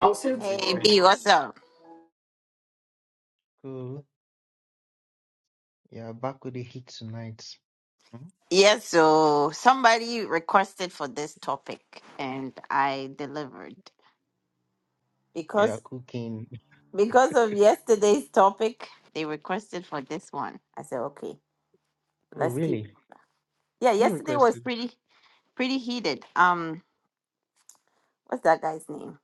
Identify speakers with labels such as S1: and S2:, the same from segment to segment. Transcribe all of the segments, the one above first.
S1: Also,
S2: Hey,
S1: Hey B,
S2: Rejoice.
S1: what's up?
S2: Cool. Yeah, back with the heat tonight. Hmm?
S1: Yes, so somebody requested for this topic and I delivered.
S2: You
S1: Because
S2: are cooking.
S1: because of yesterday's topic, they requested for this one. I said, okay,
S2: Oh,
S1: let's keep
S2: really?
S1: Yeah,
S2: Who
S1: yesterday was
S2: requested?
S1: pretty pretty heated. Um what's that guy's name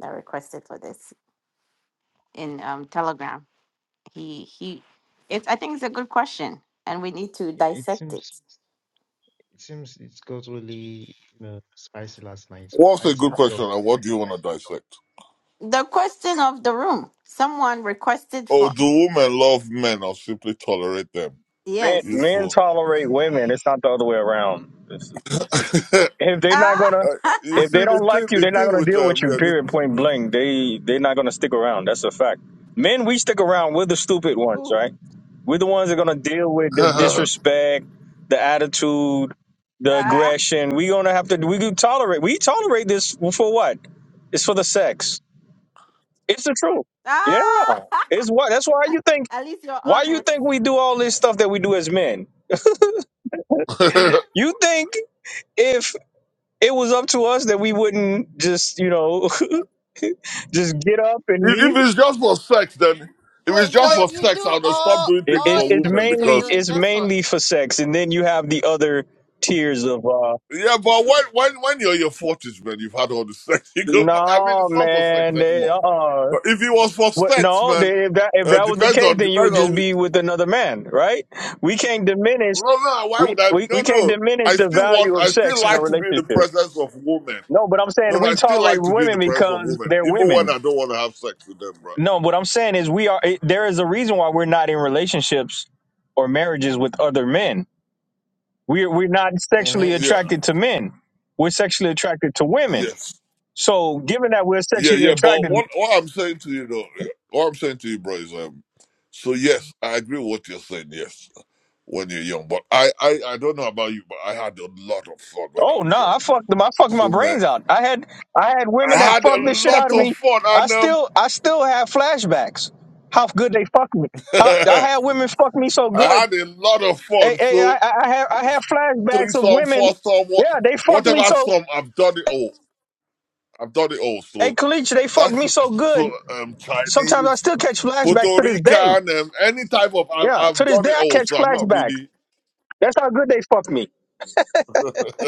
S1: that requested for this in um Telegram? He he it's I think it's a good question and we need to
S2: Yeah, it
S1: dissect it.
S2: seems it seems it got really, you know, spicy last night.
S3: What's
S2: I
S3: a good
S2: slept off.
S3: question and what do you want to dissect?
S1: The question of the room. Someone requested
S3: Oh,
S1: for
S3: do women love men or simply tolerate them?
S4: men
S1: yes.
S4: men
S3: Useful.
S4: tolerate women. It's not the other way around. It's- if they're not
S1: Ah,
S4: gonna,
S3: Uh, you
S4: if they
S3: see, the
S4: don't
S3: thing,
S4: like you,
S3: the
S4: they're not
S3: thing
S4: gonna
S3: with
S4: deal
S3: um,
S4: with you.
S3: yeah, the,
S4: Period. Point blank. They they're not gonna stick around. That's a fact. Men, we stick around. We're the stupid ones,
S1: who?
S4: right? We're the ones that are gonna deal with the disrespect, the attitude, the
S1: ah,
S4: aggression. We gonna have to. We do tolerate. We tolerate this for what? It's for the sex. It's the truth. Yeah.
S1: ah.
S4: It's what. That's why you think.
S1: At least you're
S4: Why you
S1: honest.
S4: think we do all this stuff that we do as men? You think? if it was up to us that we wouldn't just you know just get up and
S3: if,
S4: leave
S3: if it's just for sex, then if it's
S1: Wait, so
S3: just for
S1: you do
S3: sex, I would have stopped
S1: all
S3: doing
S4: it,
S3: things
S1: all
S4: it's
S3: for
S4: it's
S1: the
S3: women
S1: things you're
S4: mainly
S3: because
S1: doing
S4: it's
S1: just for
S4: mainly for sex and then you have the other tiers of uh
S3: yeah, but when when when you're in your forties, man, you've had all the sex. You go, I mean,
S4: no
S3: it's not for sex
S4: man they,
S3: anymore.
S4: uh
S3: But if it was for
S4: what
S3: sex,
S4: no
S3: man,
S4: they, if that if
S3: uh,
S4: that was the
S3: depends
S4: case
S3: on
S4: then you
S3: depends
S4: would just
S3: on.
S4: be with another man right we can't diminish
S3: No, no, why
S4: we,
S3: would I?
S4: we,
S3: No,
S4: we can't
S3: no.
S4: diminish
S3: I
S4: the
S3: still
S4: value
S3: want,
S4: of
S3: I still
S4: sex in a
S3: like to be in the
S4: relationship
S3: presence of women.
S4: no but i'm saying
S3: No, no, I
S4: we
S3: still
S4: tolerate
S3: like to be in the
S4: women
S3: presence of
S4: because
S3: women,
S4: they're
S3: even
S4: women
S3: when I don't want to have sex with them, bro.
S4: No, what I'm saying is we are. It, there is a reason why we're not in relationships or marriages with other men. We're we're not sexually
S3: hmm yeah,
S4: attracted to men. We're sexually attracted to women.
S3: yes.
S4: So, given that we're
S3: Yeah,
S4: sexually
S3: yeah. But
S4: attracted,
S3: what, what I'm saying to you, though, yeah, what I'm saying to you, bro, is, um, so yes, I agree with what you're saying, yes, when you're young. But I, I, I don't know about you, but I had a lot of fun when I
S4: oh
S3: was
S4: no,
S3: young.
S4: I fucked them. I fucked my
S3: So, man,
S4: brains out. I had I had
S3: I
S4: women that
S3: had a
S4: fucked the shit out
S3: lot
S4: of
S3: of
S4: me.
S3: fun,
S4: I
S3: and, um,
S4: still I still have flashbacks. How good they fucked me. How I
S3: I
S4: had women fuck me so good.
S3: had a lot of
S4: Hey,
S3: fun,
S4: hey, I,
S3: so.
S4: I I have I have
S3: three
S4: flashbacks of
S3: song,
S4: women.
S3: four song, what,
S4: Yeah, they fucked me
S3: whatever
S4: so.
S3: song. I've done it all. I've done it all.
S4: Hey,
S3: So
S4: Kalich, they fucked
S3: that
S4: me
S3: shit
S4: so
S3: is so
S4: good.
S3: um
S4: Sometimes I
S3: Chinese,
S4: still catch flashbacks
S3: Puerto
S4: to this day.
S3: Rican, um, any type of. I've,
S4: Yeah, to
S3: I've
S4: this
S3: done
S4: day
S3: it
S4: I
S3: all.
S4: catch
S3: So I'm not
S4: flashbacks.
S3: really.
S4: That's how good they fucked me.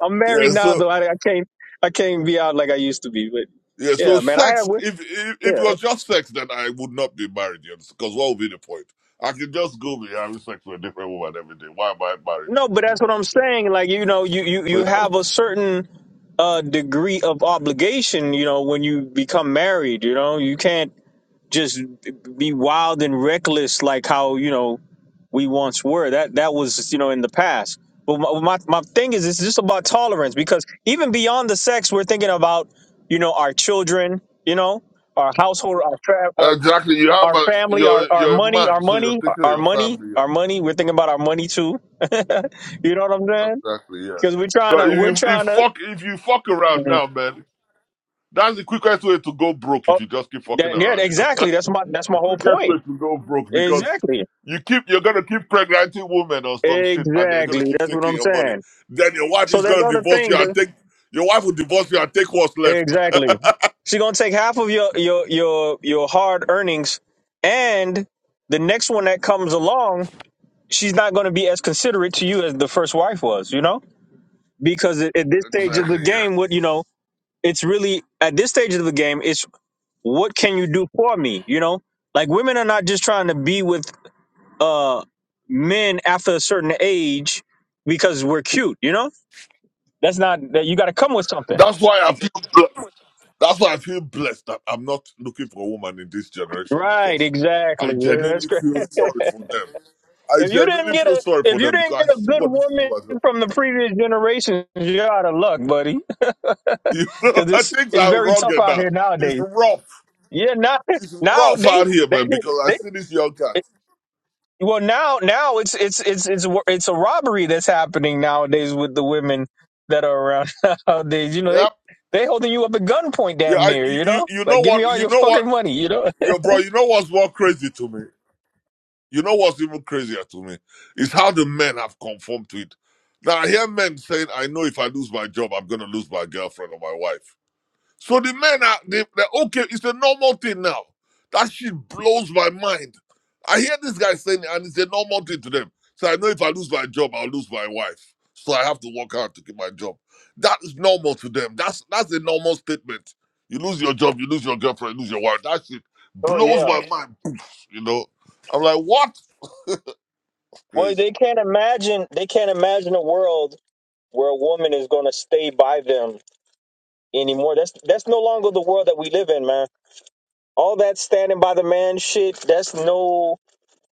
S4: I'm
S3: yeah.
S4: married now,
S3: So
S4: though. I, I can't, I can't be out like I used to be. But
S3: yeah. So
S4: yeah, man, I have
S3: sex.
S4: with
S3: If, if if it
S4: yeah.
S3: was just sex, then I would not be married. You Because what would be the point? I can just go be having sex with a different woman every day. Why am I married?
S4: No, but
S3: You
S4: that's
S3: know.
S4: what I'm
S3: You know.
S4: saying. Like you know, you you
S3: So.
S4: you have a certain uh degree of obligation. You know, when you become married, you know, you can't just be wild and reckless like how you know we once were. That that was you know in the past. But my my, my thing is, it's just about tolerance because even beyond the sex, we're thinking about you know our children, you know our household, our tra- our,
S3: Exactly. You have
S4: our
S3: a
S4: family, our
S3: you're
S4: our
S3: you're a
S4: money,
S3: man,
S4: our
S3: so you're
S4: money,
S3: thinking of
S4: our
S3: your
S4: money,
S3: family. yeah.
S4: our money. We're thinking about our money too. you know what I'm saying?
S3: Exactly, yeah.
S4: Because we're trying
S3: 'Cause
S4: to
S3: if
S4: we're
S3: you if
S4: trying to.
S3: fuck if you fuck around
S4: Mhm.
S3: now, man, that's the quickest way to go broke if
S4: Oh,
S3: you just keep fucking
S4: that, yeah,
S3: around, you know.
S4: exactly. That's my that's my
S3: the
S4: whole
S3: quickest way
S4: point.
S3: to go broke because
S4: Exactly,
S3: you keep you're gonna keep pregnanting women or some shit and they're gonna
S4: exactly.
S3: keep
S4: That's what
S3: taking
S4: I'm
S3: your money.
S4: saying.
S3: Then your wife
S4: So
S3: is
S4: there's
S3: gonna
S4: other
S3: divorce you
S4: things.
S3: and take your wife will divorce you and take what's left.
S4: Exactly. She's gonna take half of your your your your hard earnings, and the next one that comes along, she's not gonna be as considerate to you as the first wife was. You know, because at, at this stage of the
S3: Exactly, yeah.
S4: game, what you know, it's really at this stage of the game, it's what can you do for me? You know, like women are not just trying to be with uh men after a certain age because we're cute. You know, that's not that you got to come with something.
S3: That's why I feel blessed. That's why I feel blessed that I'm not looking for a woman in this generation
S4: Right.
S3: because I
S4: Exactly. Yeah, that's
S3: genuinely
S4: great.
S3: feel sorry for them. I
S4: If you didn't
S3: genuinely
S4: get
S3: feel
S4: a
S3: sorry for
S4: if you
S3: them
S4: didn't
S3: because
S4: get
S3: I
S4: a
S3: see
S4: good
S3: what these
S4: woman
S3: people are doing.
S4: from the previous generations, you're out of luck, buddy.
S3: You know,
S4: Because it's
S3: things
S4: it's
S3: are
S4: very
S3: wrong
S4: tough out
S3: now.
S4: here
S3: It's
S4: nowadays.
S3: rough.
S4: Yeah, now
S3: It's
S4: now
S3: rough
S4: they
S3: out here,
S4: they,
S3: man. Because I
S4: they
S3: see these young cats.
S4: well now now it's it's it's it's wor- it's a robbery that's happening nowadays with the women that are around nowadays. You know
S3: Yeah,
S4: they they holding you up at gunpoint,
S3: yeah.
S4: damn
S3: I,
S4: near.
S3: you,
S4: You
S3: you,
S4: know,
S3: you know
S4: like give me
S3: what?
S4: all
S3: You
S4: your
S3: know what?
S4: fucking money. You know.
S3: Yo, bro. You know what's more crazy to me? You know what's even crazier to me is how the men have conformed to it. Now I hear men saying, "I know if I lose my job, I'm going to lose my girlfriend or my wife." So the men are they, they're okay. It's a normal thing now. That shit blows my mind. I hear this guy saying, it, and it's a normal thing to them. So I know if I lose my job, I'll lose my wife. So I have to work hard to keep my job. That is normal to them. That's that's a normal statement. You lose your job, you lose your girlfriend, you lose your wife. That shit
S4: Oh
S3: blows
S4: yeah.
S3: my mind. You know, I'm like, what?
S4: Well,
S3: Crazy.
S4: they can't imagine they can't imagine a world where a woman is going to stay by them anymore. That's that's no longer the world that we live in, man. All that standing by the man shit, that's no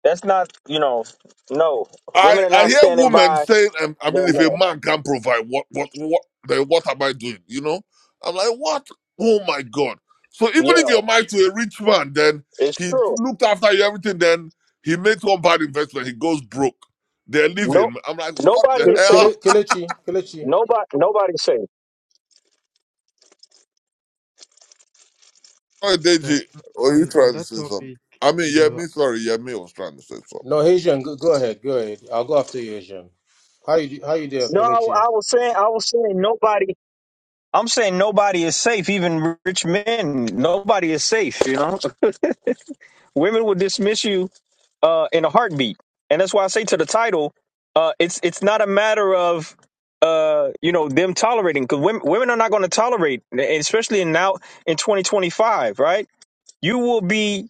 S4: that's not, you know, no.
S3: I,
S4: Women are
S3: I
S4: not
S3: hear
S4: standing
S3: women
S4: by
S3: saying, um, I mean,
S4: their
S3: if a
S4: man.
S3: man can't provide, what, what, what, then what am I doing? You know? I'm like, what? Oh my God. So even if
S4: Yeah,
S3: you're married to a rich man, then
S4: it's
S3: he
S4: true.
S3: looked after you, everything, then he makes one bad investment, he goes broke. They're
S4: No
S3: leaving. I'm like, what the
S4: nobody is
S5: Kele-
S4: safe.
S5: Kele-
S3: hell?
S5: Kelechi, Kelechi.
S4: Nobody nobody's safe.
S3: Oh,
S2: But
S3: Deji, were you
S2: on on
S3: trying to
S2: that
S3: say something?
S2: topic,
S3: I mean, yeah,
S2: the
S3: me, sorry, yeah, me was trying to say something.
S5: No, Asian, go, go ahead, go ahead. I'll go after you, Asian. How you do- how you there,
S4: No, I,
S5: Kelechi?
S4: I was saying I was saying nobody I'm saying nobody is safe, even rich men. Nobody is safe, you know. Women will dismiss you uh, in a heartbeat. And that's why I say to the title, uh, it's it's not a matter of uh, you know them tolerating because women, women are not going to tolerate, and especially in now in 2025, right? You will be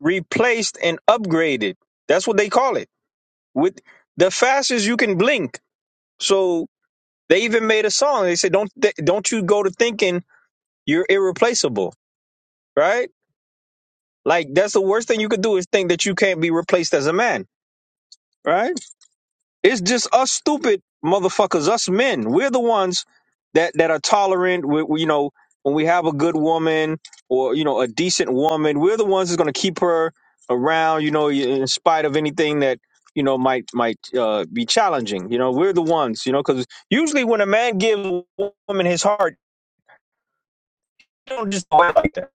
S4: replaced and upgraded. That's what they call it. With the fastest you can blink. So they even made a song. They said, "Don't th- don't you go to thinking you're irreplaceable, right? Like that's the worst thing you could do is think that you can't be replaced as a man, right?" It's just us stupid motherfuckers, us men. We're the ones that that are tolerant. We, we- you know, when we have a good woman or you know a decent woman, we're the ones that's going to keep her around. You know, in spite of anything that you know might might uh, be challenging. You know, we're the ones. You know, because usually when a man gives a woman his heart, they don't just go out like that.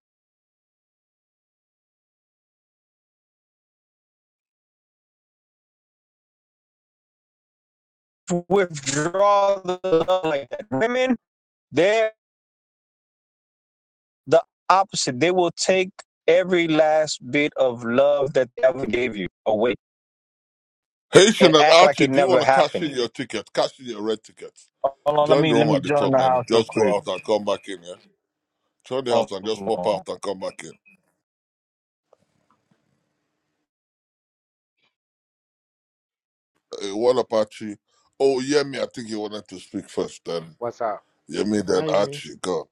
S4: Withdraw the love like that. Women. they're the opposite. They will take every last bit of love that they ever gave you away and
S3: Haitian and
S4: act like
S3: Archie,
S4: it
S3: do you want
S4: never
S3: to cash in
S4: happened.
S3: your ticket? Cash in your red tickets.
S4: Hold on, let
S3: Join
S4: me
S3: the
S4: let
S3: room
S4: me
S3: at the
S4: join
S3: top,
S4: the
S3: then
S4: house real
S3: just go
S4: quick.
S3: out and come back in, yeah? Shut the house
S4: Hold
S3: and just pop
S4: on.
S3: out and come back in. Uh, what Apache? Oh, Yemi, I think he wanted to speak first. Then
S6: What's up?
S3: Yemi, then
S2: Hi,
S3: Archie. Go.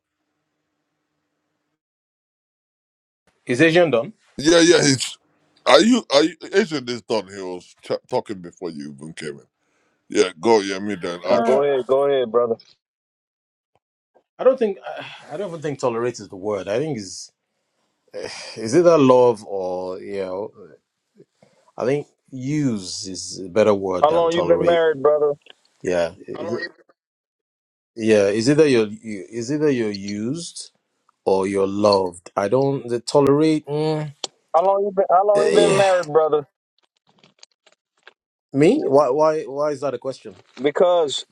S5: Is Asian done?
S3: Yeah, yeah. He's. Are you? Are you? Agent is done. He was ch- talking before you even came in. Yeah, go Yemi, then
S4: No,
S5: Uh,
S4: go
S3: Archie.
S4: ahead, go ahead, brother.
S5: I don't think I, I don't even think tolerate is the word. I think is is it a love or you know? I think use is a better word
S4: How
S5: than
S4: long you been
S5: tolerate.
S4: married, brother?
S5: Yeah, Is it- yeah. Is either you're you, is either you're used or you're loved. I don't the tolerate. Mm,
S4: How long you been how long you been
S5: eh,
S4: married, brother?
S5: me? Why why why is that a question?
S4: Because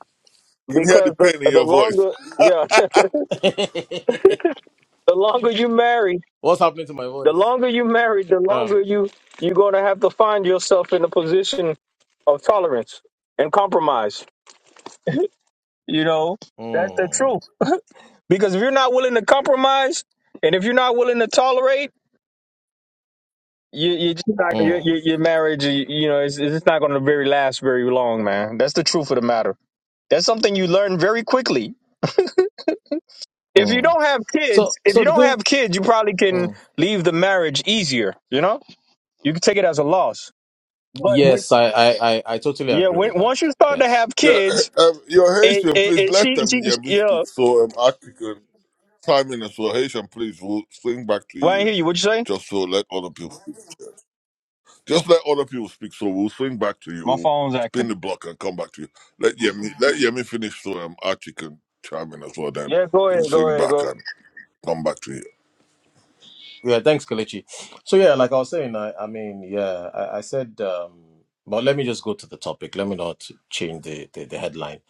S3: You can hear the
S4: because the
S3: pain in
S4: the
S3: your voice.
S4: longer yeah, the longer you married,
S5: What's happening to my
S4: the
S5: voice?
S4: longer you married, the
S5: Oh.
S4: longer you you're gonna have to find yourself in a position of tolerance and compromise You know, that's the
S5: Mm,
S4: truth. Because if you're not willing to compromise, and if you're not willing to tolerate, you, you just not, your,
S5: mm,
S4: your, your marriage, you, you know, it's, it's not going to very last very long, man. That's the truth of the matter. That's something you learn very quickly. If you
S5: mm.
S4: don't have
S5: So,
S4: kids, if
S5: so
S4: you
S5: the
S4: don't
S5: thing.
S4: have kids, you probably can
S5: Mm.
S4: leave the marriage easier. You know, you can take it as a loss. But when,
S5: Yes, I, I, I, I totally
S4: yeah,
S5: agree
S4: when
S5: with that.
S4: once you start to
S5: Yes.
S4: have
S3: yeah,
S4: kids,
S3: uh, um, your
S4: it,
S3: Haitian,
S4: it,
S3: please
S4: it
S3: let
S4: she, she,
S3: them Yemi
S4: she, yeah.
S3: speak. So um, Archie can chime in. So Haitian, please, we'll swing back to
S4: Well, I didn't
S3: you. uh,
S4: hear you. What you say?
S3: Just so let other people. Just let other people speak, so we'll swing back to you.
S4: My
S3: We'll
S4: phone's
S3: spin the
S4: acting.
S3: block and come back to you. Let Yemi let Yemi finish, so um, Archie can chime in as well. Then
S4: Yeah, go ahead,
S3: we'll
S4: go
S3: swing
S4: ahead,
S3: back
S4: go.
S3: and come back to you.
S5: Yeah. Thanks, Kalechi. So yeah, like I was saying, I, I mean, yeah, I, I said, um, but let me just go to the topic. Let me not change the, the, the headline.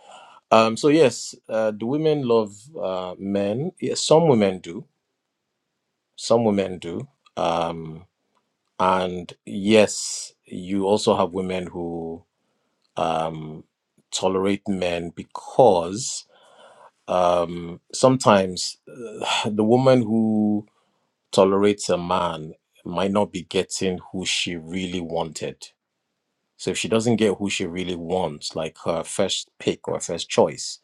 S5: Um. So yes, uh, do women love uh, men? Yes, some women do. Some women do. Um. And yes, you also have women who um, tolerate men because um, sometimes uh, the woman who tolerates a man might not be getting who she really wanted. So if she doesn't get who she really wants, like her first pick or first choice,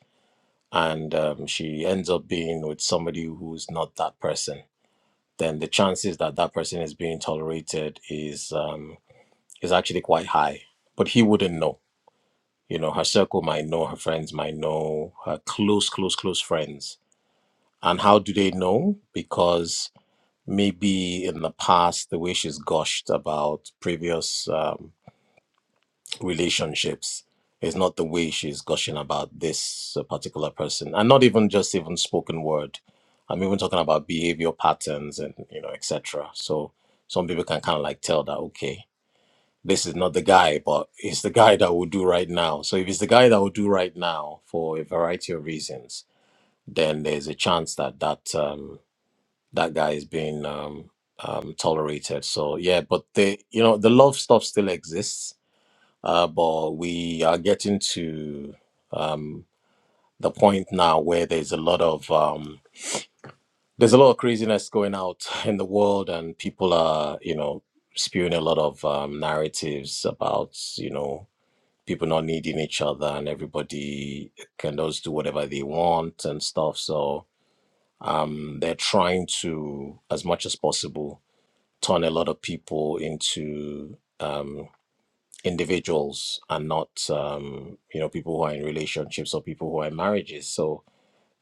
S5: and um, she ends up being with somebody who's not that person, then the chances that that person is being tolerated is um, is actually quite high. But he wouldn't know You know, her circle might know, her friends might know, her close, close, close friends. And how do they know? Because maybe in the past, the way she's gushed about previous um, relationships is not the way she's gushing about this uh, particular person. And not even just even spoken word. I'm even talking about behavior patterns and, you know, etc. So some people can kind of like tell that, okay, this is not the guy, but it's the guy that will do right now. So if it's the guy that will do right now for a variety of reasons, then there's a chance that that um, that guy is being um, um, tolerated. So yeah, but the you know the love stuff still exists, uh, but we are getting to um, the point now where there's a lot of um, there's a lot of craziness going out in the world, and people are you know spewing a lot of um, narratives about you know people not needing each other and everybody can just do whatever they want and stuff. So um, they're trying to, as much as possible, turn a lot of people into um, individuals and not, um, you know, people who are in relationships or people who are in marriages. So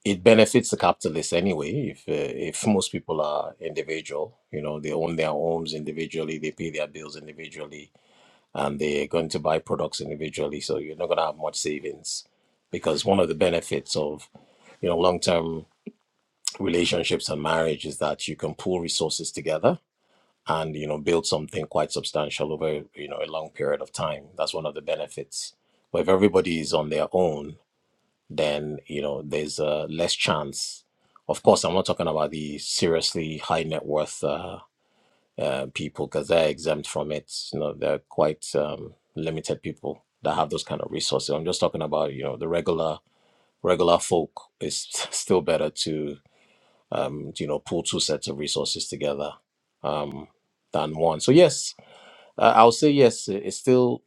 S5: it benefits the capitalists anyway. If uh, if most people are individual, you know, they own their homes individually, they pay their bills individually and they're going to buy products individually. So you're not going to have much savings because one of the benefits of you know long-term relationships and marriage is that you can pool resources together and you know build something quite substantial over you know a long period of time. That's one of the benefits. But if everybody is on their own, then you know there's uh, less chance. Of course, I'm not talking about the seriously high net worth. uh, uh, people because they're exempt from it. You know, they're quite um, limited people that have those kind of resources. I'm just talking about you know the regular regular folk. It's still better to um, you know pull two sets of resources together um, than one. So yes, uh, I'll say yes. it- It's still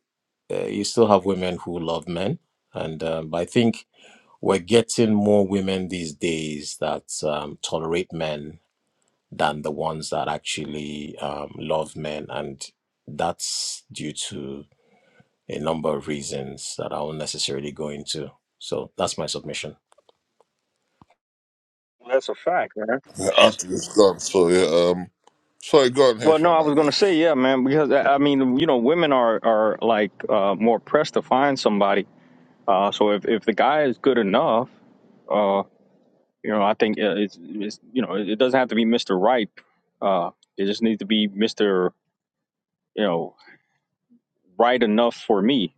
S5: uh, you still have women who love men, and um, but I think we're getting more women these days that um, tolerate men than the ones that actually um, love men. And that's due to a number of reasons that I won't necessarily go into. So that's my submission.
S4: Well, That's a fact, man.
S3: Yeah, Archie is gone, so yeah. Um, sorry, go on,
S4: Well, no, I
S3: Haitian, I
S4: was gonna say,
S3: guess.
S4: yeah, man, because I I mean, you know, women are are like uh, more pressed to find somebody. Uh, so if if the guy is good enough, uh, you know, I think uh, it's, it's you know, it doesn't have to be Mister Right. Uh, it just needs to be Mister, you know, right enough for me.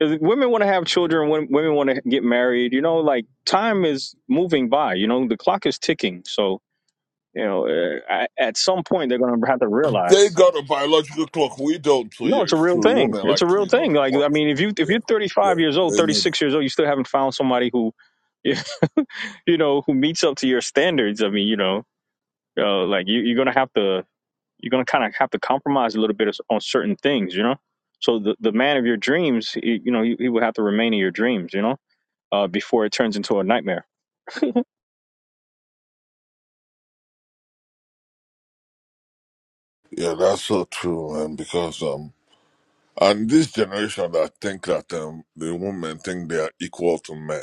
S4: 'Cause women want to have children. wom- Women want to get married. You know, like time is moving by. You know, the clock is ticking. So you know, uh, I- at some point they're gonna have to realize.
S3: They got a biological clock. We don't, so
S4: No,
S3: yeah,
S4: it's a
S3: it's
S4: real
S3: true.
S4: thing.
S3: Women
S4: It's
S3: like
S4: a
S3: to,
S4: real
S3: you know,
S4: thing.
S3: they
S4: Like
S3: want,
S4: I mean, if you if
S3: yeah,
S4: you're
S3: yeah,
S4: 35 years old,
S3: they need it.
S4: 36 years old, you still haven't found somebody who, you know, who meets up to your standards. I mean, you know, uh, like you, you're gonna have to you're gonna kind of have to compromise a little bit on certain things, you know. So the the man of your dreams, he, you know, he, he will have to remain in your dreams, you know, uh, before it turns into a nightmare.
S3: Yeah, that's so true, man. Because um, and this generation that think that um, the women think they are equal to men.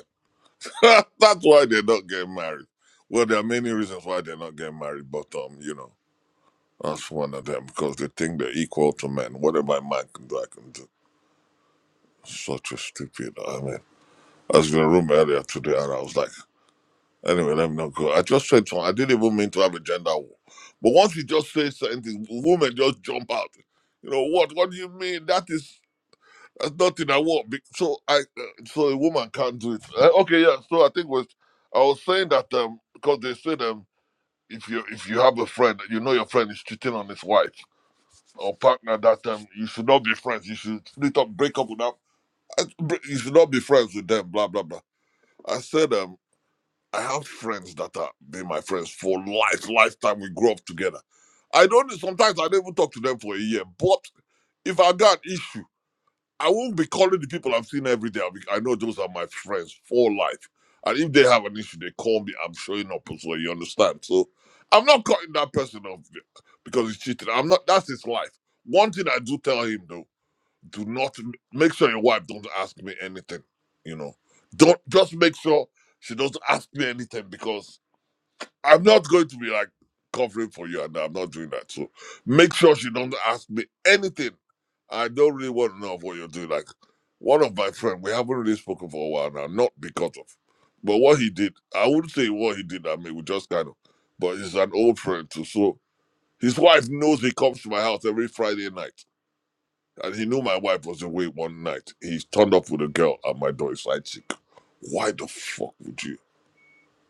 S3: That's why they're not getting married. Well, there are many reasons why they're not getting married, but um, you know, that's one of them because they think they're equal to men. Whatever a man can do, I can do. Such a stupid. I mean, I was in a room earlier today, and I was like, anyway, let me not go. I just said something. I didn't even mean to have a gender war, but once you just say something, women just jump out. You know what? What do you mean? That is. That's nothing I want. Be- So I, uh, so a woman can't do it. Uh, Okay, yeah. So I think was I was saying that um because they said um if you if you have a friend, you know your friend is cheating on his wife or partner. That time you should not be friends. You should split up, break up with them. I- bre- You should not be friends with them. Blah blah blah. I said, um, I have friends that are been my friends for life, lifetime. We grew up together. I don't. Sometimes I don't even talk to them for a year. But if I got issues. I won't be calling the people I've seen every day. I'll be, I know those are my friends for life. And if they have an issue, they call me. I'm showing up as well. You understand? So I'm not cutting that person off because he's cheating. I'm not. That's his life. One thing I do tell him though: do not make sure your wife don't ask me anything. You know, don't just make sure she doesn't ask me anything because I'm not going to be like covering for you, and I'm not doing that. So make sure she don't ask me anything. I don't really want to know of what you're doing. Like one of my friends, we haven't really spoken for a while now, not because of, but what he did. I wouldn't say what he did. I mean, we just kind of, but he's an old friend too. So his wife knows he comes to my house every Friday night, and he knew my wife was away one night. He turned up with a girl at my door. He's like, "Why the fuck would you?"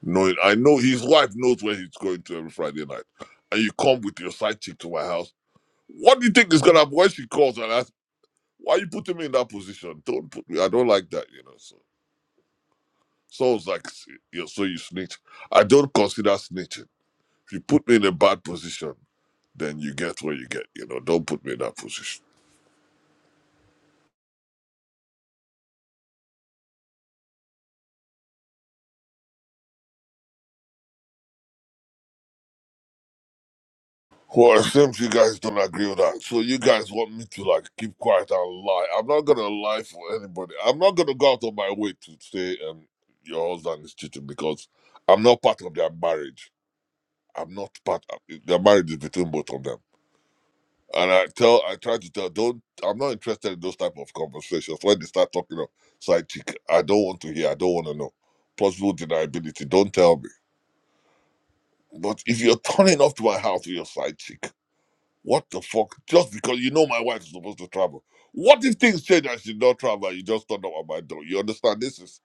S3: knowing I know his wife knows where he's going to every Friday night, and you come with your side chick to my house. What do you think is gonna happen when she calls and asks, "Why you putting me in that position? Don't put me. I don't like that." You know. So Saul's like, you know, "So you snitch? I don't consider snitching. If you put me in a bad position, then you get what you get. You know. Don't put me in that position." Well, it seems you guys don't agree with that. So you guys want me to like keep quiet and lie. I'm not gonna lie for anybody. I'm not gonna go out of my way to say um your husband is cheating because I'm not part of their marriage. I'm not part of their marriage is between both of them. And I tell I try to tell don't I'm not interested in those type of conversations. When they start talking of side chick, I don't want to hear, I don't wanna know. Possible deniability, don't tell me. But if you're turning up to my house with your side chick What the fuck? Just because you know my wife is supposed to travel. What if things change and she do not travel and you just turn up at my door? You understand? This is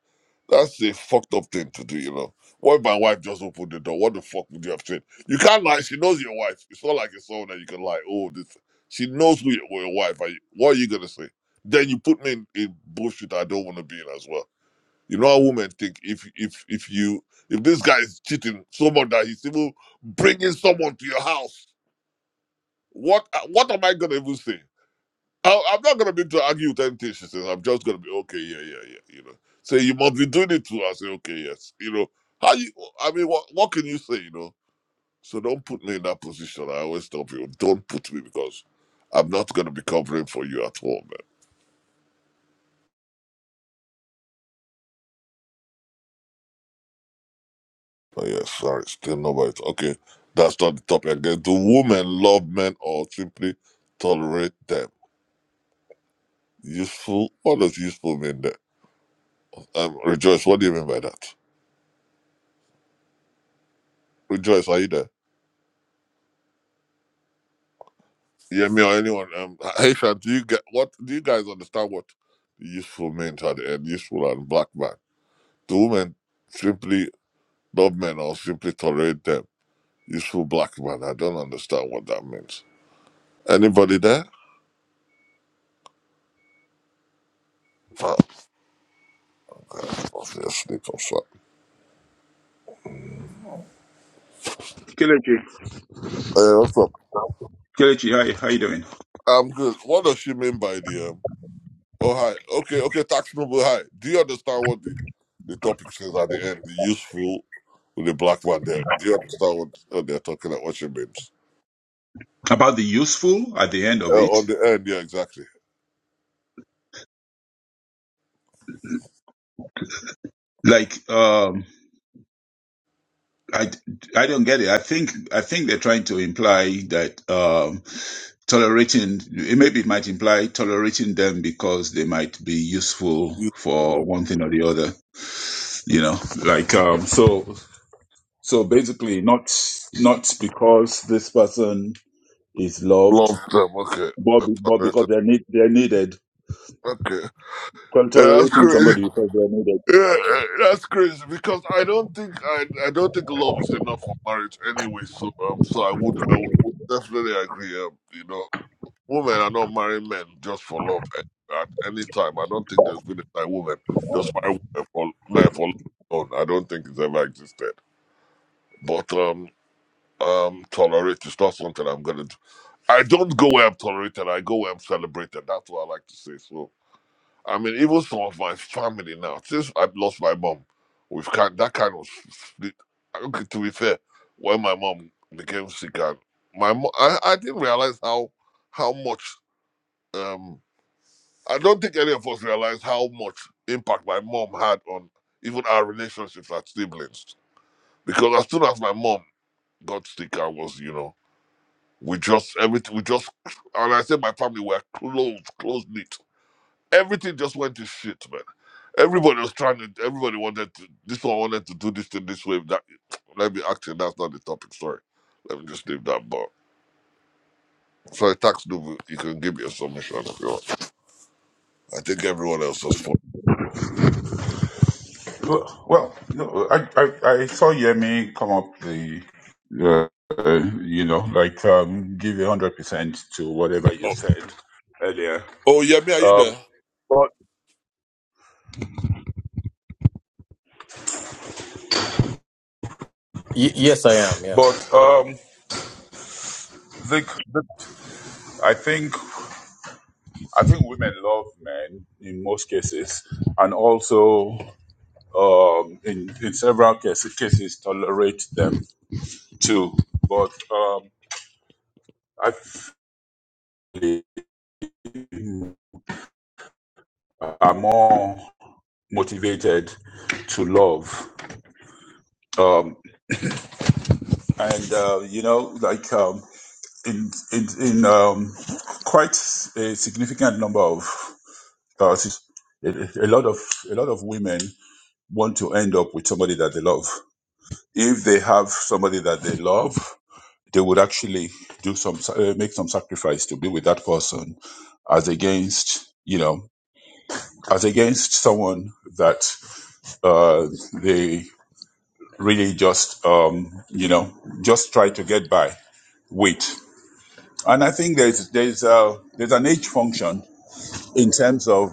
S3: that's a fucked up thing to do, you know. What if my wife just opened the door? What the fuck would you have said? You can't lie, she knows your wife. It's not like it's someone that you can lie, oh this she knows who your, who your wife are you, what are you gonna say? Then you put me in, in bullshit I don't wanna be in as well. You know how women think if if if you if this guy is cheating so much that he's even bringing someone to your house what uh, what am I gonna even say? I, I'm not gonna be to argue with anything she says. I'm just gonna be okay, yeah, yeah, yeah. You know, say you must be doing it too. I say okay, yes. You know, how you? I mean, what what can you say? You know, so don't put me in that position. I always tell people, don't put me because I'm not gonna be covering for you at all, man. Oh yeah, sorry, still nobody. Okay, that's not the topic again. Do women love men or simply tolerate them? Useful? What does useful mean there? Um, Rejoice, what do you mean by that? Rejoice, are you there? Yeah, me or anyone. Um, Aisha, do you get what? Do you guys understand what the useful men at the end? Useful and black man. The women simply love men or simply tolerate them. Useful black man. I don't understand what that means. Anybody there? Oh, obviously, comes up.
S7: Kelechi,
S3: Hey, what's up?
S7: Kelechi, hi, how you doing?
S3: I'm good. What does she mean by the um? Oh hi. Okay, okay. Tax noble. Hi. Do you understand what the the topic says at the end? The useful with the black man. There. Do you understand what, what they're talking about? What she means?
S7: About the useful at the end of
S3: Uh,
S7: it,
S3: on the end, yeah, exactly.
S7: like um, I, I don't get it. I think I think they're trying to imply that um, tolerating maybe it might imply tolerating them because they might be useful for
S3: Useful.
S7: one thing or the other. You know, like um, so so basically not not because this person is
S3: Long
S7: loved,
S3: term, okay.
S7: but, be- but because they're need, they're needed.
S3: Okay.
S7: Well,
S3: Yeah, that's
S7: Tolerating
S3: crazy.
S7: somebody because they're needed.
S3: Yeah, uh, that's crazy because I don't think I I don't think love is enough for marriage anyway. So um, so I would I would definitely agree. Um, you know, women are not marrying men just for love at, at any time. I don't think there's been a time women just marry women for men for love. alone. I don't think it's ever existed. But um um tolerate is not something I'm gonna do. I don't go where I'm tolerated. I go where I'm celebrated. That's what I like to say. So, I mean, even some of my family now, since I've lost my mom, we've kind that kind of split. Okay, to be fair, when my mom became sick, and my mo- I, I didn't realize how how much. Um, I don't think any of us realized how much impact my mom had on even our relationships as siblings. Because as soon as my mom got sick, I was, you know. We just everything we just and I said my family were close, close knit. Everything just went to shit, man. Everybody was trying to everybody wanted to this one wanted to do this thing this way. That let me actually that's not the topic, sorry. Let me just leave that but sorry, tax Nubu, you can give me a submission if you want. I think everyone else has fun.
S7: Well, well, no, I, I, I saw Yemi come up the, uh, uh, you know, like um, give a hundred percent to whatever you
S3: Oh,
S7: said earlier.
S3: oh yeah, me, are you
S7: Um,
S3: there?
S7: but
S5: Y- yes, I am. Yeah.
S7: but um, the, the, I think I think women love men in most cases, and also um, in in several cases cases tolerate them too. But um, I feel they are more. motivated to love. Um, and uh, you know, like um, in in, in um, quite a significant number of uh, a, lot of a lot of women want to end up with somebody that they love. If they have somebody that they love, they would actually do some uh, make some sacrifice to be with that person, as against you know as against someone that uh, they really just um, you know just try to get by with and i think there's there's uh there's an age function in terms of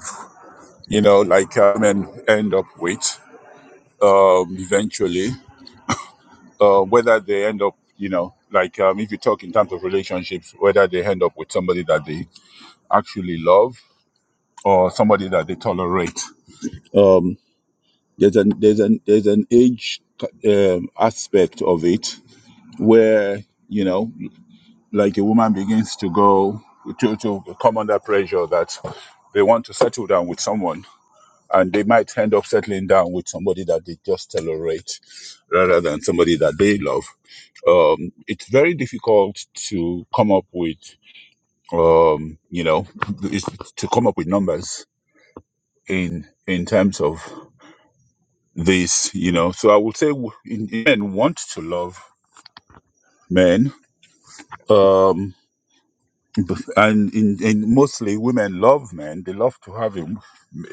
S7: you know like uh, men end up with um, eventually uh, whether they end up you know like um, if you talk in terms of relationships whether they end up with somebody that they actually love or somebody that they tolerate um, there's an there's an there's an age um, aspect of it where you know like a woman begins to go to, to come under pressure that they want to settle down with someone and they might end up settling down with somebody that they just tolerate rather than somebody that they love um, it's very difficult to come up with um, you know it's, to come up with numbers in in terms of this you know so i would say w- in, in men want to love men Um, Bef- and in, in mostly women love men. They love to have a,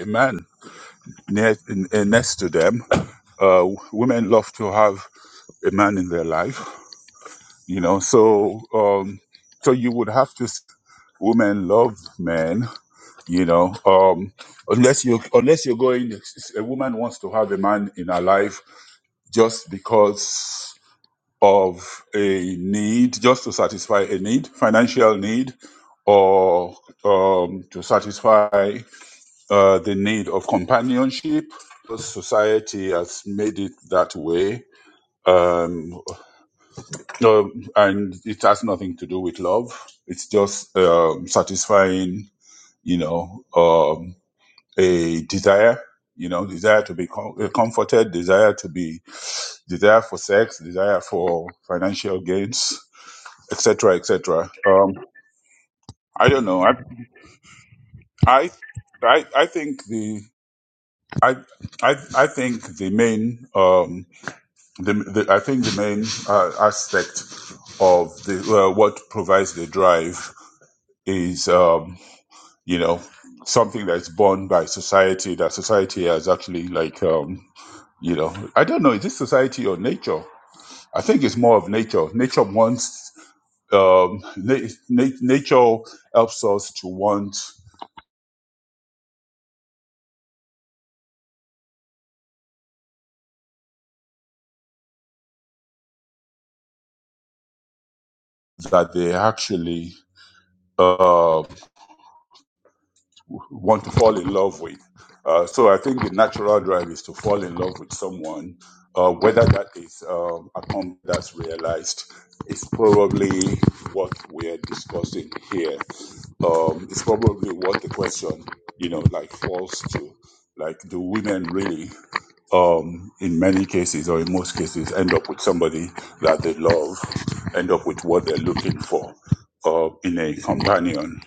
S7: a man near, in, uh, next to them. Uh, women love to have a man in their life, you know. So, um, so you would have to. s- Women love men, you know. Um, unless you unless you're going, a woman wants to have a man in her life just because of a need just to satisfy a need, financial need, or um, to satisfy uh, the need of companionship. Society has made it that way. Um, um, and it has nothing to do with love. It's just um, satisfying, you know, um, a desire, you know, desire to be com- uh, comforted, desire to be, desire for sex, desire for financial gains etc., etc. Um, I don't know. I, I, I, I think the I, I, I think the main um, the, the I think the main uh, aspect of the uh, what provides the drive is um, you know something that's borne by society that society has actually like um, you know I don't know is this society or nature? I think it's more of nature. Nature wants um, na- na- nature helps us to want. that they actually uh, want to fall in love with. Uh, so I think the natural drive is to fall in love with someone, uh, whether that is uh, a comp that's realized. is probably what we're discussing here. Um, it's probably what the question, you know, like falls to. Like, do women really um, in many cases or in most cases end up with somebody that they love, end up with what they're looking for uh, in a companion.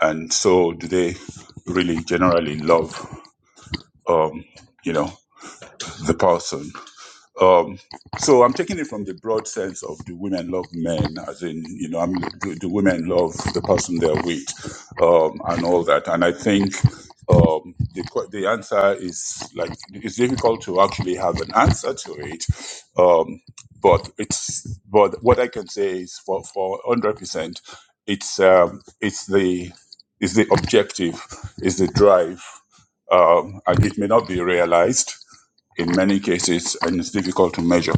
S7: And so do they really generally love, um, you know, the person? Um, so I'm taking it from the broad sense of do women love men, as in, you know, I'm, do, do women love the person they're with, um, and all that. And I think um, the que- the answer is like it's difficult to actually have an answer to it, um, but it's but what I can say is for for hundred percent, it's um, it's the it's the objective, is the drive, um, and it may not be realized in many cases and it's difficult to measure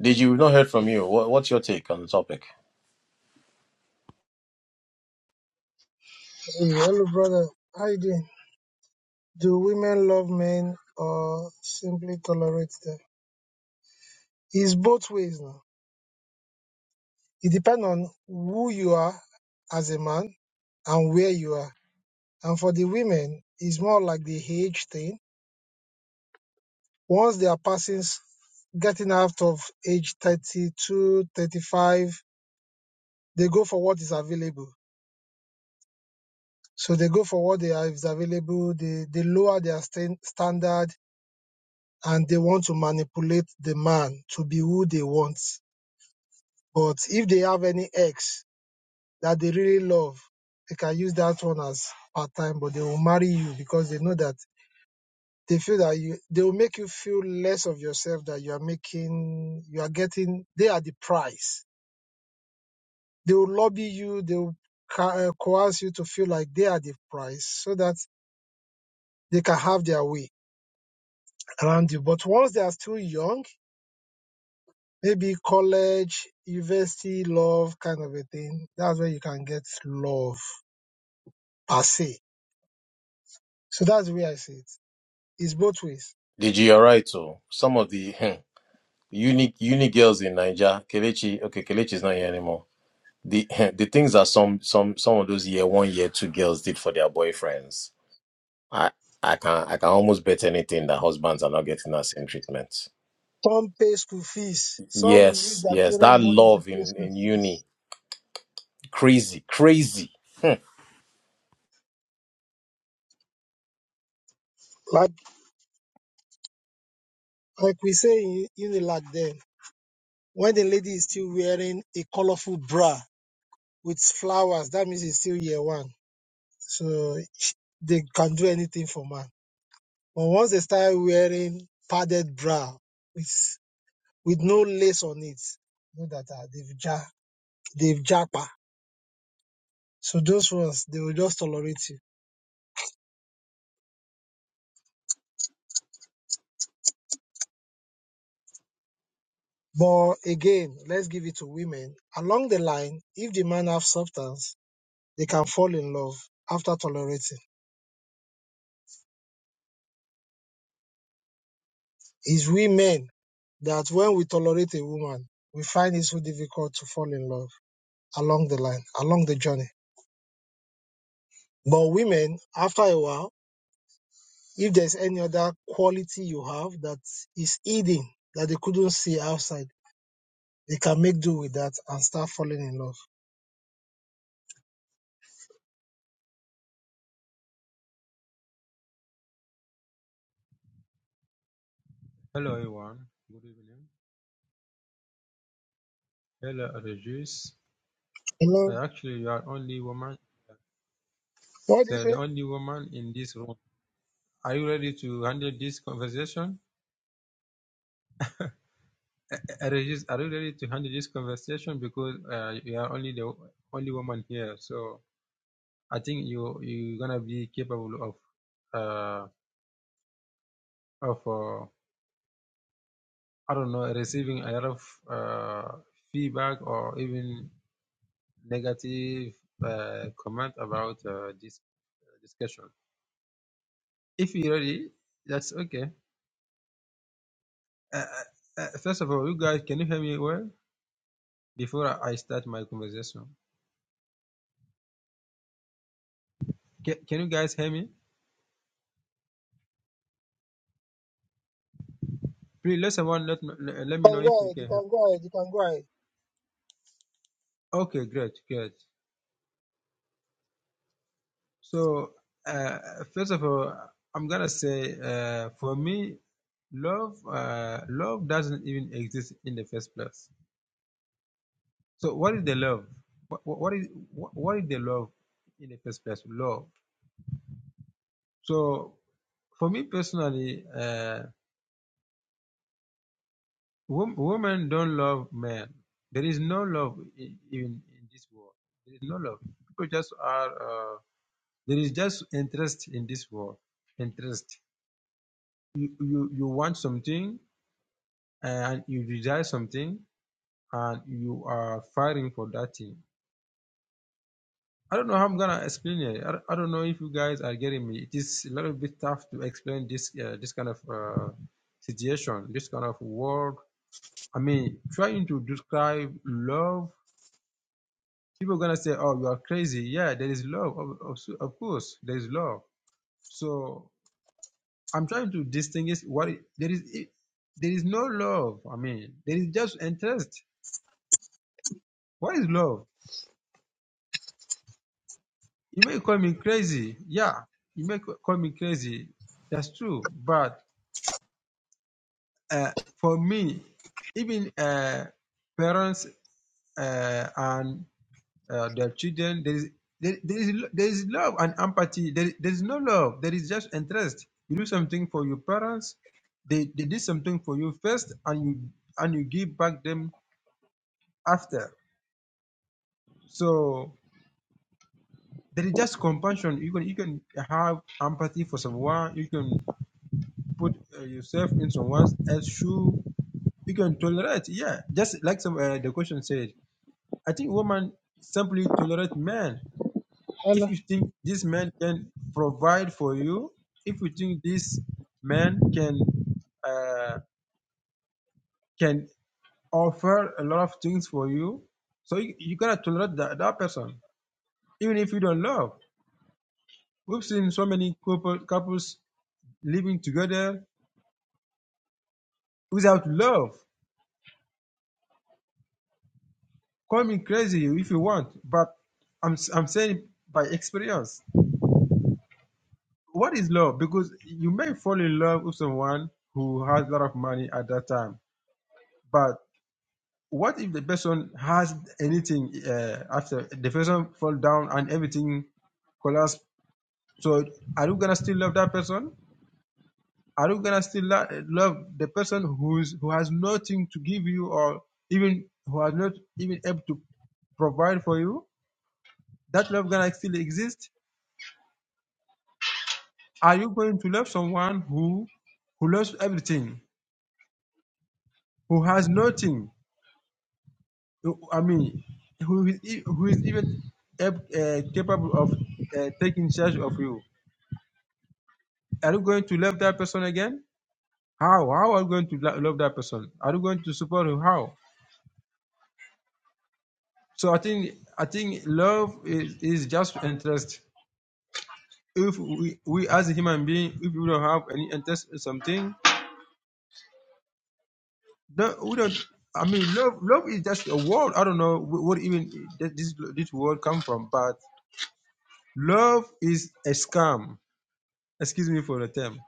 S5: Did you not heard from you? What, what's your take on the topic?
S8: Hey, hello, brother. How you doing? Do women love men or simply tolerate them? It's both ways now. It depends on who you are as a man and where you are. And for the women, it's more like the age thing. Once they are passing, s- getting out of age 32, 35, they go for what is available. So they go for what they are, is available. They, they lower their stan- standard and they want to manipulate the man to be who they want But if they have any ex that they really love, they can use that one as part time, but they will marry you because they know that they feel that you they will make you feel less of yourself that you are making you are getting they are the price. They will lobby you, they will co- uh, coerce you to feel like they are the price so that they can have their way around you. But once they are still young, maybe college, university, love kind of a thing, that's where you can get love per se So that's the way I see it. It's both ways.
S5: Did you alright? So some of the hmm, unique unique girls in Niger, Kelechi. Okay, Kelechi is not here anymore. The the things that some some some of those year one year two girls did for their boyfriends. I I can I can almost bet anything that husbands are not getting that same treatment.
S8: Some pay school fees. Some will use
S5: Yes,
S8: their
S5: yes,
S8: parent
S5: that
S8: money to
S5: love
S8: pay
S5: in
S8: school
S5: in uni,
S8: fees.
S5: crazy, crazy.
S8: Like like we say in Unilag then, when the lady is still wearing a colorful bra with flowers, that means it's still year one. So they can do anything for man. But once they start wearing padded bra with with no lace on it, know that uh, they've ja they've japa. So those ones they will just tolerate you But again, let's give it to women. Along the line, if the man have substance, they can fall in love after tolerating. It's we men that when we tolerate a woman, we find it so difficult to fall in love along the line, along the journey. But women, after a while, if there's any other quality you have that is hidden that they couldn't see outside, they can make do with that and start falling in love.
S9: Hello everyone. Good evening. Hello Regis.
S8: Hello?
S9: Uh, actually, you are only woman.
S8: What do you
S9: So
S8: say?
S9: the
S8: You
S9: only woman in this room. Are you ready to handle this conversation? Uh, Regis, are you ready to handle this conversation? Because uh, you are only the only woman here. So I think you you're gonna be capable of uh, of uh, I don't know receiving a lot of uh, feedback or even negative uh, comment about uh, this discussion. If you're ready, that's okay. Uh, uh, uh, first of all, you guys, can you hear me well before I start my conversation? Can, can you guys hear me? Please let someone let me, let let me know
S8: can
S9: if
S8: go
S9: you
S8: ahead. You
S9: can hear.
S8: can go ahead. You can go ahead.
S9: Okay, great, great. So, uh, first of all, I'm gonna say uh, for me, love, uh, love doesn't even exist in the first place. So, what is the love? What, what is what, what is the love in the first place? Love. So, for me personally, uh, Wom- women don't love men. There is no love in, in, in this world. There is no love. People just are. Uh, there is just interest in this world. Interest. You you, you want something and you desire something and you are firing for that thing. I don't know how I'm gonna explain it. I, don't- I don't know if you guys are getting me. It is a little bit tough to explain this uh, this kind of uh, situation, this kind of world. I mean, trying to describe love people are gonna say, "Oh, you are crazy." Yeah, there is love, of, of, of course, there is love. So I'm trying to distinguish what it, there is. It, there is no love. I mean, there is just interest. What is love? You may call me crazy. Yeah, you may ca- call me crazy. That's true. But uh, for me, even uh, parents uh, and uh, their children. There is there, there is there is love and empathy. There, there is no love. There is just interest. You do something for your parents. They, they did something for you first, and you and you give back them after. So there is just compassion. You can you can have empathy for someone. You can put uh, yourself in someone else's shoe. You can tolerate. Yeah, just like some uh, the question said. I think women simply tolerate men
S8: Hello?
S9: If you think this man can provide for you, if you think this man can uh, can offer a lot of things for you, so you, you gotta tolerate that, that person, even if you don't love. We've seen so many couple, couples living together without love. Call me crazy if you want, but I'm s- I'm saying by experience. What is love? Because you may fall in love with someone who has a lot of money at that time, but what if the person has anything uh, after the person fall down and everything collapse? So are you gonna still love that person? Are you gonna still lo- love the person who's who has nothing to give you or even who has not even able to provide for you? That love gonna still exist? Are you going to love someone who who lost everything, who has nothing? I mean, who is, e- who is even ab- uh, capable of uh, taking charge of you? Are you going to love that person again? How? How are you going to lo- love that person? Are you going to support him? How? So I think I think love is, is just interest. If we, we as a human being, if we don't have any interest in something, don't, we don't. I mean, love love is just a word. I don't know wh- what even that this this word come from, but love is a scam. Excuse me for the term.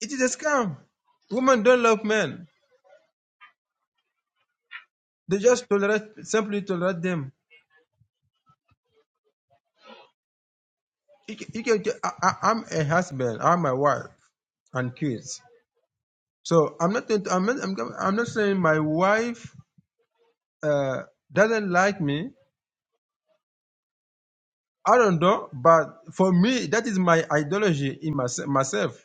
S9: It is a scam. Women don't love men. They just tolerate simply tolerate them You can, you can I, I, I'm a husband. I'm my wife and kids. So I'm not. going to- I'm not. I'm, go- I'm not saying my wife uh, doesn't like me. I don't know. But for me, that is my ideology in my, myself.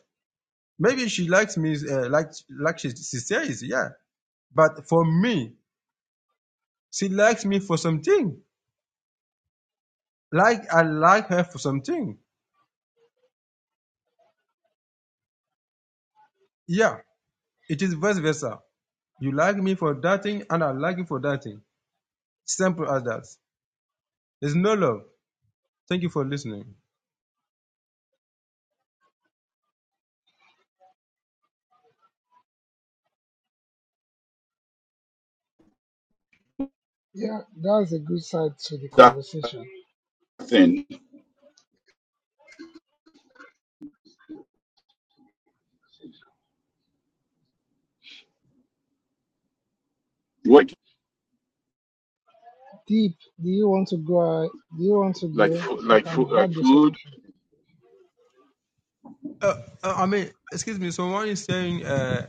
S9: Maybe she likes me uh, like like she, she says, yeah. But for me, she likes me for something. Like I like her for something. Yeah, it is vice versa. You like me for that thing, and I like you for that thing. Simple as that. There's no love. Thank you for listening.
S8: Yeah, that's a good side to the
S7: that
S8: conversation.
S7: thing work
S8: Deep, do you want to go? uh, Do you want to
S7: like
S8: go? You
S7: like
S8: can
S7: food like
S8: have the
S7: food
S8: solution
S9: Uh, uh, I mean, excuse me. Someone is saying uh,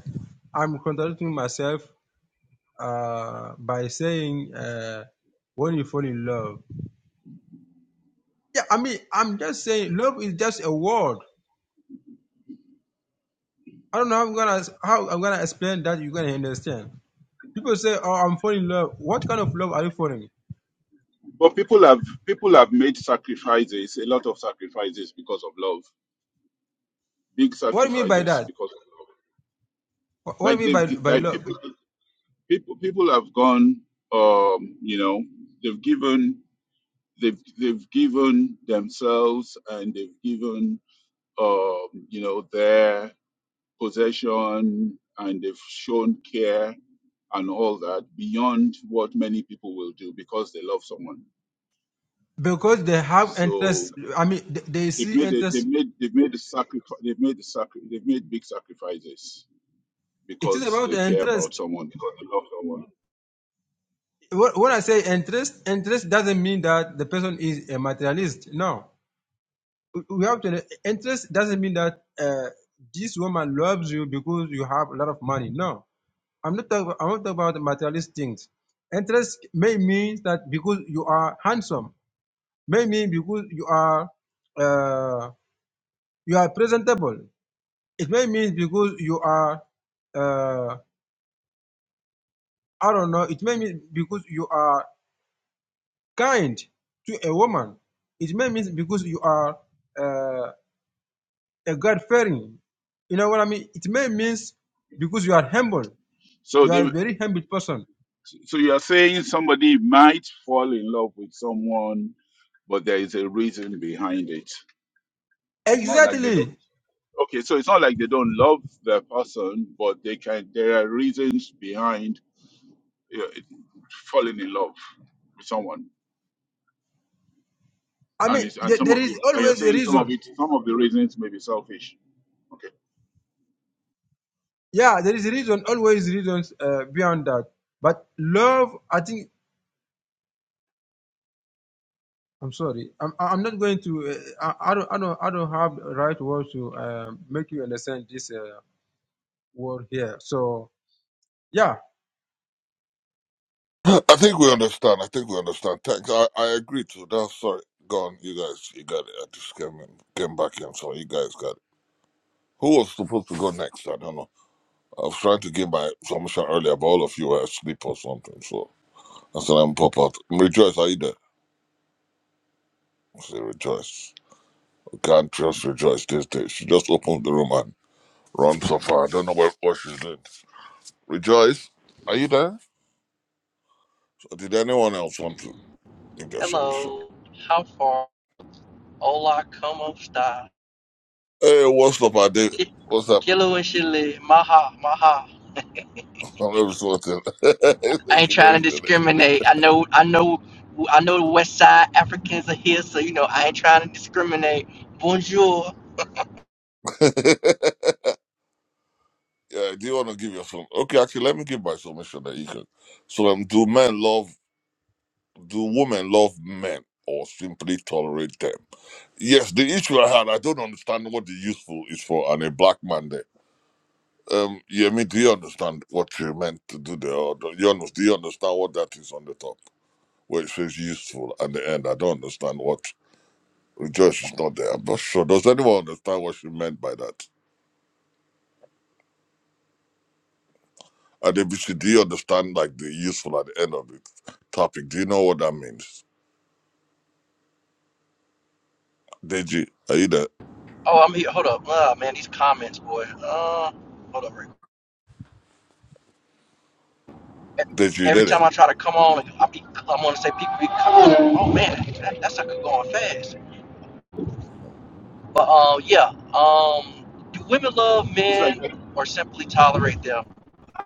S9: I'm contradicting myself uh, by saying uh, when you fall in love. Yeah, I mean, I'm just saying love is just a word. I don't know how I'm gonna how I'm gonna explain that you're gonna understand. People say, "Oh, I'm falling in love." What kind of love are you falling?
S7: but people have people have made sacrifices a lot of sacrifices because of love big
S9: What do you mean by
S7: sacrifices
S9: that?
S7: because of love
S9: What what do
S7: like
S9: you mean
S7: they've
S9: by
S7: gi-
S9: by
S7: like
S9: love?
S7: people people people have gone um you know they've given they've they've given themselves and they've given um you know their possession and they've shown care and all that beyond what many people will do because they love someone.
S9: Because they have
S7: So
S9: interest. I mean, they, they
S7: they've
S9: see
S7: made a, they've
S9: interest.
S7: made they've made the sacrifice they've made the sacri- they've made big sacrifices
S9: It is
S7: because
S9: about
S7: they care about
S9: interest.
S7: someone because they love someone.
S9: Wh- when I say interest, interest doesn't mean that the person is a materialist. No, We have to. Interest doesn't mean that uh, this woman loves you because you have a lot of money. No, I'm not. Talk, I'm not talking about materialist things. Interest may mean that because you are handsome, may mean because you are uh, you are presentable. It may mean because you are uh, I don't know. It may mean because you are kind to a woman, it may mean because you are uh, a God fearing. You know what I mean? It may means because you are humble.
S7: So
S9: You
S7: they,
S9: are a very humble person.
S7: so you are saying somebody might fall in love with someone, but there is a reason behind it. It's not like they don't.
S9: Exactly.
S7: Okay, so it's not like they don't love their person, but they can. There are reasons behind you know, it- falling in love with someone,
S9: I
S7: and
S9: mean,
S7: it's, and
S9: th-
S7: some
S9: there
S7: of
S9: is
S7: you, and you're
S9: always a
S7: saying some of
S9: reason.
S7: it, some of the reasons may be selfish. Okay,
S9: Yeah, there is a reason. Always reasons uh, beyond that. But love, I think. I'm sorry. I'm I'm not going to. Uh, I, I don't I don't I don't have the right words to uh, make you understand this uh, word here. So yeah.
S3: I think we understand. I think we understand. Thanks. I, I agree to that. Sorry. Go on, you guys. You got it. I just came in, came back in, so you guys got it. Who was supposed to go next? I don't know. I was trying to give my submission earlier, but all of you were asleep or something. So I said, I'm pop out. Rejoice, are you there? I said, Rejoice. I can't trust Rejoice this day. She just opens the room and runs off. her. I don't know what, what she's doing. Rejoice, are you there? So did anyone else want to give their submission?
S10: Hello, how far? Hola, como esta?
S3: Hey, what's up, I did.
S10: Ki-
S3: What's up?
S10: Kilo and Chile, maha, maha.
S3: I'm every sorted. you
S10: I ain't
S3: know,
S10: trying
S3: it's
S10: to
S3: today.
S10: discriminate. I know, I know, I know the West Side Africans are here, so you know I ain't trying to discriminate. Bonjour.
S3: yeah, do you want to give your submission? Okay, actually, let me give my submission that you can. So, um, do men love? do women love men or simply tolerate them? Yes, the issue I had, I don't understand what the useful is for and a black man there. Um, Yemi, do you understand what you meant to do there? Or do you, under- do you understand what that is on the top where it says useful at the end? I don't understand what Rejoice is not there. I'm not sure. Does anyone understand what she meant by that? And ABC, do you understand like the useful at the end of the topic? Do you know what that means? Deji, are you there?
S10: Oh, I'm here. Hold up. Oh man, these comments, boy. Uh, hold up. Rick.
S3: Deji, you
S10: Every
S3: did it.
S10: time I try to come on, I be, I'm gonna say people be coming. Oh man, that, that sucker going fast. But um, yeah. Um, do women love
S7: it's like,
S10: men or simply tolerate them?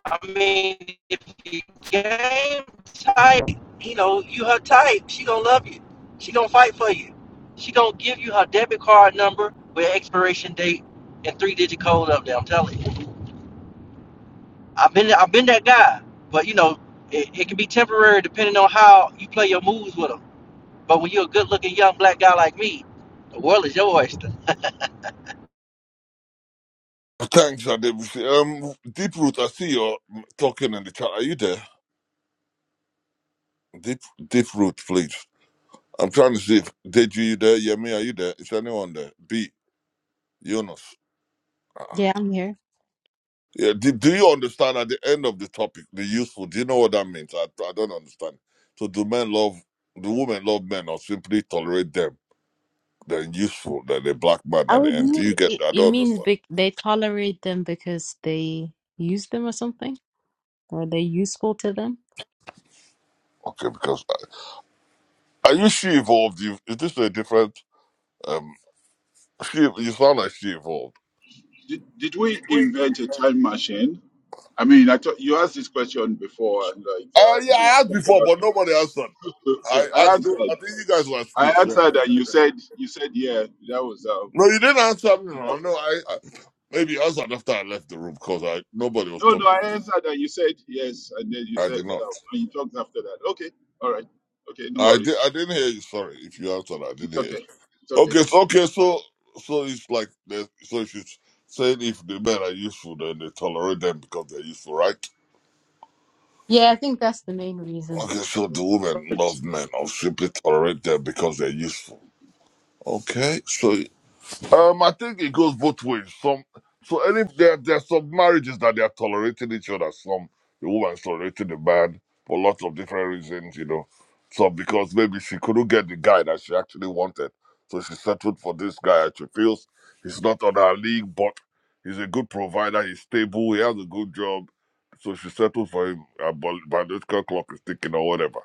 S10: I mean, if you game type, you know, you her type, she gonna love you. She gonna fight for you. She gonna give you her debit card number with expiration date and three digit code up there. I'm telling you, I've been I've been that guy. But you know, it, it can be temporary depending on how you play your moves with them. But when you're a good looking young black guy like me, the world is your oyster.
S3: Thanks, Adebusi. Um, Deep Root, I see you're mm, talking in the chat. Are you there? Deep Deep Root, please. I'm trying to see if Deji, you there? Yemi, are you there? Is anyone there? B, Yunus. uh
S11: Yeah, I'm here.
S3: Yeah, do, do you understand at the end of the topic, the useful? Do you know what that means? I, I don't understand. So, do men love, do women love men or simply tolerate them? They're useful, they're the black man
S11: I
S3: at
S11: would
S3: the end.
S11: mean
S3: Do you get
S11: It,
S3: that? I
S11: it
S3: don't
S11: means
S3: understand.
S11: bec they tolerate them because they use them or something, or they're useful to them.
S3: Okay, because uh, are you she evolved? You, is this a different? Um, she, you sound like she evolved.
S7: did, did we invent a time machine? I mean, I thought you asked this question before, and like
S3: Oh yeah,
S7: um, we
S3: I asked
S7: talked
S3: before,
S7: about
S3: but nobody answered.
S7: it.
S3: I
S7: I
S3: asked. No,
S7: answered,
S3: I think you guys were
S7: I
S3: asleep. So
S7: answered, and
S3: I-
S7: you said, you said, yeah, that was um.
S3: no, you didn't answer me. No,
S7: awesome.
S3: no, I, I maybe you answered after I left the room because I nobody was
S7: No, no,
S3: talking.
S7: I answered, and you said yes, and then you
S3: I
S7: said,
S3: did
S7: uh,
S3: not.
S7: and you talked after that. Okay, all right, okay, no
S3: I did.
S7: worries,
S3: I didn't hear you. Sorry, if you answered, I
S7: it's
S3: didn't hear.
S7: okay,
S3: You.
S7: it's
S3: Okay,
S7: okay.
S3: so okay, so so it's like the- so she's saying if the men are useful, then they tolerate them because they're useful, right?
S11: Yeah, I think that's the main reason.
S3: Okay, so the women love men or simply tolerate them because they're useful. Okay, so Um, I think it goes both ways. Some, so any there there's some marriages that they are tolerating each other. Some the woman's tolerating the man for lots of different reasons, you know. Some because maybe she couldn't get the guy that she actually wanted, so she settled for this guy. and She feels he's not on her league, but he's a good provider. He's stable. He has a good job, so she settled for him. uh, But biological clock is ticking or whatever.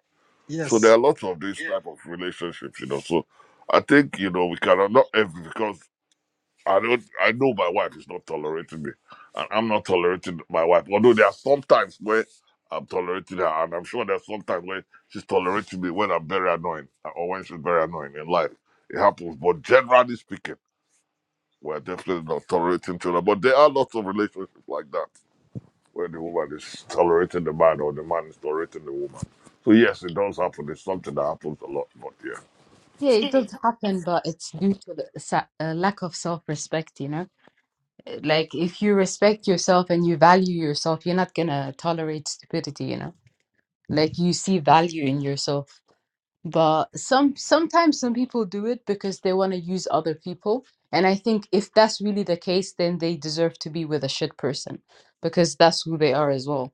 S3: So there
S9: Yes.
S3: are lots of these Yeah. type of relationships, you know. So I think you know we cannot not every because I don't. I know my wife is not tolerating me, and I'm not tolerating my wife. Although there are some times where I'm tolerating her, and I'm sure there's some times where she's tolerating me when I'm very annoying or when she's very annoying in life. It happens, but generally speaking, we're definitely not tolerating each other. But there are lots of relationships like that where the woman is tolerating the man or the man is tolerating the woman. So yes, it does happen. It's something that happens a lot, but yeah.
S11: Yeah, it does happen, but it's due to the sa uh, lack of self-respect, you know? Uh, Like, if you respect yourself and you value yourself, you're not gonna tolerate stupidity, you know? Like, you see value in yourself. but some sometimes some people do it because they want to use other people and i think if that's really the case then they deserve to be with a shit person because that's who they are as well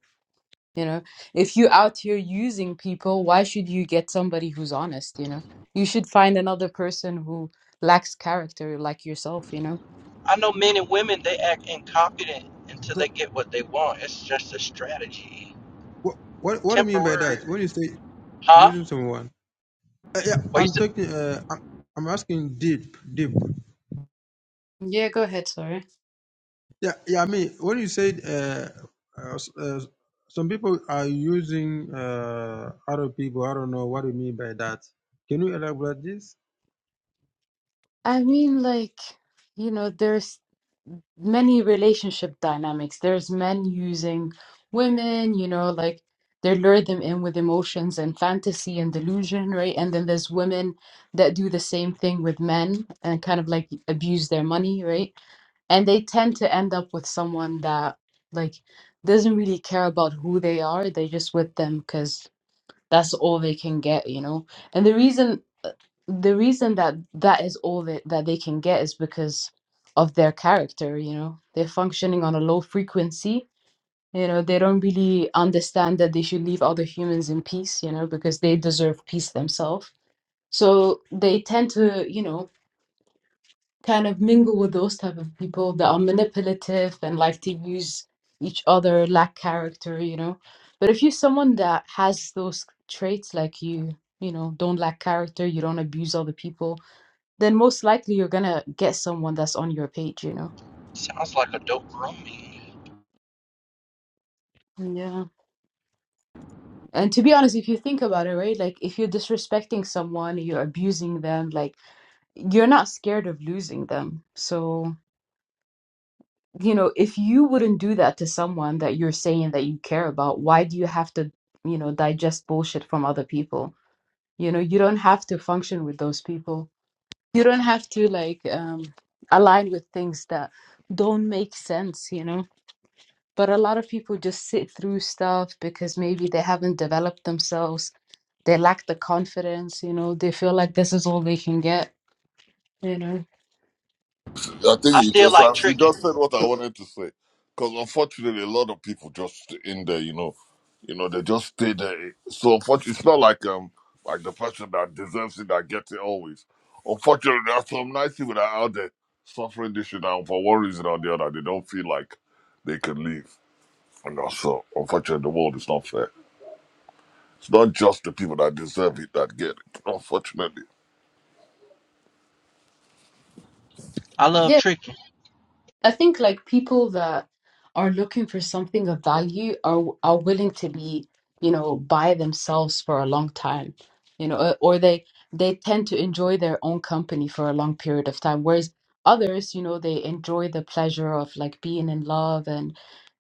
S11: you know if you're out here using people why should you get somebody who's honest you know you should find another person who lacks character like yourself you know
S10: I know men and women they act incompetent until
S9: So.
S10: they get what they want. It's just a strategy,
S9: What, what what do you mean by
S10: temporary,
S9: that? When you say
S10: huh?
S9: using someone, uh, yeah, I'm
S10: Wasted
S9: talking. Uh, I'm, I'm asking deep, deep.
S11: yeah go ahead sorry
S9: Yeah, yeah. I mean, when you said uh, uh, s- uh, some people are using uh, other people, I don't know what do you mean by that. Can you elaborate this?
S11: i mean like you know there's many relationship dynamics. There's men using women, you know, like they lure them in with emotions and fantasy and delusion, right? And then there's women that do the same thing with men and kind of like abuse their money, right? And they tend to end up with someone that like doesn't really care about who they are. They're just with them because that's all they can get, you know? And the reason the reason that that is all that, that they can get is because of their character you know they're functioning on a low frequency you know they don't really understand that they should leave other humans in peace you know because they deserve peace themselves so they tend to you know kind of mingle with those type of people that are manipulative and like to use each other lack character you know but if you're someone that has those traits like you you know don't lack character you don't abuse other people then most likely you're gonna get someone that's on your page, you know?
S10: sounds like a dope roomie.
S11: Yeah. And to be honest, if you think about it, right? Like if you're disrespecting someone, you're abusing them, like you're not scared of losing them. So, you know, if you wouldn't do that to someone that you're saying that you care about, why do you have to, you know, digest bullshit from other people? You know, you don't have to function with those people. You don't have to like um align with things that don't make sense, you know? But a lot of people just sit through stuff because maybe they haven't developed themselves. They lack the confidence, you know, they feel like this is all they can get, you know.
S3: I think
S10: I
S3: you
S10: still
S3: just
S10: like
S3: asked, you
S10: tricking.
S3: just said what I wanted to say, because unfortunately, a lot of people just in there, you know, you know, they just stay there. So unfortunately, it's not like um like the person that deserves it that gets it always. Unfortunately, there are some nice people that are out there suffering this shit, and for one reason or the other, they don't feel like they can leave. And also, unfortunately, the world is not fair. It's not just the people that deserve it that get it. Unfortunately,
S10: I
S11: Yeah.
S10: love tricking.
S11: I think like people that are looking for something of value are are willing to be, you know, by themselves for a long time, you know, uh, or they they tend to enjoy their own company for a long period of time, whereas others, you know, they enjoy the pleasure of like being in love and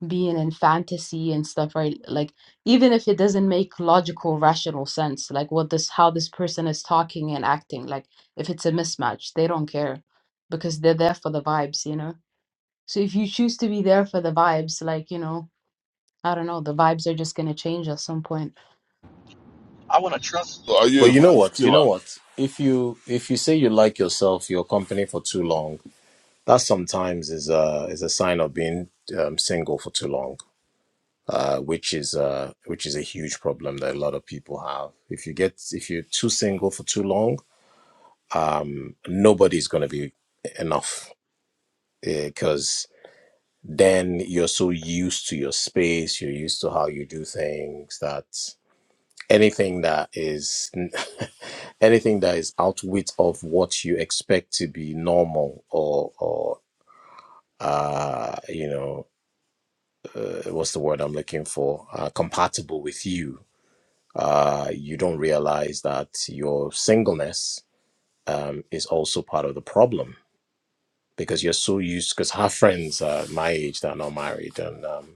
S11: being in fantasy and stuff, right? Like even if it doesn't make logical, rational sense, like what this how this person is talking and acting, like if it's a mismatch, they don't care because they're there for the vibes, you know? So if you choose to be there for the vibes, like, you know, I don't know, the vibes are just going to change at some point.
S10: I want to trust.
S3: So are
S5: But
S3: you a
S5: you know
S3: vibes
S5: what? You
S3: killer?
S5: know what? If you if you say you like yourself, your company for too long, that sometimes is a is a sign of being um, single for too long, uh, which is uh which is a huge problem that a lot of people have. If you get if you're too single for too long, um, nobody's gonna be enough because then you're so used to your space, you're used to how you do things that anything that is anything that is outwit of what you expect to be normal or or uh you know uh, what's the word i'm looking for uh, compatible with you uh you don't realize that your singleness um is also part of the problem because you're so used because her friends are my age that are not married and um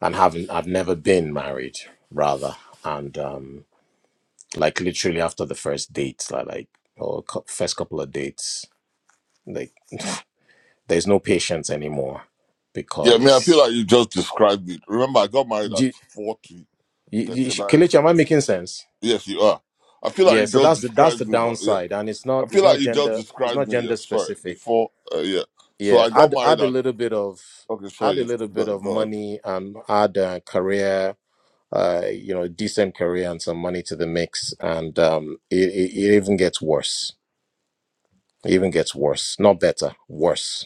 S5: and haven't i've never been married rather and um like literally after the first date like, like or cou- first couple of dates like there's no patience anymore
S3: Yeah, I mean, I feel
S5: because
S3: like you just described it. Remember, I got married
S5: do
S3: at
S5: you,
S3: 40,
S5: you, you, sh-
S3: 39,
S5: Kelechi, am i
S3: 40.
S5: making sense
S3: Yes, you are. I feel like
S5: yeah
S3: you
S5: so
S3: just
S5: that's the that's the
S3: described me, but yeah.
S5: downside and it's not
S3: I
S5: it's
S3: feel like
S5: not
S3: you just
S5: gender it's
S3: described
S5: not
S3: me,
S5: gender
S3: yeah, sorry,
S5: specific
S3: before, uh, yeah. So
S5: yeah
S3: I got
S5: add
S3: married
S5: add a
S3: at,
S5: little bit of
S3: okay, sorry,
S5: add a
S3: yes,
S5: little bit
S3: God.
S5: of
S3: God.
S5: money and add a career uh you know decent career and some money to the mix and um it, it, it even gets worse it even gets worse not better worse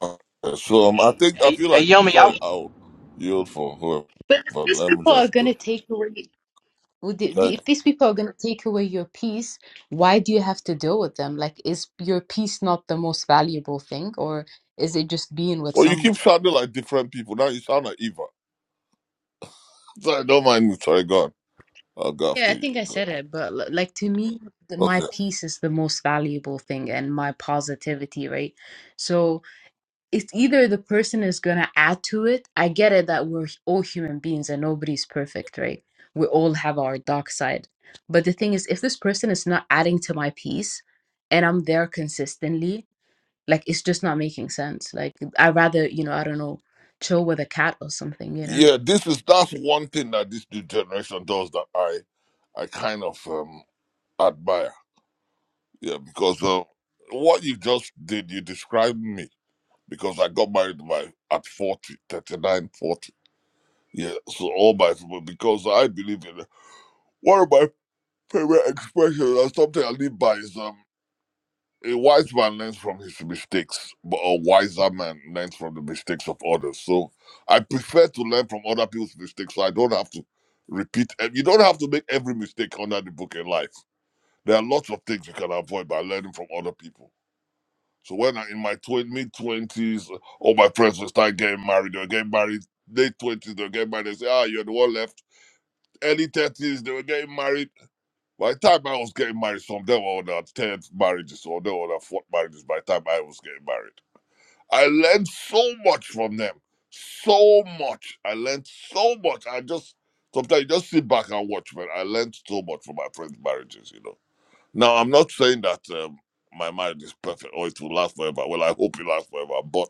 S3: Uh, so um, I think, I
S10: Hey,
S3: feel
S10: hey,
S3: like,
S10: Yomi, I,
S3: sorry, I'll yield for whoever,
S11: But if
S3: but
S11: these
S3: let me
S11: people are
S3: just
S11: going
S3: go.
S11: to take away, would the- the-
S3: Thank
S11: if these people are going to take away your peace, why do you have to deal with them? Like, is your peace not the most valuable thing, or is it just being with
S3: Well, you keep
S11: somebody?
S3: sounding like different people. Now you sound like Eva. Sorry, don't mind me, sorry, God. I'll go
S11: Yeah,
S3: after
S11: I
S3: you.
S11: think I said it, but l- like to me, the,
S3: Okay.
S11: my peace is the most valuable thing and my positivity, right? So it's either the person is going to add to it. I get it that we're all human beings and nobody's perfect, right? We all have our dark side. But the thing is, if this person is not adding to my piece and I'm there consistently, like it's just not making sense. Like I'd rather, you know, I don't know, chill with a cat or something, you know?
S3: Yeah, this is that's one thing that this new generation does that I I kind of um admire. Yeah, because uh, what you just did, you described me because I got married by at 40 39 40. Yeah, so all my people because I believe in it. One of my favorite expressions and something I live by is um a wise man learns from his mistakes, but a wiser man learns from the mistakes of others. So I prefer to learn from other people's mistakes so I don't have to repeat. And you don't have to make every mistake under the book in life. There are lots of things you can avoid by learning from other people. So when I, in my twen- mid 20s, all my friends will start getting married. They'll get married late 20s, they'll get married. They say, ah, you're the one left. Early 30s, they were getting married by the time I was getting married, from them on our 10 marriages, or them on our fourth marriages, by the time I was getting married, I learned so much from them. So much. I learned so much. I just, sometimes you just sit back and watch, man. I learned so much from my friends' marriages, you know. Now, I'm not saying that um, my marriage is perfect or it will last forever. Well, I hope it lasts forever, but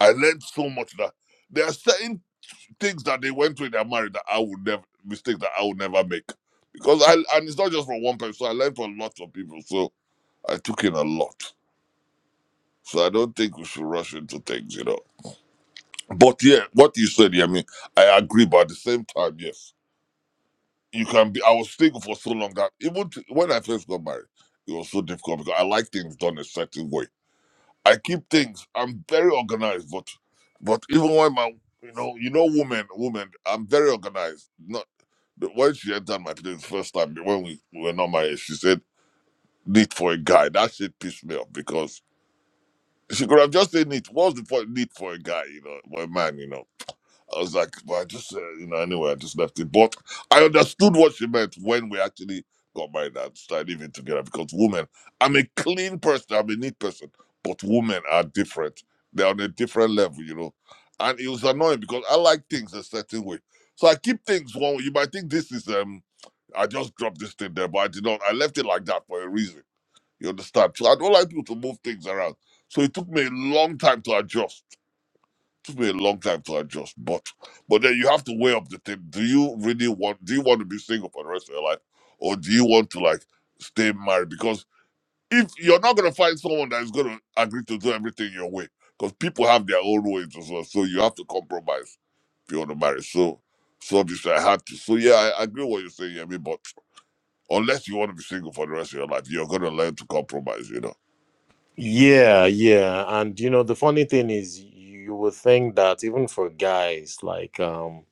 S3: I learned so much that there are certain things that they went through in their marriage that I would never mistakes that I would never make. Because I and it's not just from one person. So I learned from lots of people. So I took in a lot. So I don't think we should rush into things, you know. But yeah, what you said, yeah, I mean, I agree, but at the same time, yes. You can be I was single for so long that even t- when I first got married, it was so difficult because I like things done a certain way. I keep things. I'm very organized, but but even when my you know you know woman woman I'm very organized. Not the- when she entered my place first time when we we were not married, she said need for a guy. That shit pissed me off because she could have just said need. What's the point need for a guy? You know, for a man. You know. I was like, well, I just, uh, you know, anyway, I just left it. But I understood what she meant when we actually got married and started living together because women, I'm a clean person, I'm a neat person, but women are different. They're on a different level, you know. And it was annoying because I like things a certain way. So I keep things one way. You might think this is, um, I just dropped this thing there, but I did not. I left it like that for a reason. You understand? So I don't like people to move things around. So it took me a long time to adjust took me a long time to adjust, but but then you have to weigh up the thing. Do you really want? Do you want to be single for the rest of your life, or do you want to like stay married? Because if you're not gonna find someone that is gonna agree to do everything your way, because people have their own ways as well, so you have to compromise if you want to marry. So so obviously I had to. So yeah, I I agree what you're saying, Yemi. But unless you want to be single for the rest of your life, you're gonna learn to compromise. You know.
S5: Yeah, yeah. And you know, the funny thing is you would think that even for guys like um,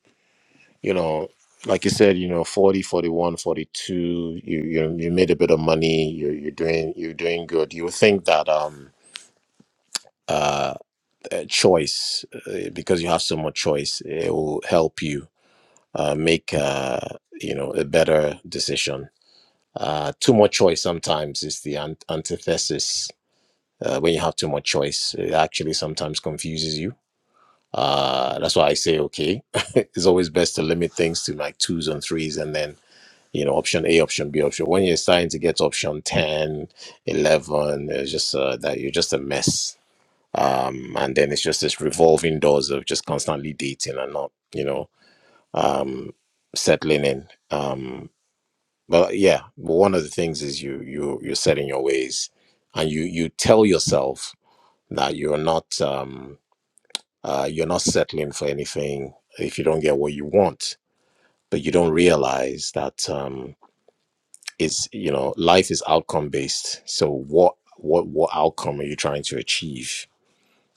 S5: you know, like you said, you know, 40, 41, 42, you you, you made a bit of money, you you're doing you're doing good. You would think that um uh uh, choice uh, because you have so much choice, it will help you uh make uh you know, a better decision. Uh too much choice sometimes is the ant antithesis uh, when you have too much choice it actually sometimes confuses you uh, that's why i say okay it's always best to limit things to like twos and threes and then you know option a option b option when you're starting to get to option 10, 11, it's just uh, that you're just a mess um, and then it's just this revolving doors of just constantly dating and not you know um, settling in um, but yeah one of the things is you you you're setting your ways and you you tell yourself that you're not um, uh, you're not settling for anything if you don't get what you want but you don't realize that um, it's you know life is outcome based so what what what outcome are you trying to achieve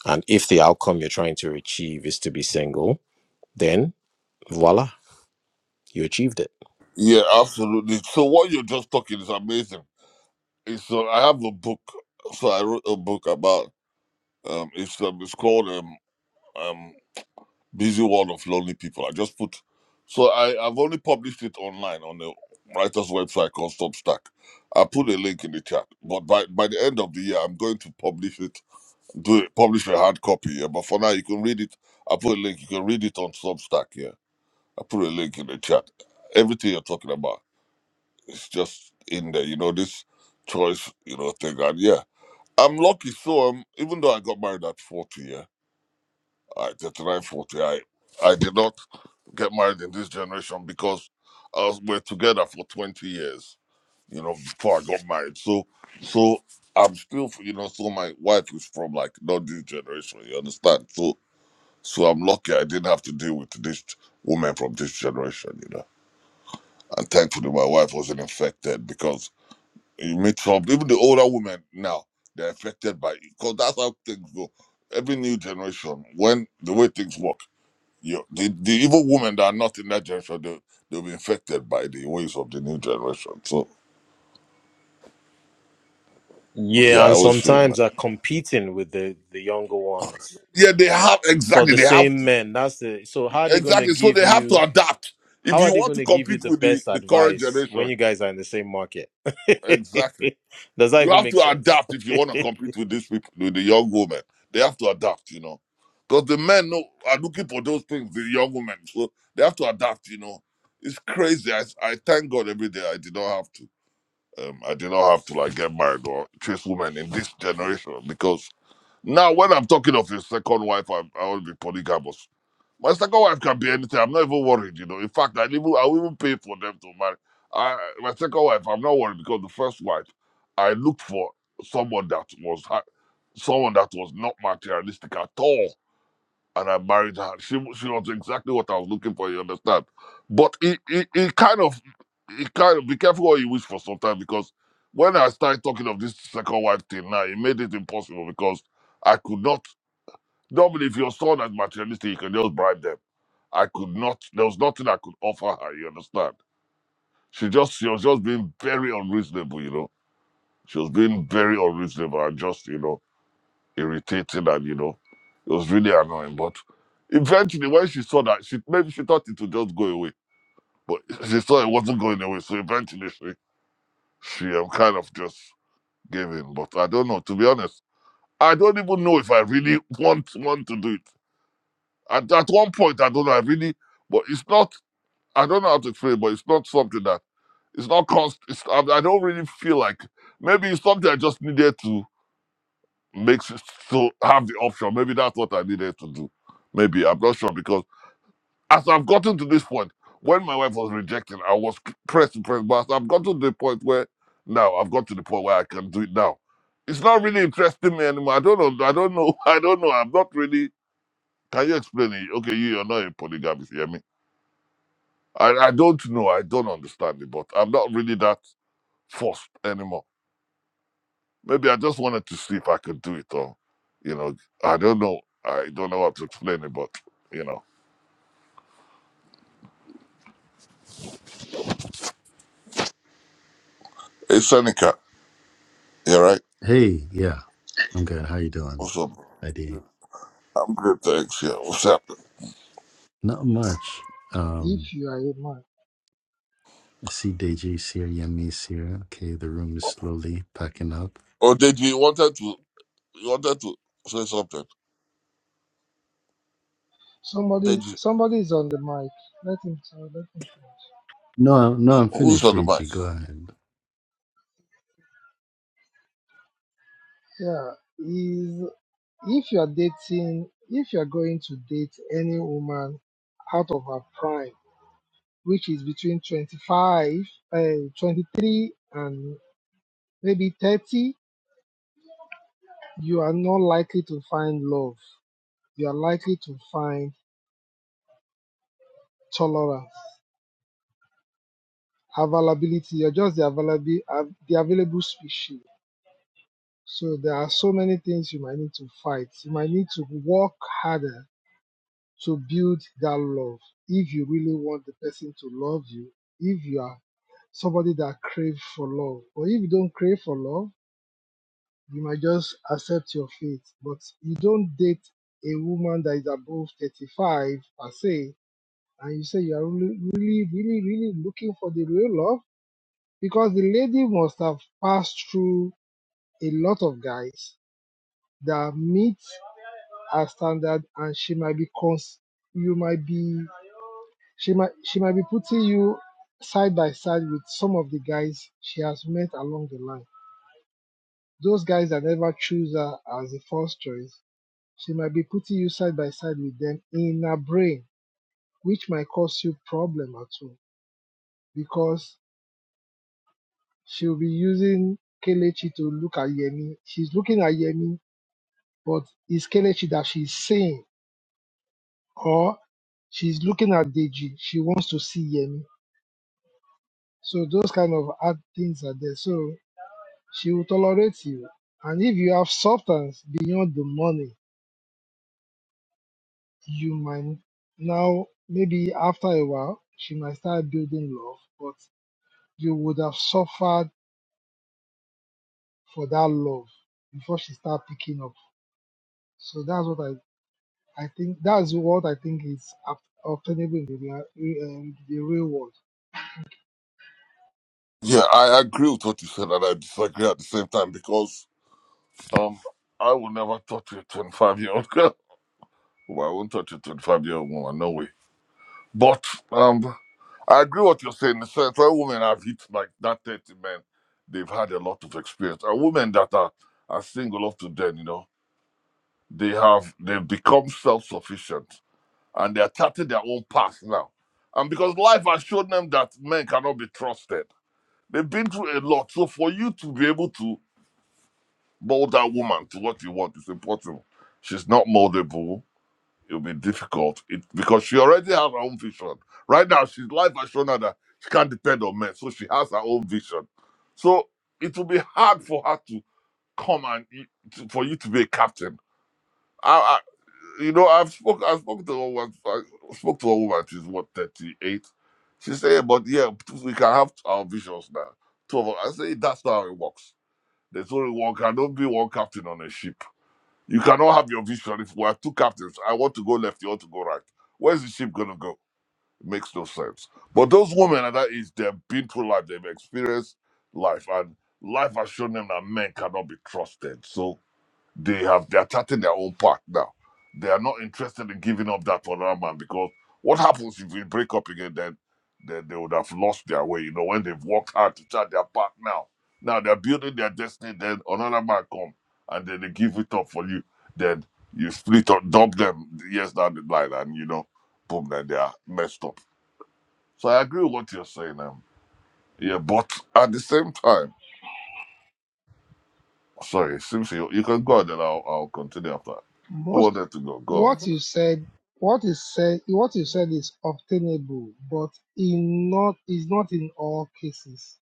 S5: and if the outcome you're trying to achieve is to be single then voila you achieved it
S3: Yeah, absolutely. So what you're just talking is amazing It's, uh, I have a book. So I wrote a book about um. It's um, it's called um um Busy World of Lonely People. I just put. So I I've only published it online on the writer's website called Substack. I put a link in the chat. But by by the end of the year, I'm going to publish it. Do it, publish a hard copy. Yeah. But for now, you can read it. I put a link. You can read it on Substack. Yeah. I put a link in the chat. Everything you're talking about, it's just in there. You know this choice. You know thing. And yeah. I'm lucky. So um, even though I got married at 40, yeah, I 39, 40, I, I did not get married in this generation because I was, we're together for 20 years, you know, before I got married. So, so I'm still, you know, so my wife is from like not this generation, you understand? So, so I'm lucky I didn't have to deal with this woman from this generation, you know. And thankfully, my wife wasn't infected because you meet trouble. Even the older women now, they're affected by it because that's how things go. Every new generation, when the way things work, you, the, the evil women that are not in that generation, they, they'll be infected by the ways of the new generation. So, yeah,
S5: yeah
S3: I
S5: and
S3: always say, man.
S5: sometimes are competing with the the younger ones
S3: Yeah, they have,
S5: for
S3: exactly,
S5: the
S3: they have,
S5: same
S3: to-
S5: men that's the so how are they going to
S3: exactly. So
S5: give
S3: they have
S5: you
S3: to adapt. If
S5: How are
S3: you
S5: they
S3: want
S5: going
S3: to
S5: to give you
S3: compete
S5: the
S3: with the,
S5: best
S3: the current
S5: advice when
S3: generation,
S5: you guys are in the same market?
S3: exactly.
S5: Does that
S3: you
S5: even
S3: have
S5: make
S3: to
S5: sense?
S3: adapt if you want to compete with these people, with the young women. They have to adapt, you know, because the men know, are looking for those things, the young women. So they have to adapt, you know. It's crazy. I, I thank God every day I did not have to. Um, I did not have to like get married or chase women in this generation because now when I'm talking of your second wife, I'm, I will be polygamous. My second wife can be anything. I'm not even worried, you know. In fact, i even, I'll even pay for them to marry. I, my second wife, I'm not worried because the first wife, I looked for someone that was ha- someone that was not materialistic at all, and I married her. She she was exactly what I was looking for. You understand? But it it, it kind of it kind of be careful what you wish for sometimes because when I started talking of this second wife thing now, it made it impossible because I could not. Normally, if your son is materialistic, you can just bribe them I could not, there was nothing I could offer her, you understand? She just, she was just being very unreasonable, you know? She was being very unreasonable and just, you know, irritating and, you know, it was really annoying. But eventually, when she saw that, she maybe she thought it would just go away, but she saw it wasn't going away. So eventually, she, she um, kind of just gave in. But I don't know, to be honest, I don't even know if I really want, want to do it. At, at one point, I don't know, I really, but it's not, I don't know how to explain, but it's not something that It's not const. It's, I, I don't really feel like maybe it's something I just needed to make s- to have the option. Maybe that's what I needed to do. Maybe I'm not sure because as I've gotten to this point, when my wife was rejecting, I was c- pressing, pressing. But as I've gotten to the point where now I've got to the point where I can do it now. It's not really interesting me anymore. I don't know. I don't know. I don't know. I'm not really. Can you explain it? Okay, you, you're not a polygamist. You hear me? I, I don't know. I don't understand it, but I'm not really that forced anymore. Maybe I just wanted to see if I could do it or, you know, I don't know. I don't know how to explain it, but, you know. Hey, Seneca, you all right?
S12: Hey, yeah, I'm good. How you doing,
S3: What's up? bro?
S12: ID?
S3: I'm good, thanks. Yeah, what's happening?
S12: Not much.
S8: if
S12: Um,
S8: you are a man.
S12: I see DJ's here, Yemi's here. Okay, the room is slowly packing up.
S3: Oh, did you wanted to, you wanted to say something?
S8: Somebody,
S3: Did you?
S8: somebody is on the mic. Let him talk. Let him finish.
S12: No, I- no, I'm
S3: Who's
S12: finished,
S3: on the mic?
S12: DG. Go ahead.
S8: Yeah, is if you are dating, if you are going to date any woman out of her prime, which is between 25, uh, 23, and maybe 30, you are not likely to find love. You are likely to find tolerance availability, you're just the available the available species. So there are so many things you might need to fight. You might need to work harder to build that love if you really want the person to love you. If you are somebody that craves for love, or if you don't crave for love, you might just accept your fate. But you don't date a woman that is above 35 per se, and you say you are really, really, really, really looking for the real love because the lady must have passed through a lot of guys that meet her standard and she might be cons- you might be she might she might be putting you side by side with some of the guys she has met along the line those guys that never choose her as the first choice she might be putting you side by side with them in her brain which might cause you problem at all because she'll be using kelechi to look at yemi she's looking at yemi but it's Kelechi that she's saying, or she's looking at Deji. She wants to see Yemi. So those kind of hard things are there. So she will tolerate you. And if you have substance beyond the money, you might now maybe after a while she might start building love, but you would have suffered for that love before she start picking up. So that's what I I think that's what I think is ob- obtainable in the, rea- re- uh, the real world.
S3: Yeah, I agree with what you said and I disagree at the same time because um, I will never touch a 25 year old girl. Well, I won't touch a 25 year old woman, no way. But um, I agree what you're saying. The central women have hit like that 30 men. They've had a lot of experience. And women that are, are single up to then, you know, they have they've become self-sufficient and they're charting their own path now. And because life has shown them that men cannot be trusted. They've been through a lot. So for you to be able to mold that woman to what you want is impossible. She's not moldable it'll be difficult it, because she already has her own vision. Right now, she's life has shown her that she can't depend on men, so she has her own vision. So it will be hard for her to come and you- to, for you to be a captain. I, I you know, I've spoke, I spoke to a woman, I spoke to a woman. She's what thirty eight. She said, "Yeah, "But yeah, we can have our visions now." Two of us. I say that's not how it works. There's only one. Can don't be one captain on a ship you cannot have your vision if we have two captains. I want to go left, you want to go right. Where's the ship going to go? It makes no sense. But those women at that age, they've been through life, they've experienced life, and life has shown them that men cannot be trusted. So they have they're charting their own path now. They are not interested in giving up that for another man because what happens if we break up again? Then then they would have lost their way. You know when they've worked hard to chart their path now. Now they're building their destiny. Then another man come and then they give it up for you. Then you split up, dump them years down the line, and you know, boom, then they are messed up. So I agree with what you're saying. Um, yeah, but at the same time. Sorry, Simpson, you, you can go and then I'll, I'll continue after. Who
S8: Most
S3: wanted to go? Go. on.
S8: what you said, what is said, what you said is obtainable, but in not is not in all cases.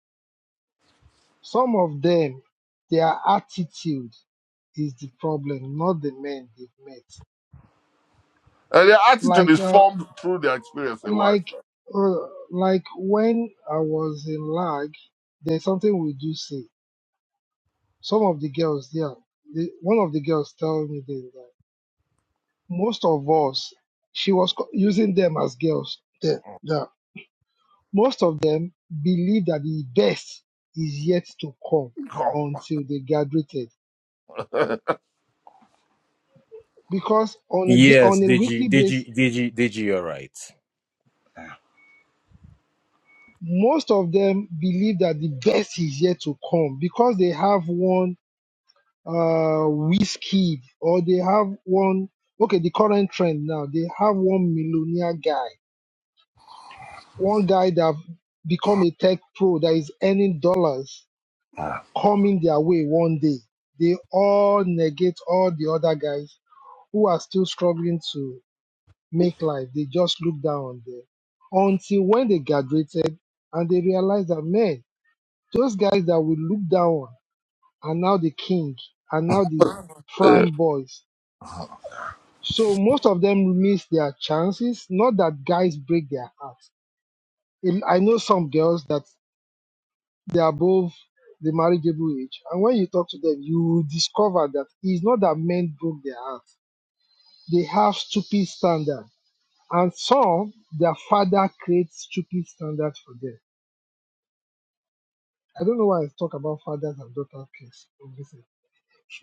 S8: Some of them, their attitude is the problem, not the men they've met.
S3: And their attitude
S8: Like,
S3: is
S8: uh,
S3: formed through their experience in life.
S8: like, uh, like when I was in lag, there's something we do say. Some of the girls there, the, one of the girls tell me that most of us, she was co- using them as girls. The, the Most of them believe that the best is yet to come
S3: Come
S8: until they graduated. Because on a day,
S5: yes,
S8: on a
S5: Digi,
S8: weekly basis,
S5: Digi, Digi, Digi, you're right.
S8: most of them believe that the best is yet to come because they have one uh whiskey or they have one okay the current trend now they have one millionaire guy one guy that have become a tech pro that is earning dollars coming their way one day they all negate all the other guys who are still struggling to make life, they just look down on them. Until when they graduated and they realized that, man, those guys that we look down on are now the king, are now the
S3: on. Yeah.
S8: prime boys. So most of them miss their chances. Not that guys break their hearts. And I know some girls that they're above the marriageable age. And when you talk to them, you will discover that it's not that men broke their hearts. They have stupid standards And some, their father creates stupid standards for them. I don't know why I talk about fathers and daughters. case. Obviously.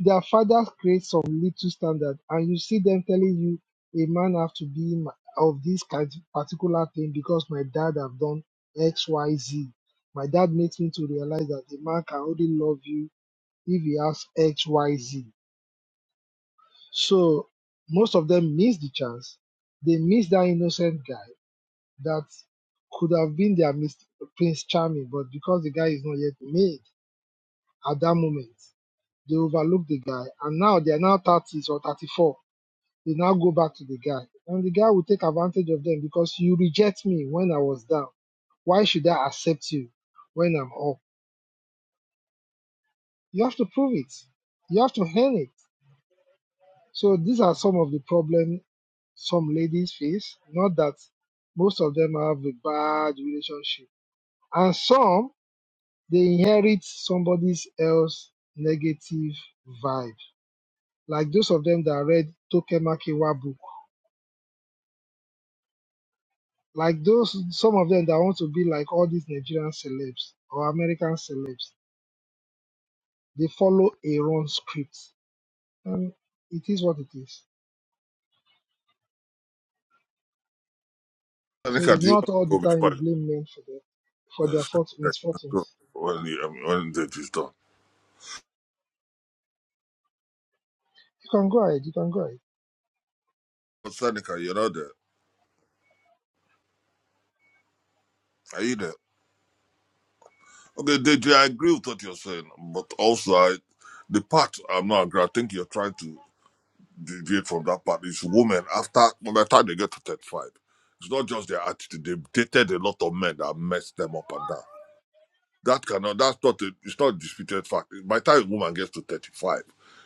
S8: Their fathers create some little standard, and you see them telling you a man have to be ma- of this kind particular thing because my dad have done X, Y, Z. My dad makes me to realize that the man can only love you if he has X, Y, Z. So most of them miss the chance. They miss that innocent guy that could have been their Mr. Prince Charming, but because the guy is not yet made at that moment, they overlook the guy. And now they are now 30s or 34. They now go back to the guy. And the guy will take advantage of them because you reject me when I was down. Why should I accept you when I'm up? You have to prove it. You have to earn it. So these are some of the problems some ladies face. Not that most of them have a bad relationship. And some they inherit somebody's else negative vibe. Like those of them that read Tokemakiwa book. Like those some of them that want to be like all these Nigerian celebs or American celebs. They follow a wrong script. And it is what it is. So
S3: Seneca,
S8: it's
S3: do you
S8: not
S3: want
S8: all
S3: to
S8: the
S3: go
S8: time
S3: before
S8: you blame men for their for
S3: the-
S8: their fort-
S3: go
S8: misfortunes.
S3: when, you, um, when Deji's done?
S8: You can go ahead, you can go ahead.
S3: But Seneca, you're not there. Are you there? Okay, Deji, I agree with what you're saying, but also I, the part I'm not agree. I think you're trying to deviate from that part. It's women after by the time they get to 35. It's not just their attitude. They've dated a lot of men that messed them up and down. That cannot. That's not a. It's not a disputed fact. By the time a woman gets to thirty-five,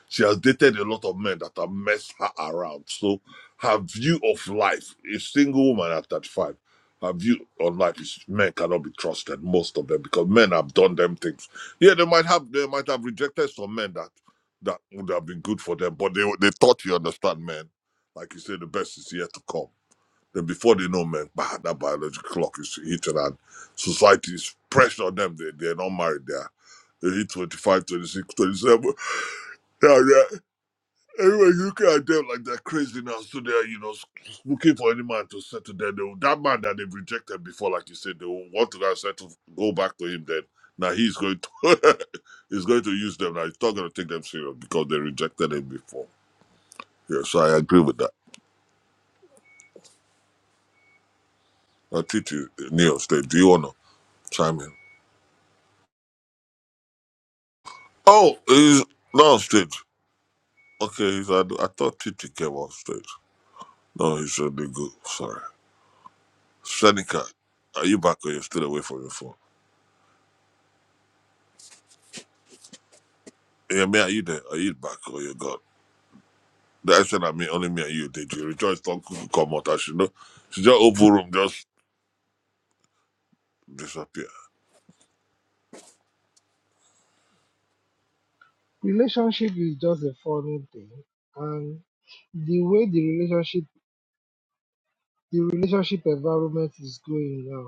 S3: she has dated a lot of men that have messed her around. So her view of life, a single woman at thirty-five, her view on life is men cannot be trusted. Most of them, because men have done them things. Yeah, they might have. They might have rejected some men that that would have been good for them, but they they thought you understand men. Like you say, the best is yet to come. Then before they know, man, bah, that biological clock is hitting and society is pressure on them. They, they're not married. They're, they hit twenty five, twenty six, twenty seven. 26, 27. Yeah, yeah. Anyway, you look at them like they're crazy now. So they're, you know, s- looking for any man to settle them. They, will- that man that they've rejected before, like you said, they will want to go and settle, go back to him then. Now he's going to he's going to use them. Now he's not going to take them serious because they rejected him before. Yeah, so I agree with that. Now, Titi, Neil, stay. do you want to chime in? Oh, he's not on stage. Okay, he's at, I thought Titi came on stage. No, he's on the go. Sorry. Seneca, are you back or you're still away from your phone? Yeah, me, are you there? Are you back or you're gone? The said I mean, only me and you did. You rejoice, don't come out. As you know, she just open room, just disappear.
S8: Relationship is just a foreign thing and the way the relationship the relationship environment is going now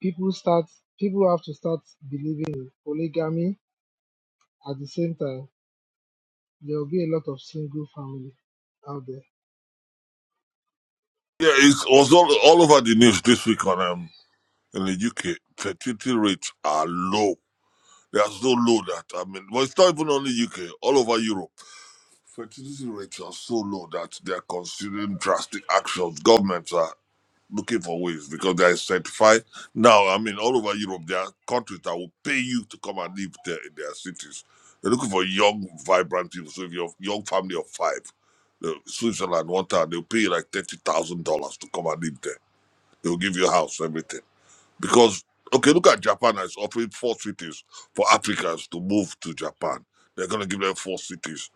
S8: people start people have to start believing in polygamy at the same time there will be a lot of single family out there
S3: Yeah, it was all, all over the news this week on um, in the UK. Fertility rates are low. They are so low that, I mean, well, it's not even only UK, all over Europe. Fertility rates are so low that they are considering drastic actions. Governments are looking for ways because they are certified. Now, I mean, all over Europe, there are countries that will pay you to come and live there in their cities. They're looking for young, vibrant people. So if you're a young family of five, uh, Switzerland, one time, they'll pay you like $30,000 to come and live there. They'll give you a house, everything. Because, okay, look at Japan is offering four cities for Africans to move to Japan. They're going to give them four cities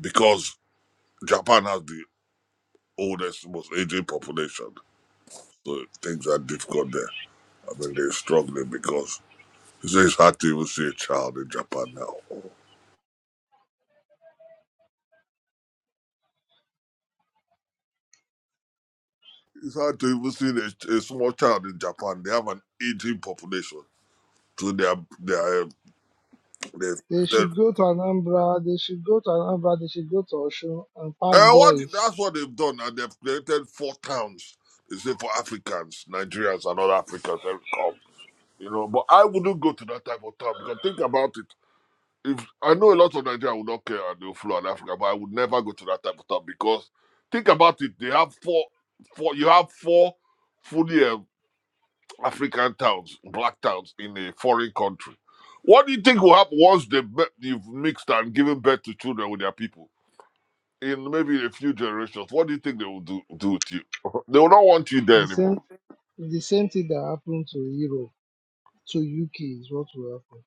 S3: because Japan has the oldest, most aging population, so things are difficult there. I mean, they're struggling because you say it's hard to even see a child in Japan now. It's hard to even see a, a small child in Japan. They have an aging population, so they are they are um, they've
S8: they
S3: created.
S8: should go to anambra they should go to anambra they should go to osun and pack
S3: Uh, what
S8: boys
S3: that's what they've done, and they've created four towns. They say for Africans, Nigerians, and other Africans, they come. You know, but I wouldn't go to that type of town because think about it. if I know a lot of Nigeria would not care and they'll flow in Africa, but I would never go to that type of stuff because think about it, they have four four you have four fully um, African towns, black towns in a foreign country. What do you think will happen once they be- you've mixed and given birth to children with their people in maybe a few generations? What do you think they will do do with you? They will not want you there
S8: the same
S3: anymore.
S8: the same thing that happened to europe to uk is what will happen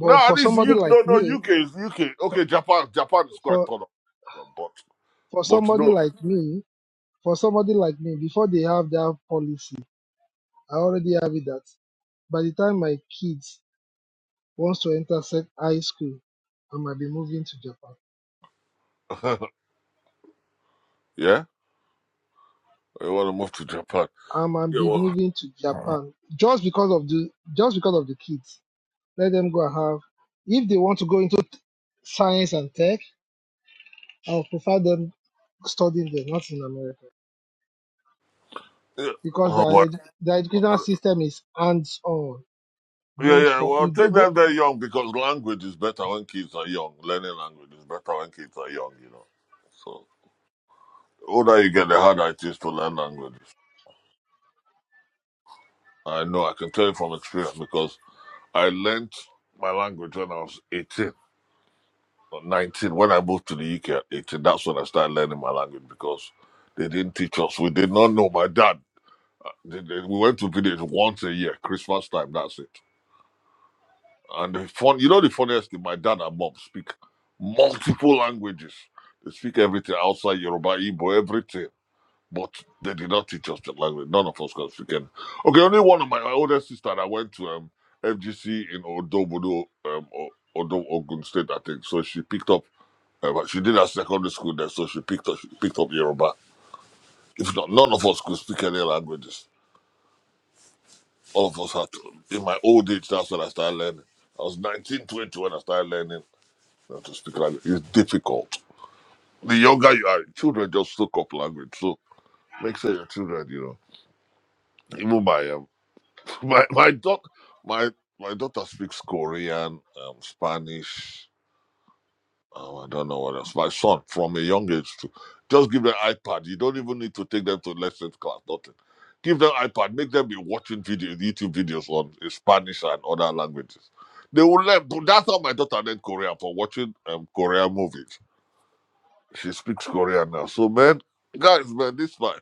S3: No, at
S8: for
S3: least
S8: somebody
S3: you no
S8: like
S3: no
S8: me
S3: UK is UK.
S8: for
S3: Okay, Japan Japan is quite
S8: for
S3: tolerant, but
S8: for
S3: but
S8: somebody
S3: no
S8: like me for somebody like me before they have that policy i already have it that by the time my kids Wants to enter sec- high school, I might be moving to Japan.
S3: yeah. I want to move to Japan?
S8: I might
S3: Yeah,
S8: be
S3: well,
S8: moving to Japan just because of the just because of the kids. Let them go and have. If they want to go into t- science and tech, I would prefer them studying there, not in America,
S3: yeah.
S8: because
S3: Oh,
S8: their
S3: but,
S8: edu- their educational system is hands on.
S3: yeah,
S8: Don't
S3: yeah. yeah,
S8: for
S3: Well,
S8: you go
S3: take
S8: don't
S3: them very young because language is better when kids are young. Learning language is better when kids are young, you know. So, the older you get, the harder it is to learn languages. I know, I can tell you from experience because I learnt my language when I was 18 or 19. When I moved to the UK at 18, that's when I started learning my language because they didn't teach us. We did not know. My dad, they, they- we went to village once a year, Christmas time, that's it And the fun, you know, the funniest thing, my dad and mom speak multiple languages. They speak everything outside Yoruba, Igbo, everything. But they did not teach us the language. None of us can speak any. Okay, only one of my, older sister that went to um, FGC in Odobodo, um, O- Odo, Ogun State, I think. So she picked up. Uh, but she did her secondary school there, so she picked up she picked up Yoruba. If not, none of us could speak any languages. All of us had to. In my old age, that's when I started learning. I was 19, 20 when I started learning That's a speak language. It's difficult. The younger you are, children just soak up language. So make sure your children, you know, even my um, my my daughter, my my daughter speaks Korean, um, Spanish. Um, I don't know what else. My son, from a young age, too. just give them iPad. You don't even need to take them to lessons class. Nothing. Give them iPad. Make them be watching videos, YouTube videos on eh, Spanish and other languages. They will learn. But That's how my daughter learned Korean for watching um, Korean movies She speaks Korean now. So, man, guys, man, this life,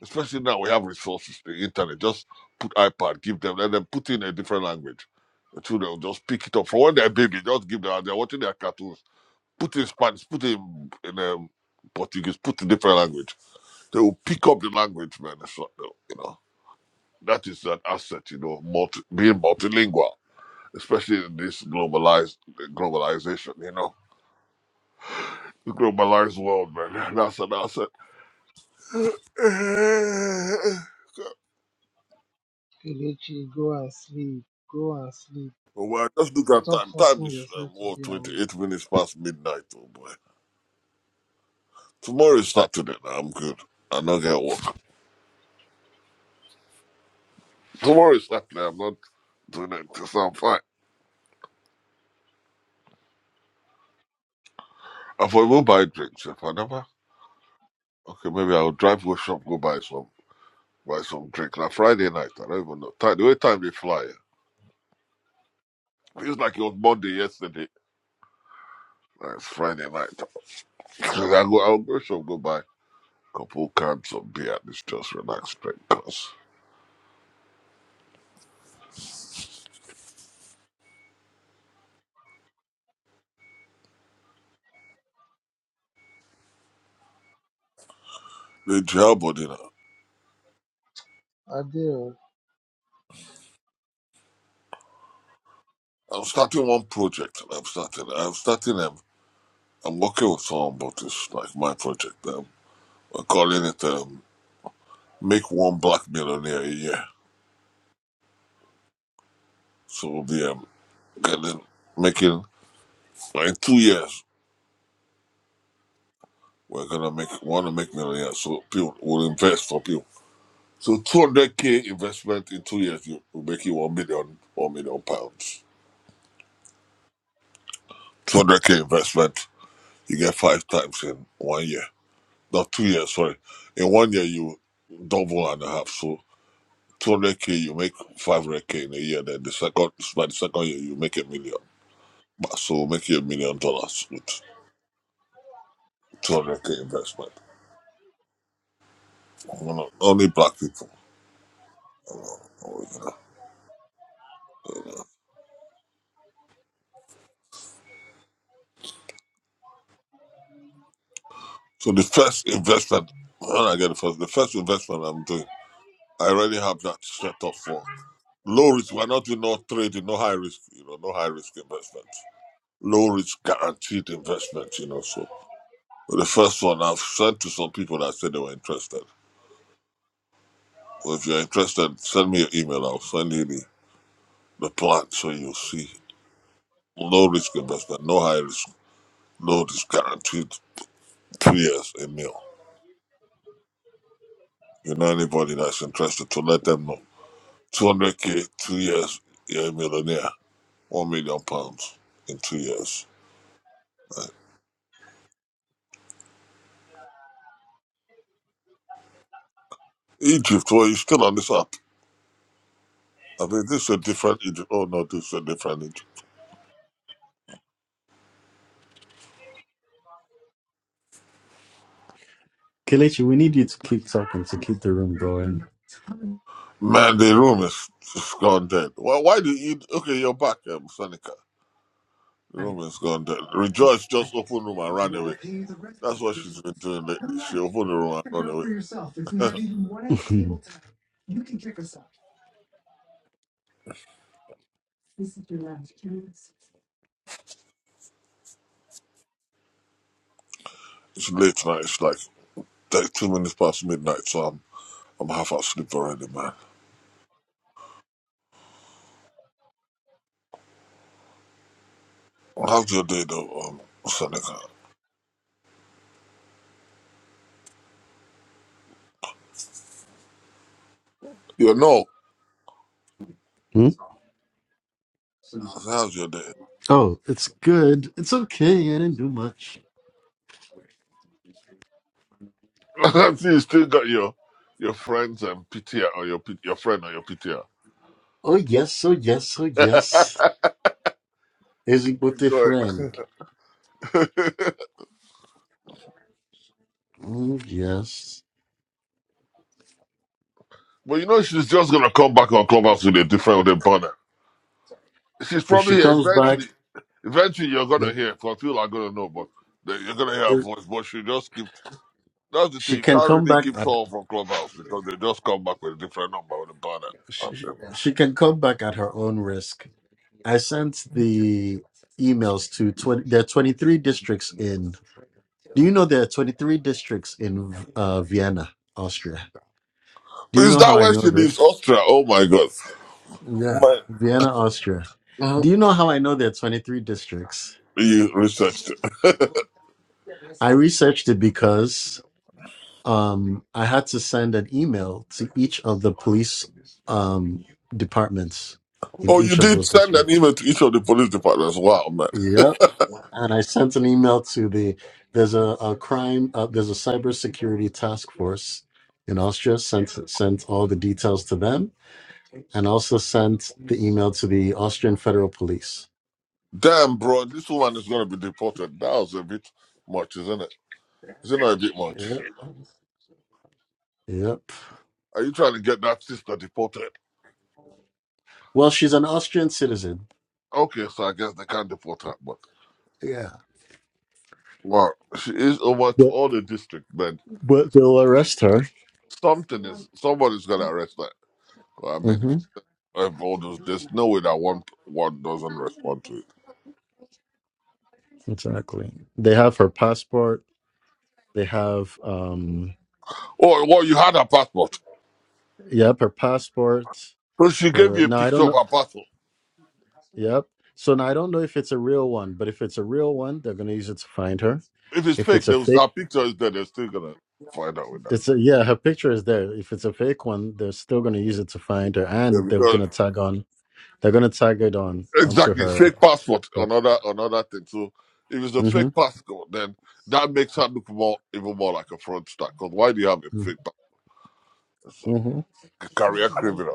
S3: especially now we have resources, the internet, just put iPad, give them, let them put in a different language. The children will just pick it up. For when they're baby, just give them, they're watching their cartoons, put in Spanish, put in, in um, Portuguese, put in different language. They will pick up the language, man. It's not, no, you know, that is an asset, you know, multi, being multilingual, especially in this globalized globalization, you know. The globalized world, man. That's an asset Uh,
S8: Kelechi, go and sleep. Go and sleep.
S3: Oh well, just look at
S8: Stop
S3: time. Time
S8: forcing
S3: is um,
S8: yourself to
S3: what
S8: be awake.
S3: twenty-eight minutes past midnight. Oh boy, tomorrow is Saturday. Now I'm good. I am not get work. Tomorrow is Saturday. I'm not doing it because I'm fine. I thought we'll buy drinks if I never. Okay, maybe I'll drive to a shop go buy some buy some drink. Now Friday night, I don't even know. Time, the way time they fly, eh, feels like it was Monday yesterday. Now it's Friday night. I go, I'll go shop go buy a couple cans of beer and just relax drink. Cause they jail body now.
S8: Adele.
S3: I'm starting one project. I'm starting. I'm starting. Um, I'm working with someone, but it's like my project. Um, we're calling it um, "Make One Black Millionaire a Year." So we'll be um, getting making like in two years. We're gonna make want to make millionaires, so people will invest for people. So 200k investment in two years, you will make you one million, one million pounds. 200k investment, you get five times in one year. Not two years, sorry. In one year, you double and a half. So 200k, you make 500k in a year. Then the second, by the second year, you make a million. But So make you a million dollars with 200k investment. You know, only black people. you know. So the first investment, when I get the first, the first investment I'm doing, I already have that set up for low risk. We're not doing no trading, no high risk, you know, no high risk investment. Low risk guaranteed investment, you know. So the first one I've sent to some people that said they were interested. So if you're interested, send me an email. I'll send you the the plot so you'll see low risk investment, no high risk, no risk guaranteed two years a meal. You know anybody that's interested to let them know. 200k, two years, you're a millionaire. One million pounds in two years. Right. Egypt, well, you still on this app. I mean, this is a different Egypt. Oh, no, this is a different Egypt.
S12: Kelechi, we need you to keep talking to keep the room going.
S3: Man, the room is just gone dead. Why, why did you? Okay, you're back, um, Seneca. The room is gone dead. Rejoice just opened room and ran away. That's what she's been doing lately. She opened the room and run
S12: Figure out
S3: away.
S12: for yourself if we
S3: Yeah,
S12: have even one at the table
S3: it's late tonight. It's like 32 minutes past midnight, so I'm I'm half asleep already, man. How's your day, though, um, Seneca? You know,
S12: tonight.
S3: how's your day?
S12: Hmm? Oh, it's good. It's okay. I didn't do much.
S3: I see you still got your your friends and PTR or your P- your friend or your PTR.
S12: Oh, yes. Oh, yes. Oh, yes. Is it with a
S3: Good.
S12: friend?
S3: but
S12: Oh, yes.
S3: you know she's just gonna come back on Clubhouse with a different with a banner. She's
S12: If
S3: probably
S12: she
S3: here
S12: comes back,
S3: eventually. Eventually, you're gonna hear. Cause people are gonna know, but they- you're gonna hear her voice. But she just keep That's the thing.
S12: She
S3: You
S12: can
S3: can't
S12: come
S3: really
S12: back
S3: keep
S12: at
S3: someone from Clubhouse because they just come back with a different number with a banner.
S12: she, she can come back at her own risk. I sent the emails to 20 there are 23 districts in Do you know there are 23 districts in uh, Vienna, Austria? Do you
S3: Is
S12: know how
S3: that
S12: I
S3: where
S12: know
S3: she
S12: this?
S3: lives? Austria? Oh my god.
S12: Yeah,
S3: My,
S12: Vienna, Austria.
S3: Mhm.
S12: Do you know how I know there are 23 districts?
S3: You researched it.
S12: I researched it because um, I had to send an email to each of the police um, departments in
S3: oh, you
S12: each of
S3: did
S12: those
S3: send an
S12: districts.
S3: email to each of the police departments. Wow, man.
S12: Yep. and I sent an email to the there's a, a crime uh, there's a cybersecurity task force in Austria. Sent sent all the details to them, and also sent the email to the Austrian Federal Police.
S3: Damn, bro, this woman is going to be deported. That was a bit much, isn't it? Is it not a bit much?
S12: Yep. Yep.
S3: Are you trying to get that sister deported?
S12: Well, she's an Austrian citizen.
S3: Okay, so I guess they can't deport her, but
S12: Yeah.
S3: well, she is over to
S12: But
S3: all the district, but
S12: but they'll arrest her.
S3: something is somebody's going to arrest her. Well, I mean, if,
S12: hmm
S3: if all those, there's no way that one one doesn't respond to it.
S12: Exactly. They have her passport. They have um.
S3: Oh, well, you had her passport.
S12: Yep, her passport.
S3: So she gave
S12: Her
S3: you a
S12: no, I
S3: picture
S12: don't
S3: of
S12: know.
S3: her passport.
S12: Yep. So now I don't know if it's a real one, but if it's a real one, they're going to use it to find her.
S3: If it's
S12: If
S3: fake,
S12: it's a
S3: there was,
S12: fake,
S3: her picture is there. They're still gonna find out with that.
S12: it's a yeah, her picture is there. If it's a fake one, they're still going to use it to find her,
S3: Yeah,
S12: and they're
S3: because
S12: going to tag on. They're going to tag it on onto
S3: exactly
S12: her.
S3: fake passport,
S12: So,
S3: another another thing. So if it's a
S12: hmm
S3: fake passport, then that makes her look more even more like a fraudster. Because why do you have a fake passport? It's
S12: hmm
S3: a career criminal.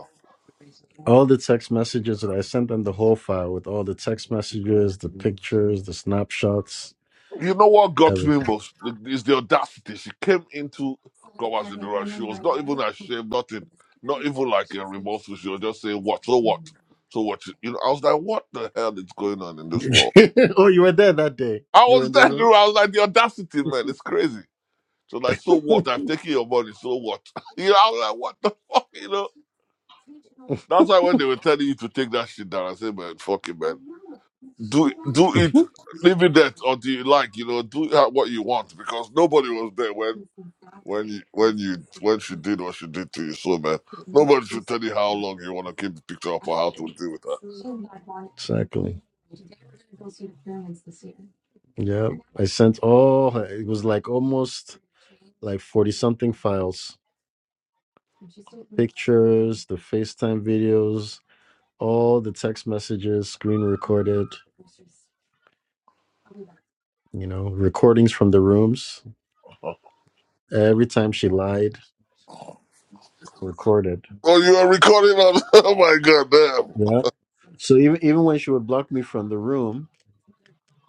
S12: All the text messages that I sent them the whole file with all the text messages, the pictures, the snapshots,
S3: You know what got me
S12: everything.
S3: most is the audacity. She came into God's universe. She was not even ashamed, nothing, not even like a remorseful. She was just saying, "What? So what? So what?" You know, I was like, "What the hell is going on in this world?"
S12: oh, you were there that day.
S3: I
S12: You were
S3: was
S12: in the
S3: there. you
S12: room.
S3: know, I was like, "The audacity, man! It's crazy." So like, so what? I've taken your money. So what? You know, I was like, "What the fuck?" You know. That's why when they were telling you to take that shit down, I said, "Man, fuck it, man. Do do it." Leave it there, or do you like, you know, do ha- what you want because nobody was there when When you when you what you did what you did to your soul, man. Nobody should tell you how long you wanna keep the picture up or how to deal with that.
S12: Exactly. Yeah, I sent all. It was like almost like forty something files, pictures, the FaceTime videos, all the text messages, screen recorded. You know, recordings from the rooms. Every time she lied, recorded.
S3: Oh, you are recording on oh my god, damn.
S12: Yeah. So even even when she would block me from the room,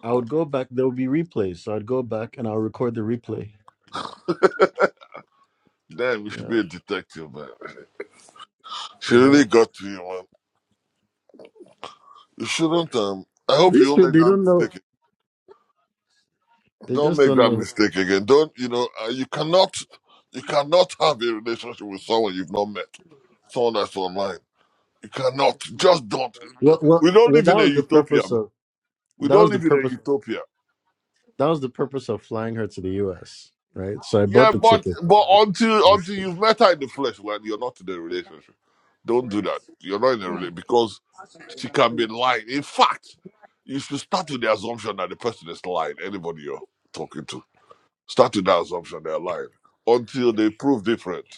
S12: I would go back. There would be replays, so I'd go back and I'll record the replay.
S3: Damn, you should
S12: Yeah,
S3: be a detective, man. She
S12: yeah.
S3: really got to you, man. You shouldn't um I hope you
S12: These
S3: don't
S12: people,
S3: make
S12: they
S3: that
S12: don't know.
S3: mistake.
S12: They
S3: Don't
S12: just
S3: make
S12: don't
S3: that mistake again.
S12: know.
S3: Don't you know uh, you cannot you cannot have a relationship with someone you've not met. Someone that's online. You cannot. Just don't.
S12: Well, well,
S3: We don't
S12: well.
S3: live
S12: That
S3: in a
S12: was the
S3: utopia,
S12: purpose
S3: man.
S12: of
S3: We
S12: that
S3: don't
S12: was the
S3: live in a
S12: purpose of,
S3: utopia.
S12: that was the purpose of flying her to the U.S. Right. So I bought
S3: Yeah,
S12: the
S3: but
S12: ticket.
S3: but until until you've
S12: It's
S3: met her in the flesh, like you're not in a relationship. Don't do that. You're not in a relationship because she can be lying. In fact, you should start with the assumption that the person is lying. Anybody you're talking to, start with that assumption they're lying until they prove different.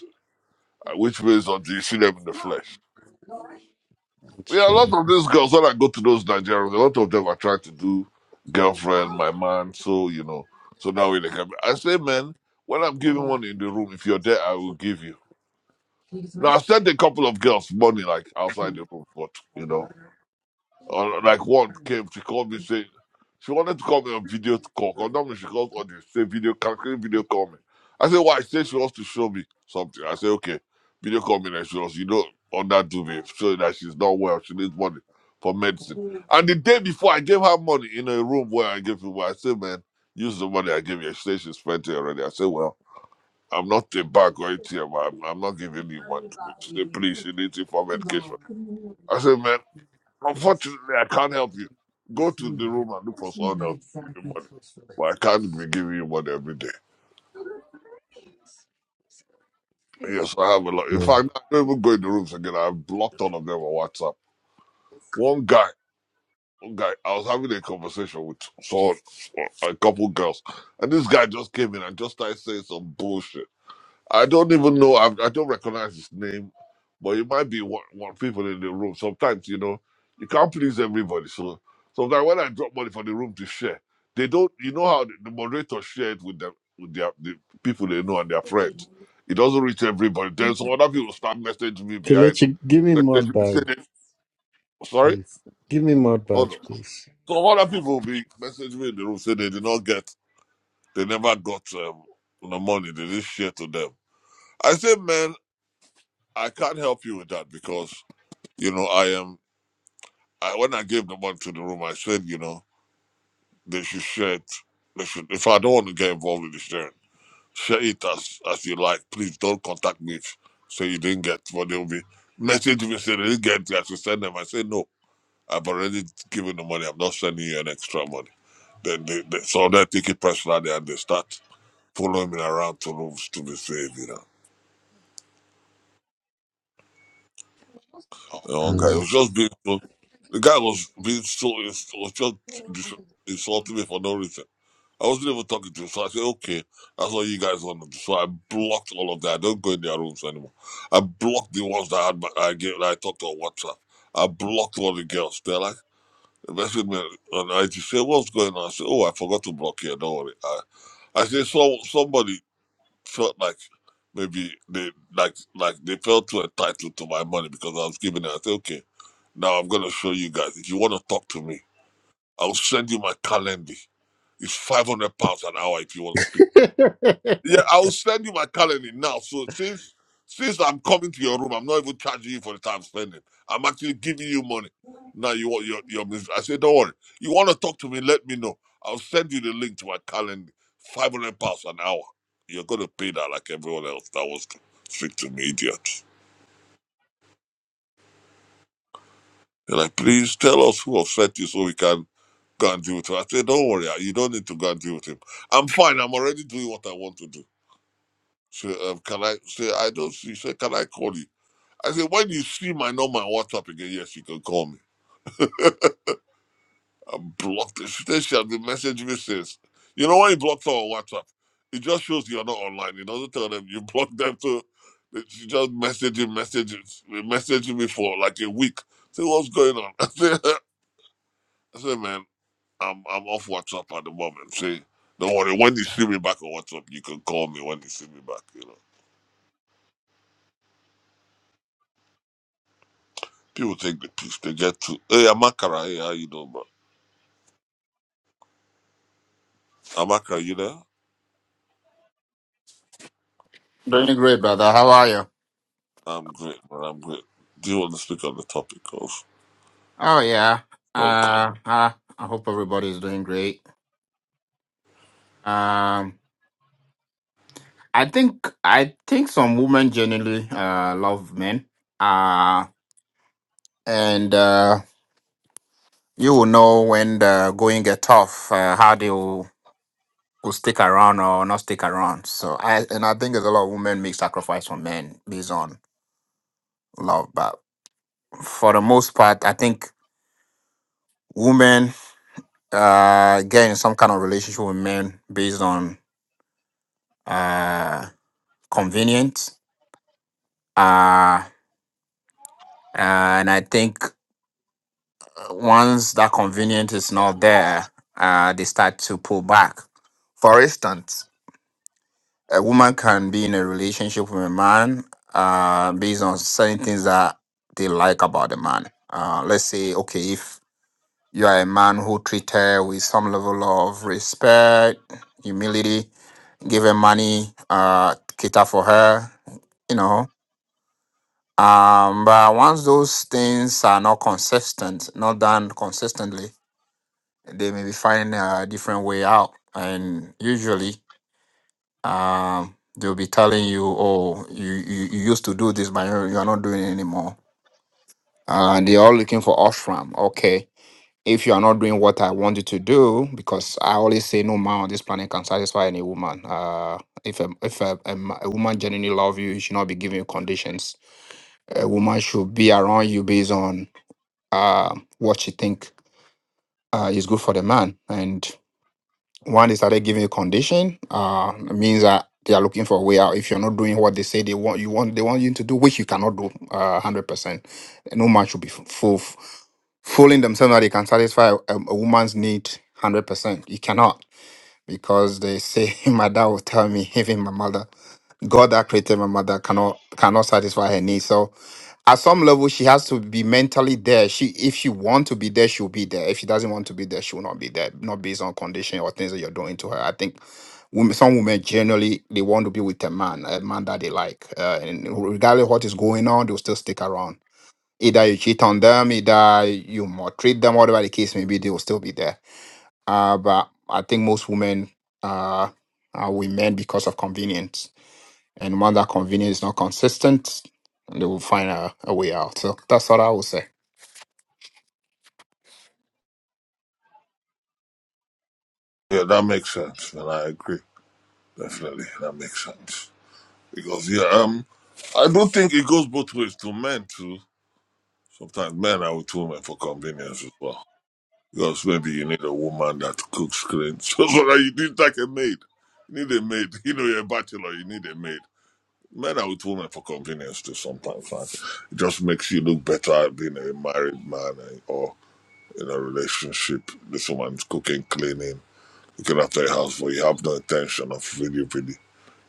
S3: uh, Which means until you see them in the flesh. Yeah, a lot
S12: true.
S3: of these girls when I go to those Nigerians, a lot of them are trying to do girlfriend, my man. So you know, so that way they can. Be. I say, man, when I'm giving one in the room, if you're there, I will give you. No, I sent a couple of girls money like outside the room, but you know, uh, like one came, she called me saying she wanted to call me on video call. Cause normally she calls on this say video can can you video call me. I said why? She said she wants to show me something. I said okay, video call me and she was you know on that duvet showing that she's not well. She needs money for medicine. And the day before, I gave her money in a room where I gave people. I said man, use the money I gave you. She said she spent it already. I said well. I'm not a bag or ATM. I'm, I'm not giving you money. She said, please, you need it for medication. I said, man, unfortunately, I can't help you. Go to the room and look for someone else to give you money. But I can't be giving you money every day. Yes, I have a lot. In
S12: Yeah.
S3: fact, I don't even go in the rooms again. I've blocked all of them on WhatsApp. One guy, one guy, I was having a conversation with someone, a couple girls, and this guy just came in and just started saying some bullshit. I don't even know. I, I don't recognize his name, but it might be one, one people in the room. Sometimes you know you can't please everybody. So sometimes when I drop money for the room to share, they don't. You know how the, the moderator share it with them with their the people they know and their friends. It doesn't reach everybody. Then some other people start messaging me behind,
S12: Kelechi, give me mod
S3: messaging me saying,
S12: badge,
S3: they- "Sorry,
S12: please. Give me mod
S3: hold
S12: badge,
S3: on."
S12: please.
S3: Some other people will be messaging me in the room saying they did not get, they never got um, the money. They didn't share to them. I say, man. I can't help you with that because you know I am. I, when I gave the money to the room, I said you know they should share it. They should. If I don't want to get involved in the sharing, share it as as you like. Please don't contact me if say you didn't get what they'll be message me say they didn't get. it. I should send them. I say no. I've already given the money. I'm not sending you an extra money. Then they, they so they take it personally and they start following me around to rooms to be saved. you know. The wrong guy. It
S12: Mm.
S3: was just being so. The guy was being so. ins- was just dis- insulting me for no reason. I wasn't even talking to him, so I said, "Okay, that's all you guys want." to do." So I blocked all of that. I don't go in their rooms anymore. I blocked the ones that I had my, I gave, that I talked to on WhatsApp. I blocked all the girls. They're like, they messaged me on IG, say, "Hey, "What's going on?" I said, "Oh, I forgot to block you. Don't worry." I, I said, "So somebody felt like." Maybe they like like they felt too entitled to my money because I was giving it. I said, okay, now I'm gonna show you guys. If you want to talk to me, I'll send you my calendar. It's five hundred pounds an hour if you want to speak. Yeah, I'll send you my calendar now. So since since I'm coming to your room, I'm not even charging you for the time spending. I'm actually giving you money. Now you want your your mis- I said, don't worry. You want to talk to me? Let me know. I'll send you the link to my calendar. Five hundred pounds an hour. You're gonna pay that like everyone else that was to speak to me, idiot. They're like, please tell us who upset you so we can Go and deal with him. I said, don't worry, you don't need to go and deal with him. I'm fine. I'm already doing what I want to do. So um, can I? say I don't see. She said, can I call you? I said, when you see my number on WhatsApp again, yes, you can call me. I blocked it. She said she has been messaging me since. You know when you block someone on WhatsApp, it just shows you're not online. It doesn't tell them you blocked them to. She just messaging, messaging, messaging me for like a week. I said, what's going on? I said, I said, man, I'm I'm off WhatsApp at the moment. See, don't worry. When you see me back on WhatsApp, you can call me. When you see me back, you know. People take the piece. They get to. Hey, Amakara. Hey, how you doing, bro? Amakara, you there?
S13: Doing great, brother. How are you?
S3: I'm great, man. I'm great. Do you want to speak on the topic of?
S13: Oh yeah.
S3: of-
S13: Uh, uh I hope everybody is doing great. Um, I think I think some women generally uh love men. Uh and uh you will know when the going get tough, uh, how they will, will stick around or not stick around. So I and I think there's a lot of women make sacrifice for men based on love, but for the most part, I think women uh get in some kind of relationship with men based on uh, convenient. Uh, uh, and I think once that convenience is not there, uh, they start to pull back. For instance, a woman can be in a relationship with a man uh, based on certain things that they like about the man. Uh, let's say, okay, if you are a man who treat her with some level of respect, humility, give her money, uh, cater for her, you know, Um, but once those things are not consistent, not done consistently, they may be finding a different way out. And usually, um, they'll be telling you, "Oh, you you, you used to do this, but you're you're not doing it anymore." Uh, they are looking for ashram. Okay, if you are not doing what I want you to do, because I always say, no man on this planet can satisfy any woman. Uh, if a, if a, a, ma- a woman genuinely love you, she should not be giving you conditions. A woman should be around you based on uh, what she think uh, is good for the man. And one, they started giving a condition. Uh, it means that they are looking for a way out. If you're not doing what they say they want, you want they want you to do, which you cannot do, uh hundred percent. No man should be f- fool, fooling themselves that they can satisfy a, a woman's need hundred percent. You cannot because they say my dad will tell me, even my mother, God that created my mother cannot cannot satisfy her needs. So at some level she has to be mentally there she if she want to be there she'll be there if she doesn't want to be there she will not be there not based on condition or things that you're doing to her i think women, some women generally they want to be with a man a man that they like uh, and regardless what is going on they'll still stick around either you cheat on them either you maltreat them whatever the case may be they will still be there uh, but i think most women uh, are with men because of convenience and when that convenience is not consistent, they will find a, a way out. So that's what I would say.
S3: Yeah, that makes sense, and I agree. Definitely, that makes sense. Because yeah, um, I do not think it goes both ways to men too. Sometimes men are with women for convenience as well. Because maybe you need a woman that cooks clean. So, so that you need like a maid. You need a maid. You know, you're a bachelor, you need a maid. Men are with women for convenience too sometimes, man. It just makes you look better being a married man eh, or in a relationship. This woman's cooking, cleaning, looking after your house, but you have no intention of really, really.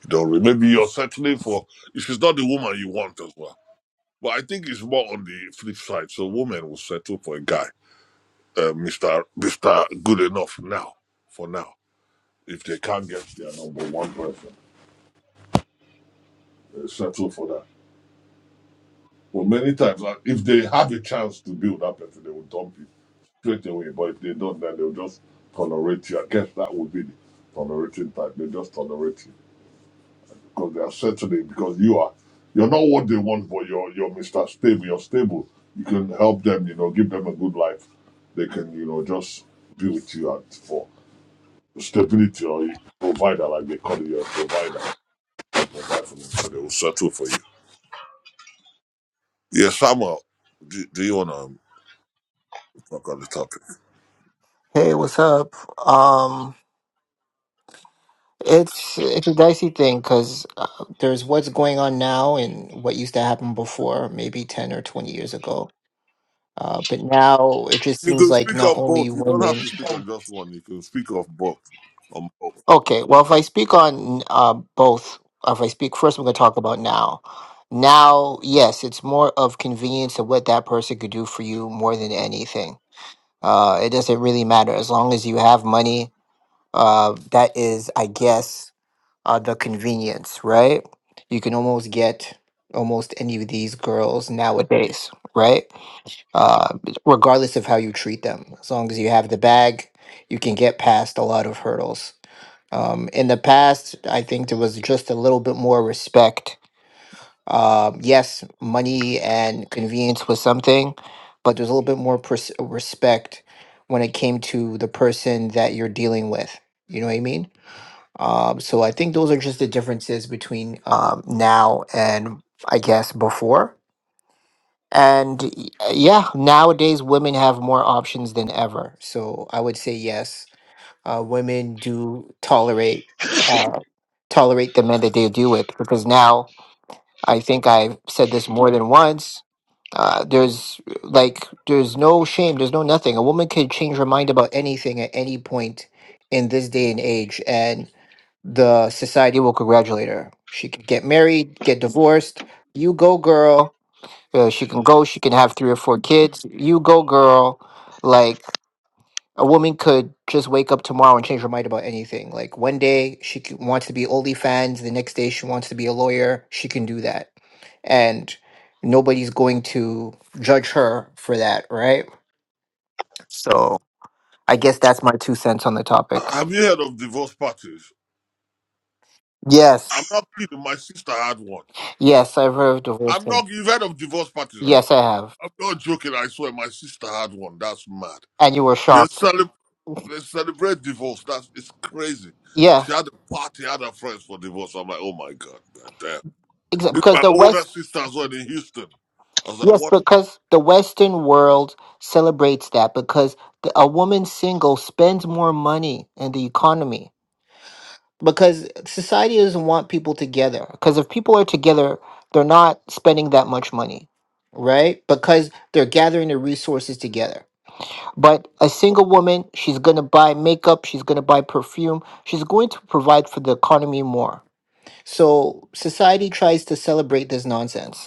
S3: You don't really. Maybe you're settling for, if she's not the woman you want as well. But I think it's more on the flip side. So, women will settle for a guy uh, Mr. Mr. Good enough now, for now. If they can't get their number one person, they settle for that. But many times, like, if they have a chance to build that person, they will dump you straight away. But if they don't, then they'll just tolerate you. I guess that would be the tolerating type. They just tolerate you because they are settling because you are you're not what they want, but you're you're Mr. Stable. You're stable. You can help them. You know, give them a good life. They can you know just be with you at for. stability or you provider, like they call you a provider. Provide for them, so they will settle for you. Yeah, Samuel, do, do you want to talk on the topic?
S14: Hey, what's up? Um, it's it's a dicey thing because uh, there's what's going on now and what used to happen before, maybe ten or twenty years ago. Uh, but now it just
S3: You
S14: seems
S3: can
S14: like
S3: speak
S14: not
S3: on
S14: only
S3: both. You don't have
S14: women.
S3: to speak on just one. You can speak of both. On both.
S14: Okay, well, if I speak on uh, both, if I speak first, I'm going to talk about now. Now, yes, it's more of convenience of what that person could do for you more than anything. Uh, it doesn't really matter as long as you have money. Uh, that is, I guess uh, the convenience, right? You can almost get almost any of these girls nowadays, right? Uh, regardless of how you treat them, as long as you have the bag, you can get past a lot of hurdles. Um, in the past, I think there was just a little bit more respect. Um, yes, money and convenience was something, but there's a little bit more pers- respect when it came to the person that you're dealing with. You know what I mean? Um, so I think those are just the differences between um, now and I guess before. And y- yeah, nowadays women have more options than ever. So I would say yes, uh, women do tolerate uh, tolerate the men that they deal with because now I think I've said this more than once. Uh, there's like there's no shame, there's no nothing. A woman can change her mind about anything at any point in this day and age, and the society will congratulate her. She can get married, get divorced. You go, girl. Uh, she can go. She can have three or four kids. You go, girl. Like a woman could just wake up tomorrow and change her mind about anything. Like one day she c- wants to be OnlyFans, the next day she wants to be a lawyer. She can do that, and nobody's going to judge her for that, right? So I guess that's my two cents on the topic.
S3: Have you heard of divorce parties?
S14: Yes,
S3: I'm not kidding. My sister had one.
S14: yes, I've heard of divorce.
S3: I'm not. You've heard of divorce parties, right?
S14: Yes, I have.
S3: I'm not joking. I swear, my sister had one. That's mad.
S14: and you were
S3: They
S14: shocked.
S3: celebrate. They celebrate divorce. That's it's crazy.
S14: Yeah,
S3: She had a party, had her friends for divorce. I'm like, oh my god, man, damn.
S14: exactly.
S3: It's
S14: Because
S3: my
S14: the
S3: older
S14: West,
S3: sister as well in Houston. I was like,
S14: yes,
S3: what
S14: because the Western world celebrates that because the, a woman single spends more money in the economy because society doesn't want people together. Because if people are together, they're not spending that much money, right? Because they're gathering the resources together. But a single woman, she's gonna buy makeup, she's gonna buy perfume, she's going to provide for the economy more. So society tries to celebrate this nonsense.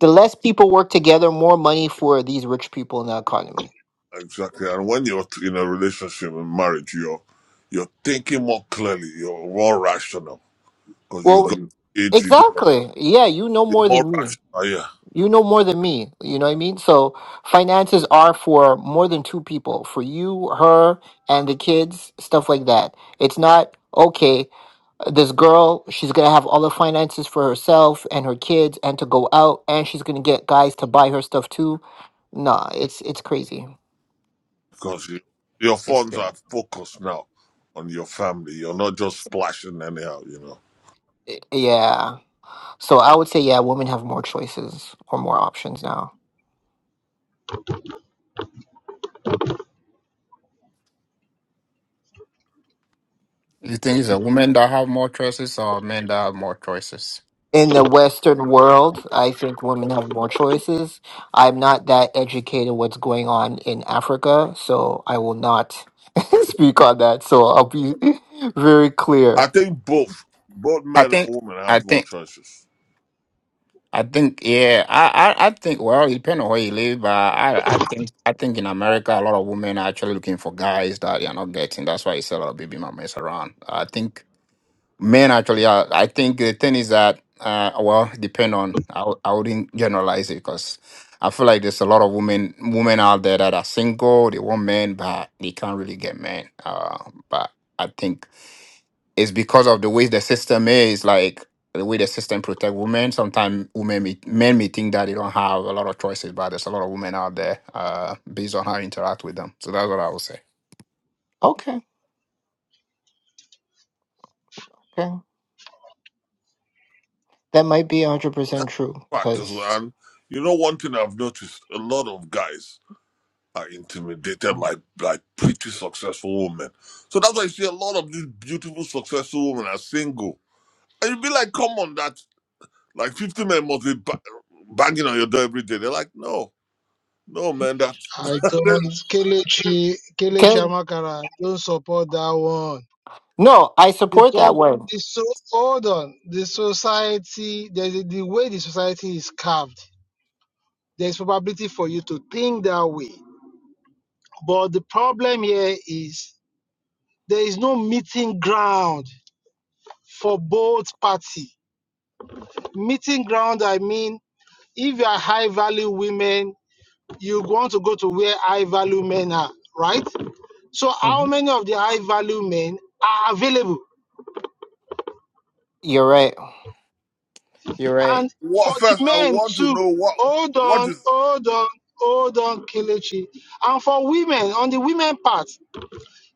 S14: The less people work together, more money for these rich people in the economy.
S3: exactly? And when you're in a relationship and marriage, you're you're thinking more clearly. You're more rational because
S14: Well,
S3: you got
S14: Mhm.
S3: it. You got
S14: exactly. Yeah, you know
S3: you're
S14: more
S3: more
S14: than me.
S3: rational, yeah.
S14: You know more than me. You know what I mean? So finances are for more than two people, for you, her, and the kids, stuff like that. It's not okay this girl, she's gonna have all the finances for herself and her kids and to go out and she's gonna get guys to buy her stuff too. Nah, it's it's crazy.
S3: Because you, your
S14: It's
S3: funds are focused now on your family. You're not just splashing anyhow. You know.
S14: yeah. So I would say, yeah, women have more choices or more options now.
S13: You think it's a woman that have more choices or men that have more choices?
S14: In the Western world, I think women have more choices. I'm not that educated what's going on in Africa, so I will not speak on that. So I'll be very
S3: I
S14: clear.
S3: think both both
S13: I
S3: men
S13: think,
S3: and women
S13: I
S3: have more
S13: think,
S3: choices.
S13: I think, yeah, I, I, I think. Well, it depends on where you live, but I, I think, I think in America, a lot of women are actually looking for guys that they are not getting. That's why you see a lot of baby mamas around. I think Men actually, uh, I think the thing is that, uh, well, depend on. I, wou- I wouldn't generalize it because I feel like there's a lot of women women out there that are single. They want men, but they can't really get men. Uh, but I think it's because of the way the system is, like the way the system protect women. Sometimes women, may, men may think that they don't have a lot of choices, but there's a lot of women out there uh, based on how you interact with them. So that's what I would say.
S14: Okay. Okay. That might be
S3: That's
S14: 100% true
S3: a fact as well.
S14: because
S3: And you know, one thing I've noticed: a lot of guys. are intimidated by by pretty successful women. So that's why you see a lot of these beautiful successful women are single. And you'd be like, come on, that like 50 men must be ba- banging on your door every day. They're like, no, no, man. That
S8: I don't
S3: this,
S8: Kelechi Kelechi
S14: Kelly.
S8: Amakara, don't support that one.
S14: No, I
S8: The
S14: support that
S8: prob
S14: one.
S8: the so hold on. The society there's a- the way the society is carved, there's probability for you to think that way. But the problem here is there is no meeting ground for both party. Meeting ground I mean if you are high value women, you want to go to where high value men are, right? So how
S14: Mhm.
S8: many of the high value men are available?
S14: You're right. You're right.
S8: And for
S3: what, first
S8: the
S3: I
S8: men
S3: want to
S8: too,
S3: know what
S8: hold
S3: what
S8: on,
S3: is
S8: hold on, hold on, Kelechi. And for women, on the women part,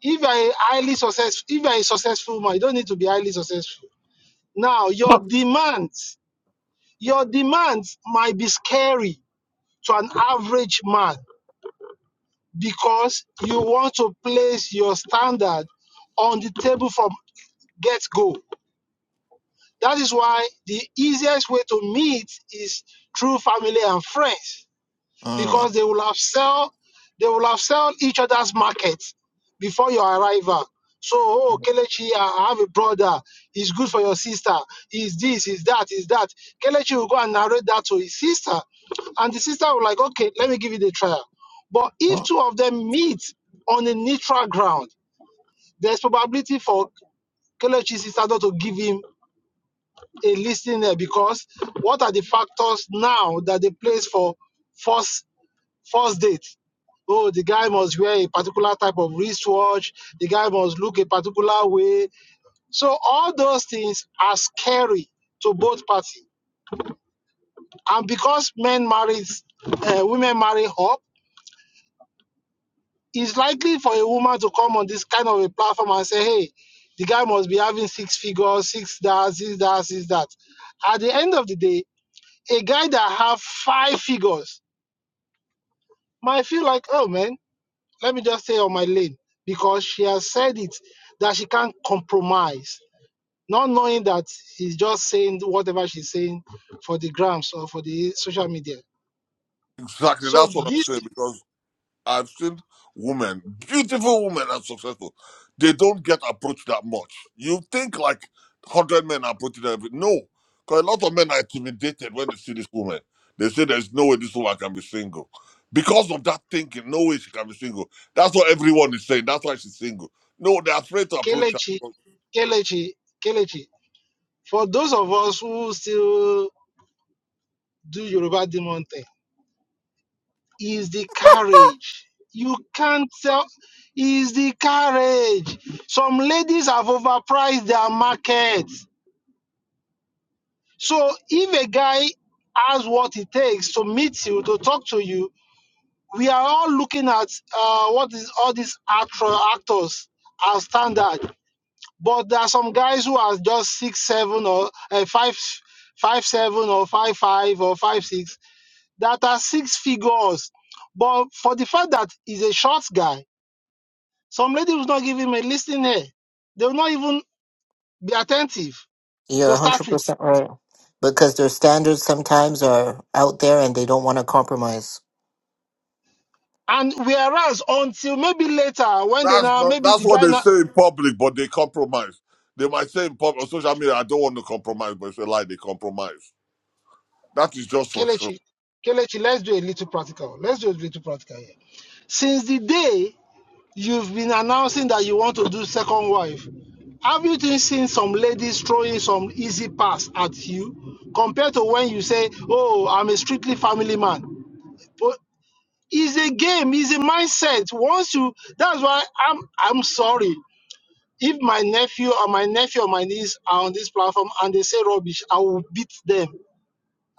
S8: if you are a highly successful, if you are a successful man, you don't need to be highly successful. Now, your demands, your demands might be scary to an average man because you want to place your standard on the table from get go. That is why the easiest way to meet is through family and friends because
S14: Mm.
S8: they will have sell, they will have sell each other's markets before your arrival. So, oh, Kelechi, I have a brother. He's good for your sister. He's this, he's that, he's that. Kelechi will go and narrate that to his sister. And the sister will like, okay, let me give you the trial. But if two of them meet on a neutral ground, there's probability for Kelechi's sister not to give him a listening there because what are the factors now that they place for first first date? oh, the guy must wear a particular type of wristwatch, the guy must look a particular way. So all those things are scary to both parties. And because men marry, uh, women marry up, it's likely for a woman to come on this kind of a platform and say, hey, the guy must be having six figures, six that, six that, six that. At the end of the day, a guy that have five figures might feel like, oh man, let me just stay on my lane because she has said it that she can't compromise, not knowing that he's just saying whatever she's saying for the grams or for the social media.
S3: exactly.
S8: So
S3: That's what I'm
S8: this
S3: saying because. I've seen women, beautiful women and successful. They don't get approached that much. You think like hundred men approach them. every- No, because a lot of men are intimidated when they see this woman. They say there's no way this woman can be single. Because of that thinking, no way she can be single. That's what everyone is saying. That's why she's single. No, they're afraid to approach her.
S8: Kelechi, Kelechi, Kelechi, for those of us who still do Yoruba demon thing, is the courage. You can't tell is the courage. Some ladies have overpriced their market So if a guy has what it takes to meet you, to talk to you, we are all looking at uh, what is all these actor, actors as standard. But there are some guys who are just six seven or uh, five five seven or five five or five six that are six figures. But for the fact that he's a short guy, some lady will not give him a listening ear. They will not even be attentive
S14: You're
S8: to start with
S14: 100% right. Because their standards sometimes are out there and they don't want to compromise.
S8: And whereas until maybe later, when they
S3: That's
S8: now
S3: not,
S8: maybe
S3: that's
S8: the
S3: what
S8: guy
S3: they
S8: now
S3: say in public, but they compromise. They might say in public on social media, I don't want to compromise, but it's a lie, they compromise. That is just for show.
S8: Kelechi, Kelechi, let's do a little practical. Let's do a little practical here. Since the day you've been announcing that you want to do second wife, have you been seen some ladies throwing some easy pass at you compared to when you say, Oh, I'm a strictly family man? But it's a game, it's a mindset. Once you that's why I'm I'm sorry. If my nephew or my nephew or my niece are on this platform and they say rubbish, I will beat them.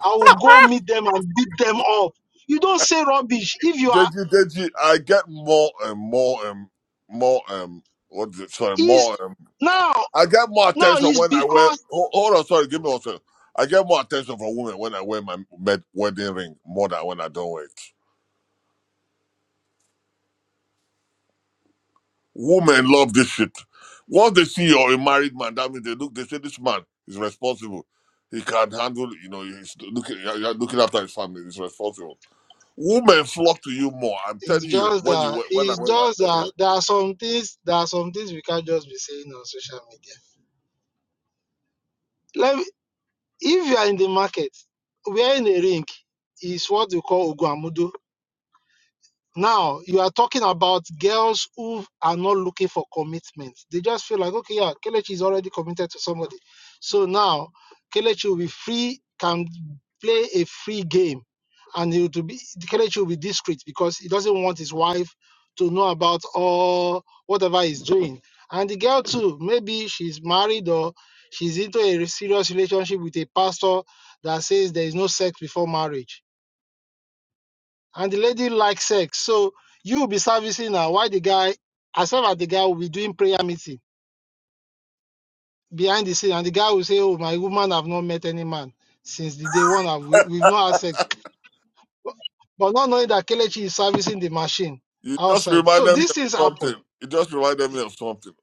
S8: I will go meet them and beat them up. You don't say rubbish if you are
S3: Did you? Did you? I get more and more and more and what is it? Sorry,
S8: is
S3: more and
S8: now
S3: I get more
S8: now
S3: attention
S8: it's
S3: when I wear.
S8: because
S3: Hold, hold on, sorry, give me one second. I get more attention from women when I wear my med, wedding ring more than when I don't wear it. Women love this shit. Once they see you're a married man, that means they look. They say this man is responsible. He can handle. You know, he's looking. You're looking after his family. He's responsible. Women flock to you more. I'm telling
S8: it's
S3: you
S8: just
S3: when you
S8: that
S3: wear- when I
S8: it's
S3: wear my
S8: just
S3: wedding ring.
S8: that there are some things there are some things we can't just be saying on social media. Let me, if you are in the market, we are in a ring It's what we call Uguamudu. Now you are talking about girls who are not looking for commitment. They just feel like, okay, yeah, Kelechi is already committed to somebody. So now Kelechi will be free, can play a free game, and it will be Kelechi will be discreet because he doesn't want his wife to know about all whatever he's doing. And the girl too, maybe she's married or she's into a serious relationship with a pastor that says there is no sex before marriage and the lady likes sex. So you will be servicing her while the guy, as well as the guy will be doing prayer meeting behind the scene, and the guy will say, Oh, my woman have not met any man since the day one have we, we've not had sex. But not knowing that Kelechi is servicing the machine
S3: You just
S8: outside. So
S3: reminded me
S8: these
S3: of
S8: things happen.
S3: something. It just reminded me of something.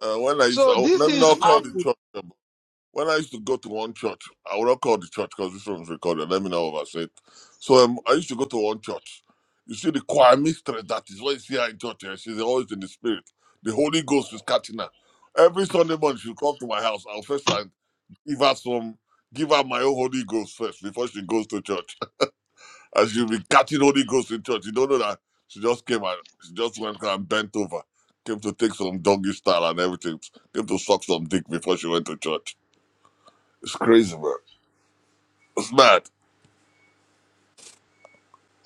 S3: Uh, when I used to,
S8: So
S3: I,
S8: these
S3: let me
S8: things
S3: not call the
S8: happen.
S3: church. number. When I used to go to one church, I would not call the church because this one's recorded. Let me know if I said. So um, I used to go to one church. You see the choir mistress that is what you see her in church. Here. She's always in the spirit. The Holy Ghost is catching her. Every Sunday morning she'll come to my house. I'll first I give her some, give her my own Holy Ghost first before she goes to church. And she'll be catching Holy Ghost in church. You don't know that she just came and she just went and bent over. Came to take some doggy style and everything. Came to suck some dick before she went to church. It's crazy, man. It's mad.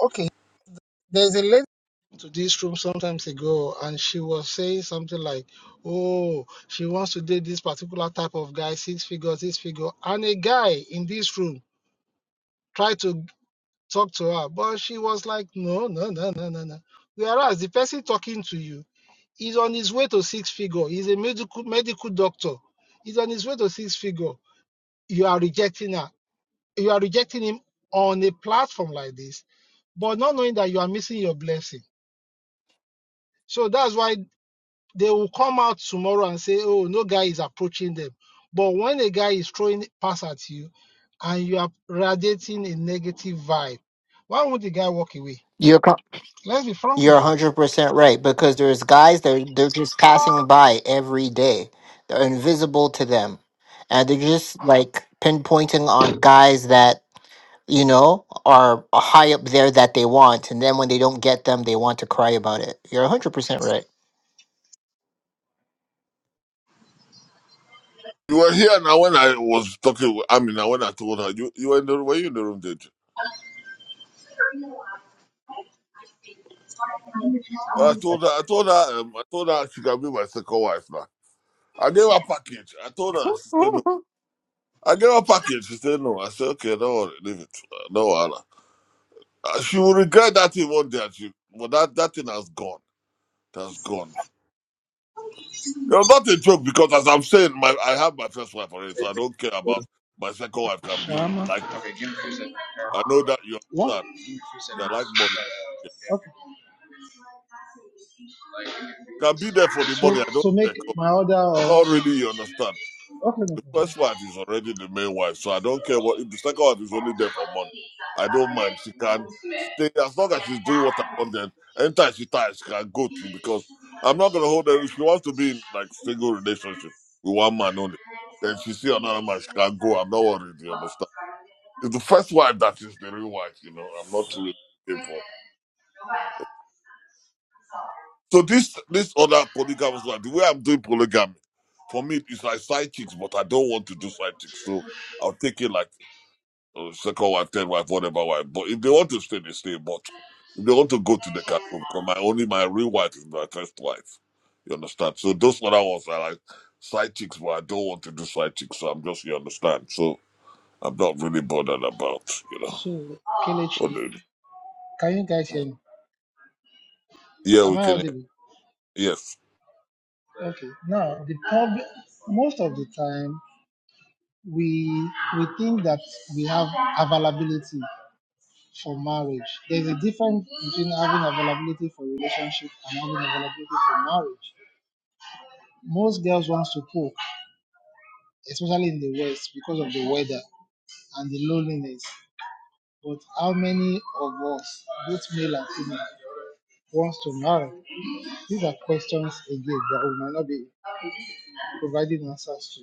S8: Okay. There's a lady to this room sometimes ago and she was saying something like, Oh, she wants to date this particular type of guy, six figures, this figure. And a guy in this room try to talk to her. But she was like, no, no, no, no, no, no. Whereas the person talking to you is on his way to six figure. He's a medical medical doctor. He's on his way to six figure. You are rejecting her. You are rejecting him on a platform like this, but not knowing that you are missing your blessing. So that's why they will come out tomorrow and say, oh, no guy is approaching them. But when a guy is throwing pass at you and you are radiating a negative vibe, why would the guy walk away?
S14: You're, co-
S8: Let's be frank with
S14: You're
S8: that.
S14: 100% right because there's guys that are- they're just passing by every day. They're invisible to them. And they're just like pinpointing on guys that, you know, are high up there that they want. And then when they don't get them, they want to cry about it. You're 100% right.
S3: You were here now when I was talking with I mean, now when I told her you, you were in the were you in the room, did you? Well, I told her I told her um, I told her she can be my second wife now. I gave her a package. I told her she said no. I gave her a package. She said no. I said okay, don't worry, leave it. Uh, No, Allah. Uh, she will regret that thing one day. and She, but that that thing has gone That's gone. You know, not a joke because, as I'm saying, my I have my first wife already, so I don't care about my second wife. Can be
S8: Um,
S3: like I know that you
S8: what?
S3: understand. I like money. I don't
S8: Okay.
S3: care. Can be there for the
S8: So,
S3: money. I don't
S8: so make
S3: care. 'cause
S8: my order or
S3: I'm
S8: okay.
S3: not really you understand.
S8: No problem.
S3: The first wife is already the main wife, so I don't care what if the second wife is only there for money. I don't mind. She can stay as long as she's doing what I want. Then anytime she tires, she can go to because I'm not gonna hold her. If she wants to be in like single relationship with one man only, then she see another man, she can go. I'm not worried. You understand? It's the first wife that is the real wife. You know, I'm not really looking for. So this this other polygamous one, the way I'm doing polygamy, for me it's like side chicks, but I don't want to do side chicks, so I'll take it like. So second wife, third wife, whatever wife. But if they want to stay, they stay. But if they want to go to the can because my only my real wife is my first wife. You understand? So those other ones are like side chicks, but I don't want to do side chicks. So I'm just you understand. So I'm not really bothered about you know
S8: So,
S3: what
S8: Kelechi,
S3: they
S8: can you guys hear me?
S3: yeah,
S8: Am
S3: we
S8: I
S3: can.
S8: audible?
S3: Yes.
S8: Okay. Now, the problem. Most of the time, we we think that we have availability for marriage. There's a difference between having availability for relationship and having availability for marriage. Most girls want to cook, especially in the West, because of the weather and the loneliness. But how many of us, both male and female, wants to marry? These are questions again that we might not be providing answers to.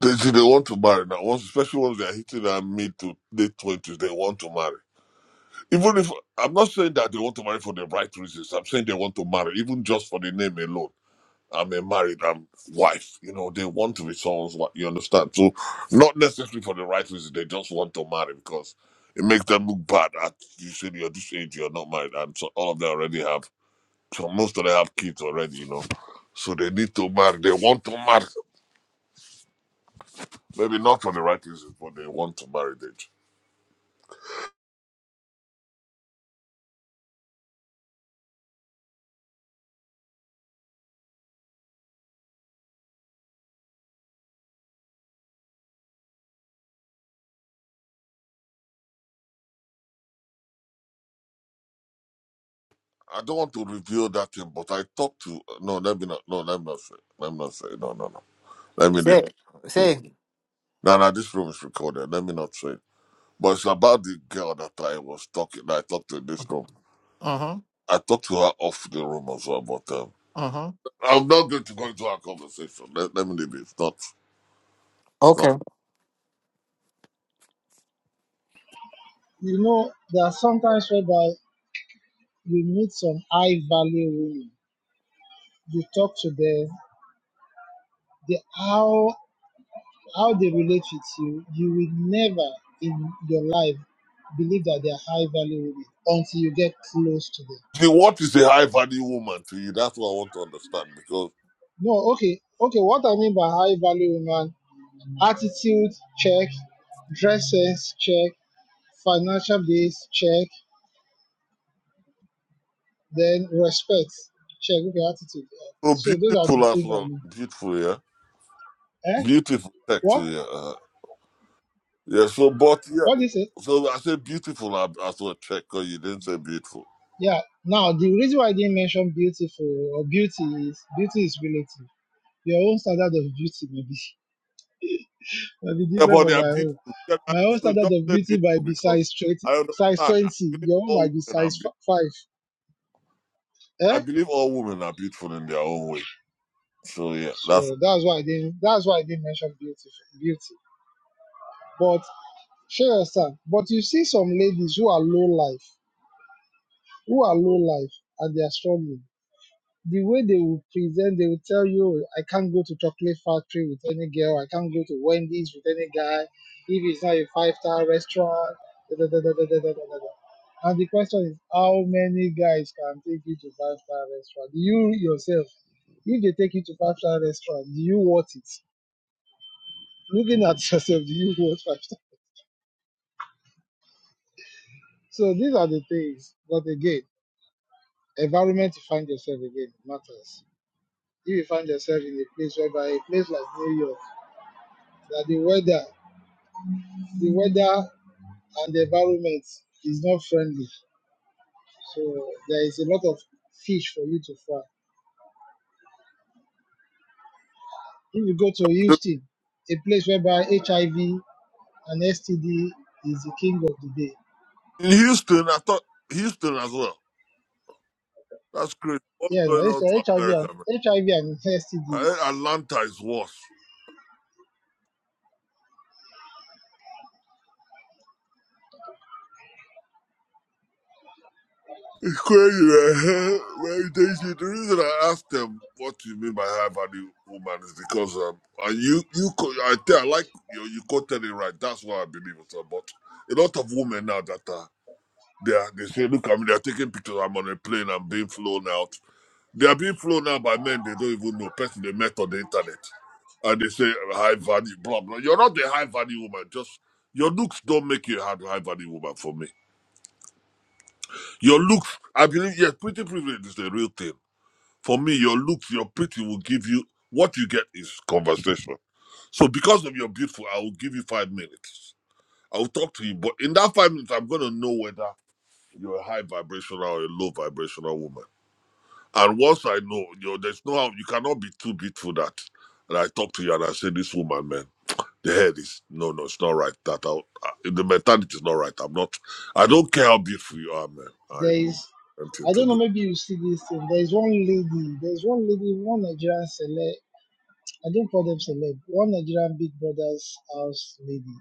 S3: They say they want to marry now. Once, especially once they're hitting their mid to late twenties, they want to marry. Even if I'm not saying that they want to marry for the right reasons, I'm saying they want to marry, even just for the name alone. I'm a married um, wife. You know, they want to be someone's wife. You understand? So, not necessarily for the right reason. They just want to marry because it makes them look bad. At you said you're this age, you're not married, and so all of them already have. So most of them have kids already. You know, so they need to marry. They want to marry. Maybe not for the right reasons, but they want to marry. They. I don't want to reveal that thing, but I talked to. No, let me not. No, let me not say. Let me not say. No, no, no. Let me.
S14: Say, say.
S3: No, no. This room is recorded. Let me not say. But it's about the girl that I was talking. That I talked to in this room.
S14: Mm-hmm.
S3: I talked to her off the room as well, but um,
S14: Mm-hmm.
S3: I'm not going to go into our conversation. Let, let me leave it. It's not. It's not.
S14: Okay.
S8: You know, there are sometimes whereby you meet some high value women. You talk to them, they how how they relate with you, you will never in your life believe that they are high value women until you get close to them.
S3: See, what is a high value woman to you? That's what I want to understand because
S8: No, okay, okay, what I mean by high value woman, attitude check, dresses check, financial base, check. Then respect, check with your attitude.
S3: so
S8: So those are the
S3: beautiful as
S8: things I
S3: well.
S8: mean.
S3: Beautiful, yeah.
S8: Eh?
S3: Beautiful check
S8: What?
S3: too, yeah. Uh, yeah. So, but yeah.
S8: What is it?
S3: So I said beautiful as as well check. Cause you didn't say beautiful.
S8: Yeah. Now the reason why I didn't mention beautiful or beauty is beauty is relative. Your own standard of beauty may be may be
S3: Yeah,
S8: different
S3: but they
S8: from
S3: are
S8: my own.
S3: beautiful. Yeah, I-
S8: My own
S3: So
S8: standard
S3: just
S8: of
S3: say
S8: beauty
S3: beautiful
S8: might be
S3: because
S8: size twenty,
S3: I understand.
S8: size
S3: I
S8: twenty.
S3: believe
S8: Your own
S3: all
S8: might be
S3: women are
S8: size
S3: beautiful
S8: f- five.
S3: I
S8: Eh?
S3: believe all women are beautiful in their own way. So yeah, that's
S8: So that's why I didn't. That's why I didn't mention beauty. Beauty, but share your stand. But you see some ladies who are low life. who are low life and they are struggling, the way they will present, they will tell you, "Oh, I can't go to chocolate factory with any girl, I can't go to Wendy's with any guy, if it's not a five star restaurant, da, da, da, da, da, da, da, da, da. And the question is, how many guys can take you to five star restaurant? You yourself, if they take you to five star restaurant, do you want it? Looking at yourself, do you want five star? So these are the things. But again, environment you find yourself again matters. if you find yourself in a place whereby a place like New York, that the weather, the weather and the environment is not friendly. So there is a lot of fish for you to fry. If you go to Houston, a place whereby HIV and STD is the king of the day.
S3: in Houston. I thought Houston as well. That's crazy. What's
S8: Yeah, no,
S3: going
S8: it's-
S3: on to
S8: HIV
S3: America,
S8: and
S3: man?
S8: HIV and STDs.
S3: I- Atlanta is worse. It's crazy, man. Well, they the reason I asked them what you mean by high value woman is because um, and you you co- I think I like you you quoted it right. That's what I believe it. But a lot of women now that are They are, they say, look at me, they're taking pictures. I'm on a plane, I'm being flown out. They are being flown out by men they don't even know, person they met on the internet. And they say high value, blah blah. You're not the high value woman. Just your looks don't make you a hard- high value woman for me. Your looks, I believe, yes, pretty privilege is the real thing. For me, your looks, your pretty will give you what you get is conversation. So because of your beautiful, I will give you five minutes. I will talk to you, but in that five minutes, I'm gonna know whether You're a high vibrational or a low vibrational woman. And once I know, you know, there's no how you cannot be too beautiful that. And I talk to you and I say, this woman, man, the head is no, no, it's not right. That I'll, I, the mentality is not right. I'm not. I don't care how beautiful you are, man. I
S8: There
S3: really
S8: is,
S3: want you
S8: I
S3: to
S8: don't
S3: be.
S8: know, maybe you see this thing. There is one lady, there is one lady, one Nigerian celeb. I don't call them celeb. One Nigerian Big Brother's house lady.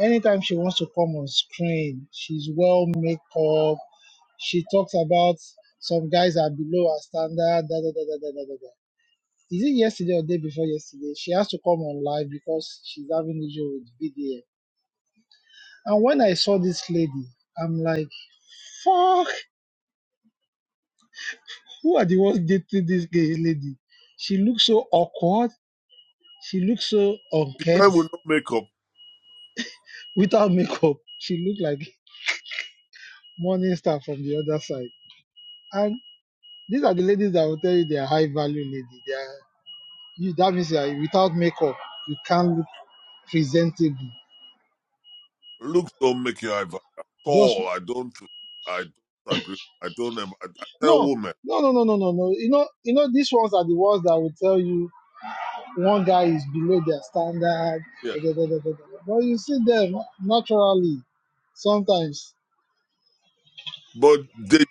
S8: anytime she wants to come on screen, she's well make up. She talks about some guys are below our standard. Da, da, da, da, da, da, da. da. Is it yesterday or day before yesterday? She has to come on live because she's having issue with VDA. And when I saw this lady, I'm like, fuck, who are the ones dating this gay lady? She looks so awkward. She looks so
S3: The guy
S8: unkempt
S3: will not make up.
S8: without makeup. She looked like morning star from the other side And These are the ladies that will tell you they are high value lady. They are you that means you are without makeup, you can't look presentable.
S3: Looks don't make you high vibe at
S8: Just
S3: all. I don't. I don't agree. I don't. em- I, I tell
S8: no,
S3: women,
S8: no, no, no, no, no, no. You know, you know, these ones are the ones that will tell you one guy is below their standard.
S3: yeah,
S8: da, da, da, da, da, But you see them naturally sometimes,
S3: but they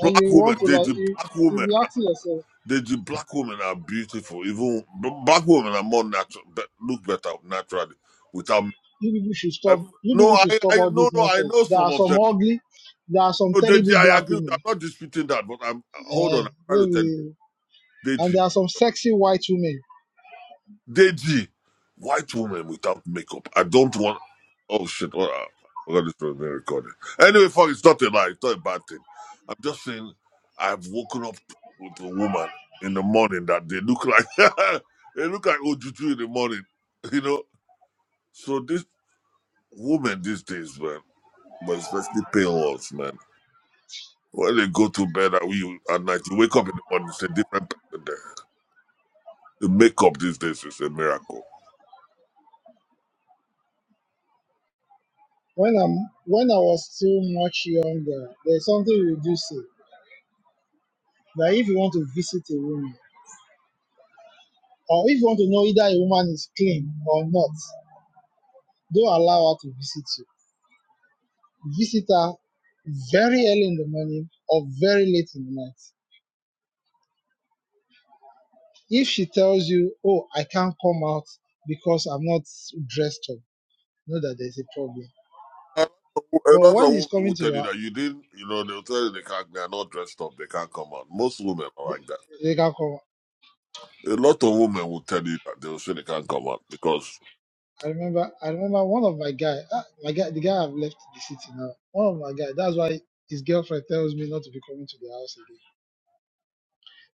S8: and you
S3: women,
S8: want to
S3: they
S8: like
S3: the
S8: you,
S3: black
S8: you be
S3: women.
S8: asking yourself,
S3: The, the black women are beautiful. Even b- black women are more natural, be, look better naturally without. make-
S8: you people should
S3: I,
S8: stop. You
S3: no,
S8: people should
S3: I, I,
S8: stop all
S3: no,
S8: this
S3: no. I
S8: nonsense.
S3: know
S8: There
S3: some
S8: are
S3: of
S8: some
S3: them.
S8: ugly, there are some
S3: No, Deji,
S8: terrible
S3: I
S8: black
S3: agree. With, you.
S8: women.
S3: I'm not disputing that, but I'm hold on. I'm trying to tell
S8: Eh,
S3: you,
S8: And
S3: Deji.
S8: there are some sexy white women.
S3: Deji, white woman without makeup. I don't want. Oh shit! Oh, uh, I forgot this was being recorded. Anyway, fuck, it's not a lie. It's not a bad thing. I'm just saying, I've woken up with a woman in the morning that they look like they look like Ojuju in the morning. You know. So this woman these days, man, but especially pale ones, man. When they go to bed at, you, at night, you wake up in the morning, it's a different person there. The makeup these days is a miracle.
S8: When I'm when I was still much younger, there's something we do say that if you want to visit a woman, or if you want to know either a woman is clean or not, don't allow her to visit you. Visit her very early in the morning or very late in the night. If she tells you, Oh, I can't come out because I'm not dressed up, know that there's a problem.
S3: A lot
S8: But
S3: of
S8: when he's
S3: women will
S8: coming to
S3: tell you
S8: your
S3: that you didn't, you know, they'll tell you they can't, they're not dressed up, they can't come out. Most women are
S8: they
S3: like that.
S8: they can come.
S3: A lot of women will tell you that they'll say they can't come out because
S8: I remember, I remember one of my guy, ah, my guy, the guy I've left the city now. One of my guy. That's why his girlfriend tells me not to be coming to the house again.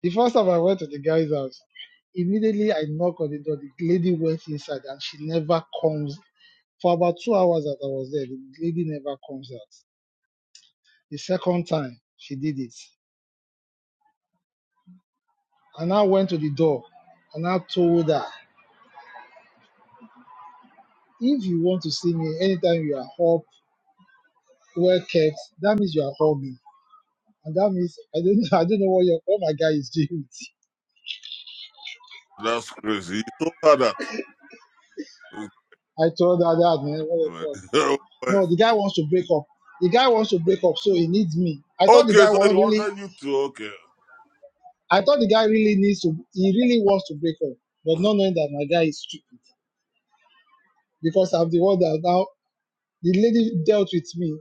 S8: The first time I went to the guy's house, immediately I knock on the door. The lady went inside and she never comes. For about two hours that I was there, the lady never comes out. The second time she did it, and I went to the door and I told her, if you want to see me anytime you are up, well kept, that means you are home. And that means I didn't I didn't know what your what my guy is doing.
S3: that's crazy. You told her that.
S8: I told her that man, what the fuck. No, the guy wants to break up. The guy wants to break up, so he needs me. I thought the
S3: okay,
S8: guy
S3: so
S8: was
S3: you
S8: really
S3: ordered you to, okay.
S8: I thought the guy really needs to he really wants to break up, but not knowing that my guy is stupid. Because I'm the one that now the lady dealt with me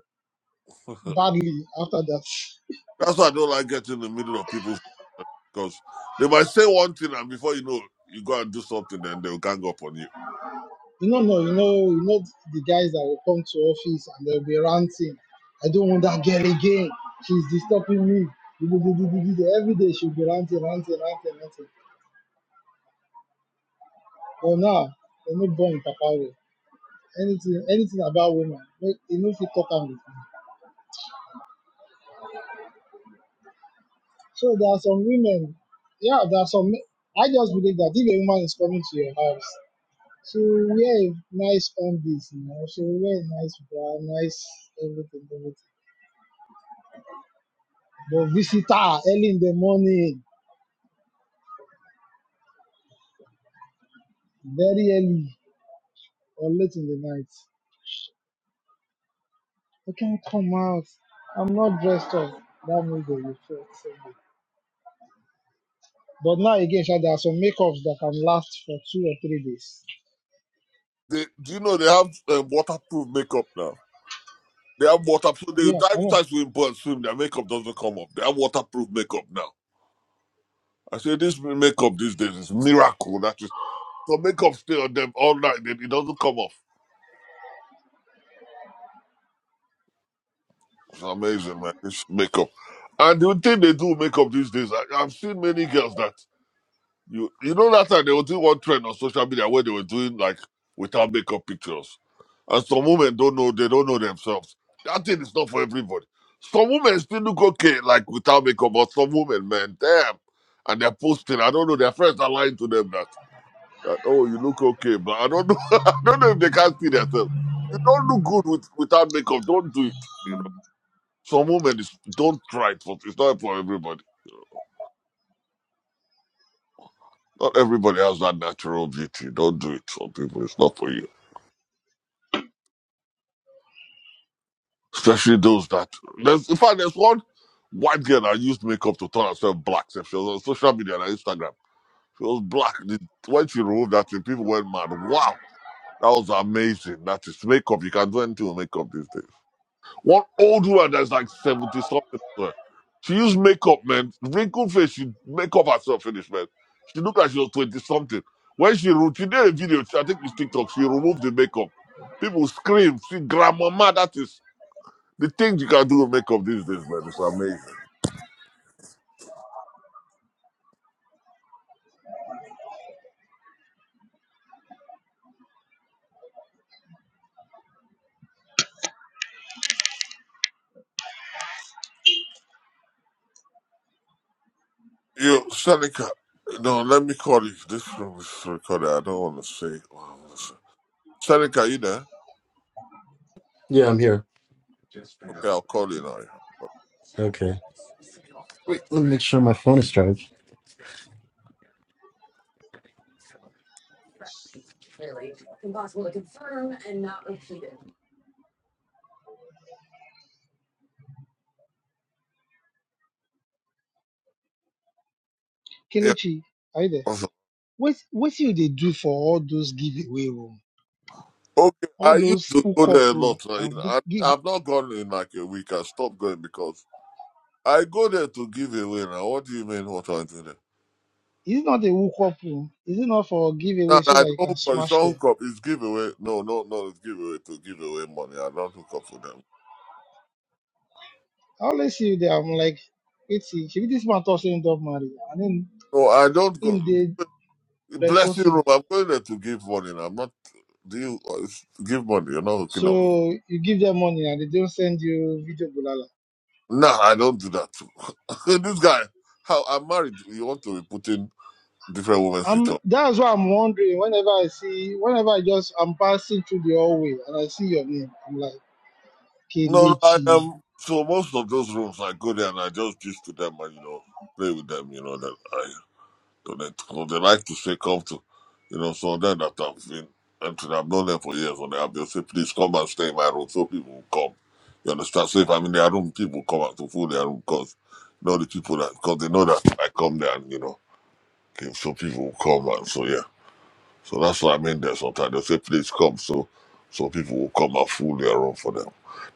S8: badly after that.
S3: that's why I don't like getting in the middle of people because they might say one thing and before you know, you go and do something and they'll gang up on you.
S8: You know, no, you know, you know the guys that will come to office and they'll be ranting. I don't want that girl again. She's disturbing me. Do, do, do, do, do, do. Every day she'll be ranting, ranting, ranting, ranting. But now, they are not born papa way. Anything, anything about women, make you know if you talk am with me. So there are some women, yeah, there are some. men- I just believe that if a woman is coming to your house, she will wear a nice undies, you know, she will wear a nice bra, nice everything, everything. But visitor early in the morning, very early or late in the night. I can't come out. I'm not dressed up. That means they will feel sorry. But now again, Sha, there are some makeups that can last for two or three days.
S3: They, do you know they have um, waterproof makeup now? They have waterproof. They
S8: Yeah,
S3: dive
S8: I
S3: into
S8: know.
S3: ice swimming pool and swim. Their makeup doesn't come up. They have waterproof makeup now. I say this makeup these days is miracle. That is so makeup stay on them all night. Then it doesn't come off. It's amazing, man. This makeup. And the thing they do with makeup these days, I, I've seen many girls that You you know that time they were doing one trend on social media where they were doing like without makeup pictures, and some women don't know they don't know themselves. That thing is not for everybody. Some women still look okay like without makeup, but some women, man, damn, and they're posting. I don't know. Their friends are lying to them that, that oh you look okay, but I don't know. I don't know if they can't see themselves. You don't look good with without makeup. Don't do it. You know, some women is, don't try it. For, it's not for everybody. Not everybody has that natural beauty. Don't do it. Some people, it's not for you. Especially those that. There's, in fact, there's one white girl that used makeup to turn herself black. So She was on social media and on Instagram. She was black. The- When she removed that thing, people went mad. Wow, that was amazing. That is makeup. You can do anything with makeup these days. One old woman that's like 70 something. as well. She used makeup, man. Wrinkled face, she make up herself finish, man. She looked like she was 20 something. When she, re- she did a video, I think it's TikTok, she removed the makeup. People scream, see, grandmama, that is the things you can do with makeup these days, man. It's amazing. Yo, Seneca, no, let me call you. This room is recorded. I don't want to say. what I want to say. Seneca, you there?
S15: Yeah, I'm here.
S3: Okay, I'll call you now.
S15: Okay. Wait, let me make sure my phone is charged.
S3: Yeah,
S8: Kelechi, are you there? What what you they do for all those giveaway room?
S3: Okay,
S8: All
S3: I used
S8: those
S3: to go
S8: hookup
S3: there a
S8: room
S3: lot. uh, in-
S8: and the
S3: I,
S8: give
S3: I've not gone in like a week. I stopped going because I go there to give away now. What do you mean, what am I doing there?
S8: is it not a hookup room? Is it not for
S3: No,
S8: giveaway
S3: no,
S8: so
S3: I
S8: that you
S3: don't
S8: can
S3: hook up. It's
S8: smash
S3: not
S8: them?
S3: hook up. It's giveaway. No, no, no. It's giveaway to give away money. I don't hook up with them.
S8: I always see you there. I'm like, it's should be this man also end up married. And then
S3: No, I don't go.
S8: in the
S3: Blessing room.
S8: responsible.
S3: I'm going there to give money. now. I'm not. Do you uh, it's- give money? You're not hooking up. with them.
S8: So you give them money and they don't send you video bulala.
S3: No, I don't do that. this guy. How I'm married. You want to be putting different women's pictures
S8: I'm, that's why I'm wondering whenever I see, whenever I just, I'm passing through the hallway and I see your name, I'm like,
S3: No, no, I
S8: Kelechi.
S3: am. So most of those rooms I go there and I just give to them and you know play with them. You know that I donate. Cause they like to say come to, you know. So then that I've been entered, I've known them for years on the app. They say please come and stay in my room so people will come. You understand? So if I'm in their room, people come out to fill their room because you know the people that because they know that I come there and you know okay, so people will come and so yeah. So that's why I'm in there sometimes. They'll say, please come. So so people will come and fool around for them.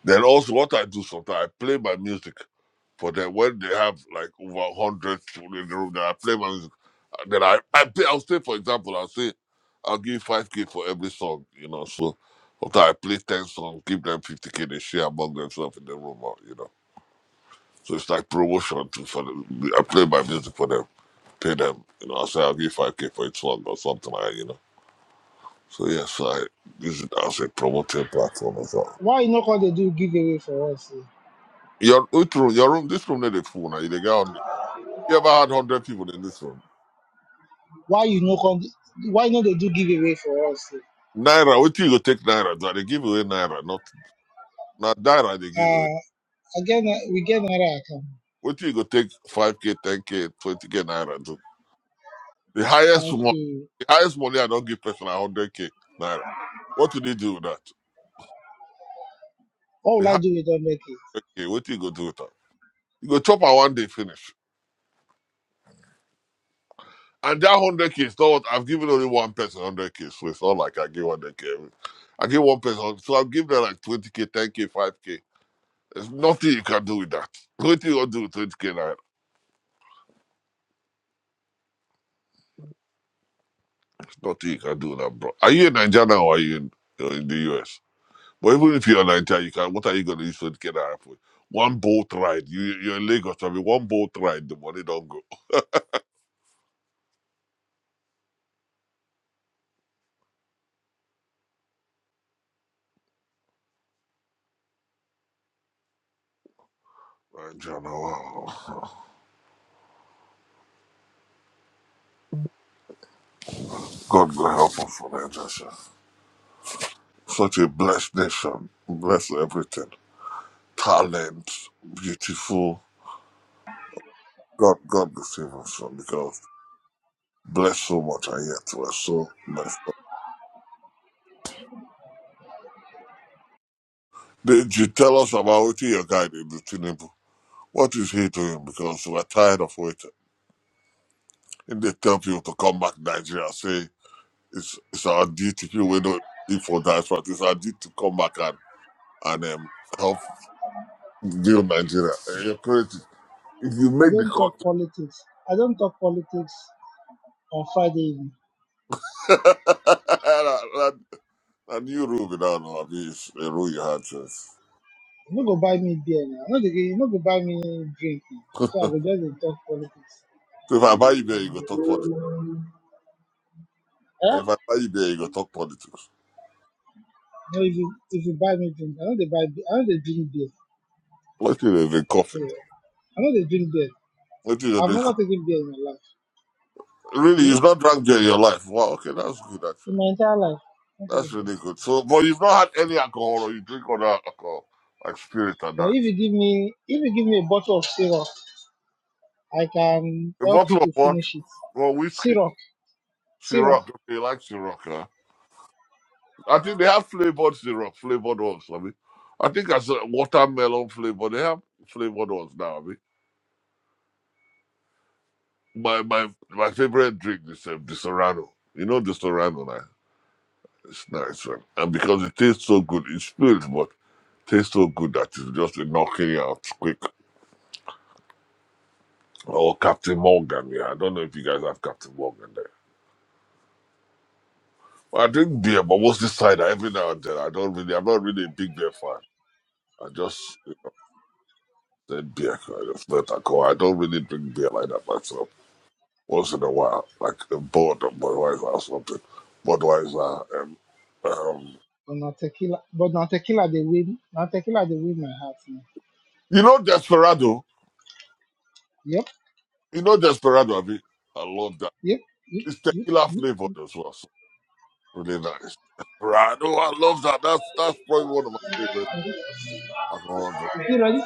S3: Then also what I do sometimes, I play my music for them. When they have like over 100 people in the room, then I play my music. And Then I, I play, I'll say, for example, I'll say, I'll give you 5K for every song, you know. So sometimes I play 10 songs, give them 50K, they share among themselves in the room, or, you know. So it's like promotion too for them. I play my music for them, pay them, you know. I say, I'll give 5K for each song or something like that, you know so yes, I use it as a promoting platform as well.
S8: Why you not going to do giveaway for us? eh?
S3: Your which room, your room, this room not a full now. You dey get on you ever had hundred people in this room.
S8: Why you not going why not they do giveaway for us? eh?
S3: Naira, what you go take Naira? do They give away Naira, not not Naira they give away.
S8: Uh, again, uh, we get another account.
S3: What you go take five K, ten K, twenty K Naira do? The highest
S8: Thank
S3: one
S8: you.
S3: the highest money I don't give person hundred K Naira. What do they do with that?
S8: What
S3: The
S8: will I
S3: highest
S8: do with 100K?
S3: K, what you go do with that? You go chop her one day finish. And that one hundred k, so what? I've given only one person one hundred k, so it's not like I give one hundred k. every- I give one person, so I'll give them like twenty k, ten k, five k. There's nothing you can do with that. Nothing you can do with twenty k. now. There's nothing you can do with that, bro. Are you in Nigeria now or are you in, uh, in the US? But even if you're in Nigeria, you can. What are you gonna use twenty k naira for? One boat ride. You you're in Lagos. so I mean, one boat ride. The money don't go. Nigeria, wow. God will help us for Nigeria. sha. Such a blessed nation. Bless everything. talent, beautiful. God, God will save us from because bless so much and yet we're so messed up. Did you tell us about what your guy did to Tinubu? What is he doing? Because we're tired of waiting. And they tell people to come back to Nigeria, say it's it's our duty. People we don't live for diaspora. It's our duty to come back and and um, help build Nigeria. And You're crazy. If you
S8: I
S3: make the
S8: don't talk
S3: country,
S8: politics. I don't talk politics on Friday evening.
S3: and, and, and you rule without know, I mean, it's a rule you had since.
S8: You no go buy me beer now. No, dey- you no go buy me drink now. So I go just dey talk politics.
S3: So if I buy you beer, you go talk politics.
S8: Eh?
S3: If I buy you beer, you go talk politics.
S8: No, if you if you buy me drink, I know they buy beer. I know they drink beer.
S3: Let you they drink coffee.
S8: Yeah. I know they drink beer.
S3: Let you they
S8: I've
S3: drink
S8: never
S3: coffee.
S8: taken beer in my life.
S3: Really,
S8: Yeah,
S3: you've not drunk beer in your life. Wow, okay, that's good
S8: in
S3: actually.
S8: my entire life. Not
S3: That's
S8: taken beer.
S3: really good. So, but you've not had any alcohol or you drink other alcohol, like spirit and
S8: But
S3: that.
S8: if you give me if you give me a bottle of syrup, I can
S3: A
S8: help you
S3: bottle of
S8: to
S3: what?
S8: finish it.
S3: Well, whiskey.
S8: Syrup, syrup.
S3: Ciroc. Okay, you like Ciroc, huh? I think they have flavored syrup. flavored ones, I mean. I think as a watermelon flavor, they have flavored ones now, I mean. My my my favorite drink is um, the Serrano. You know the Serrano, right? It's nice, man. And because it tastes so good, it's filled, but tastes so good that it's just a knocking it out quick. Oh, Captain Morgan, yeah. I don't know if you guys have Captain Morgan there. Well, I drink beer, but mostly cider every now and then. I don't really, I'm not really a big beer fan. I just said beer, I just let that go. I don't really drink beer like that myself. Once in a while, like a board of Budweiser or something. Budweiser, um, um,
S8: But not tequila. But not tequila. They win. Not tequila. They win my heart. Now.
S3: you know Desperado?
S8: Yep.
S3: You know Desperado, I mean? I love that.
S8: Yep. Yep.
S3: It's
S8: Yep.
S3: tequila
S8: Yep.
S3: flavored as well. Really nice. Rado, I love that. That's that's probably one of my favorite alcohol drinks.
S8: You ready?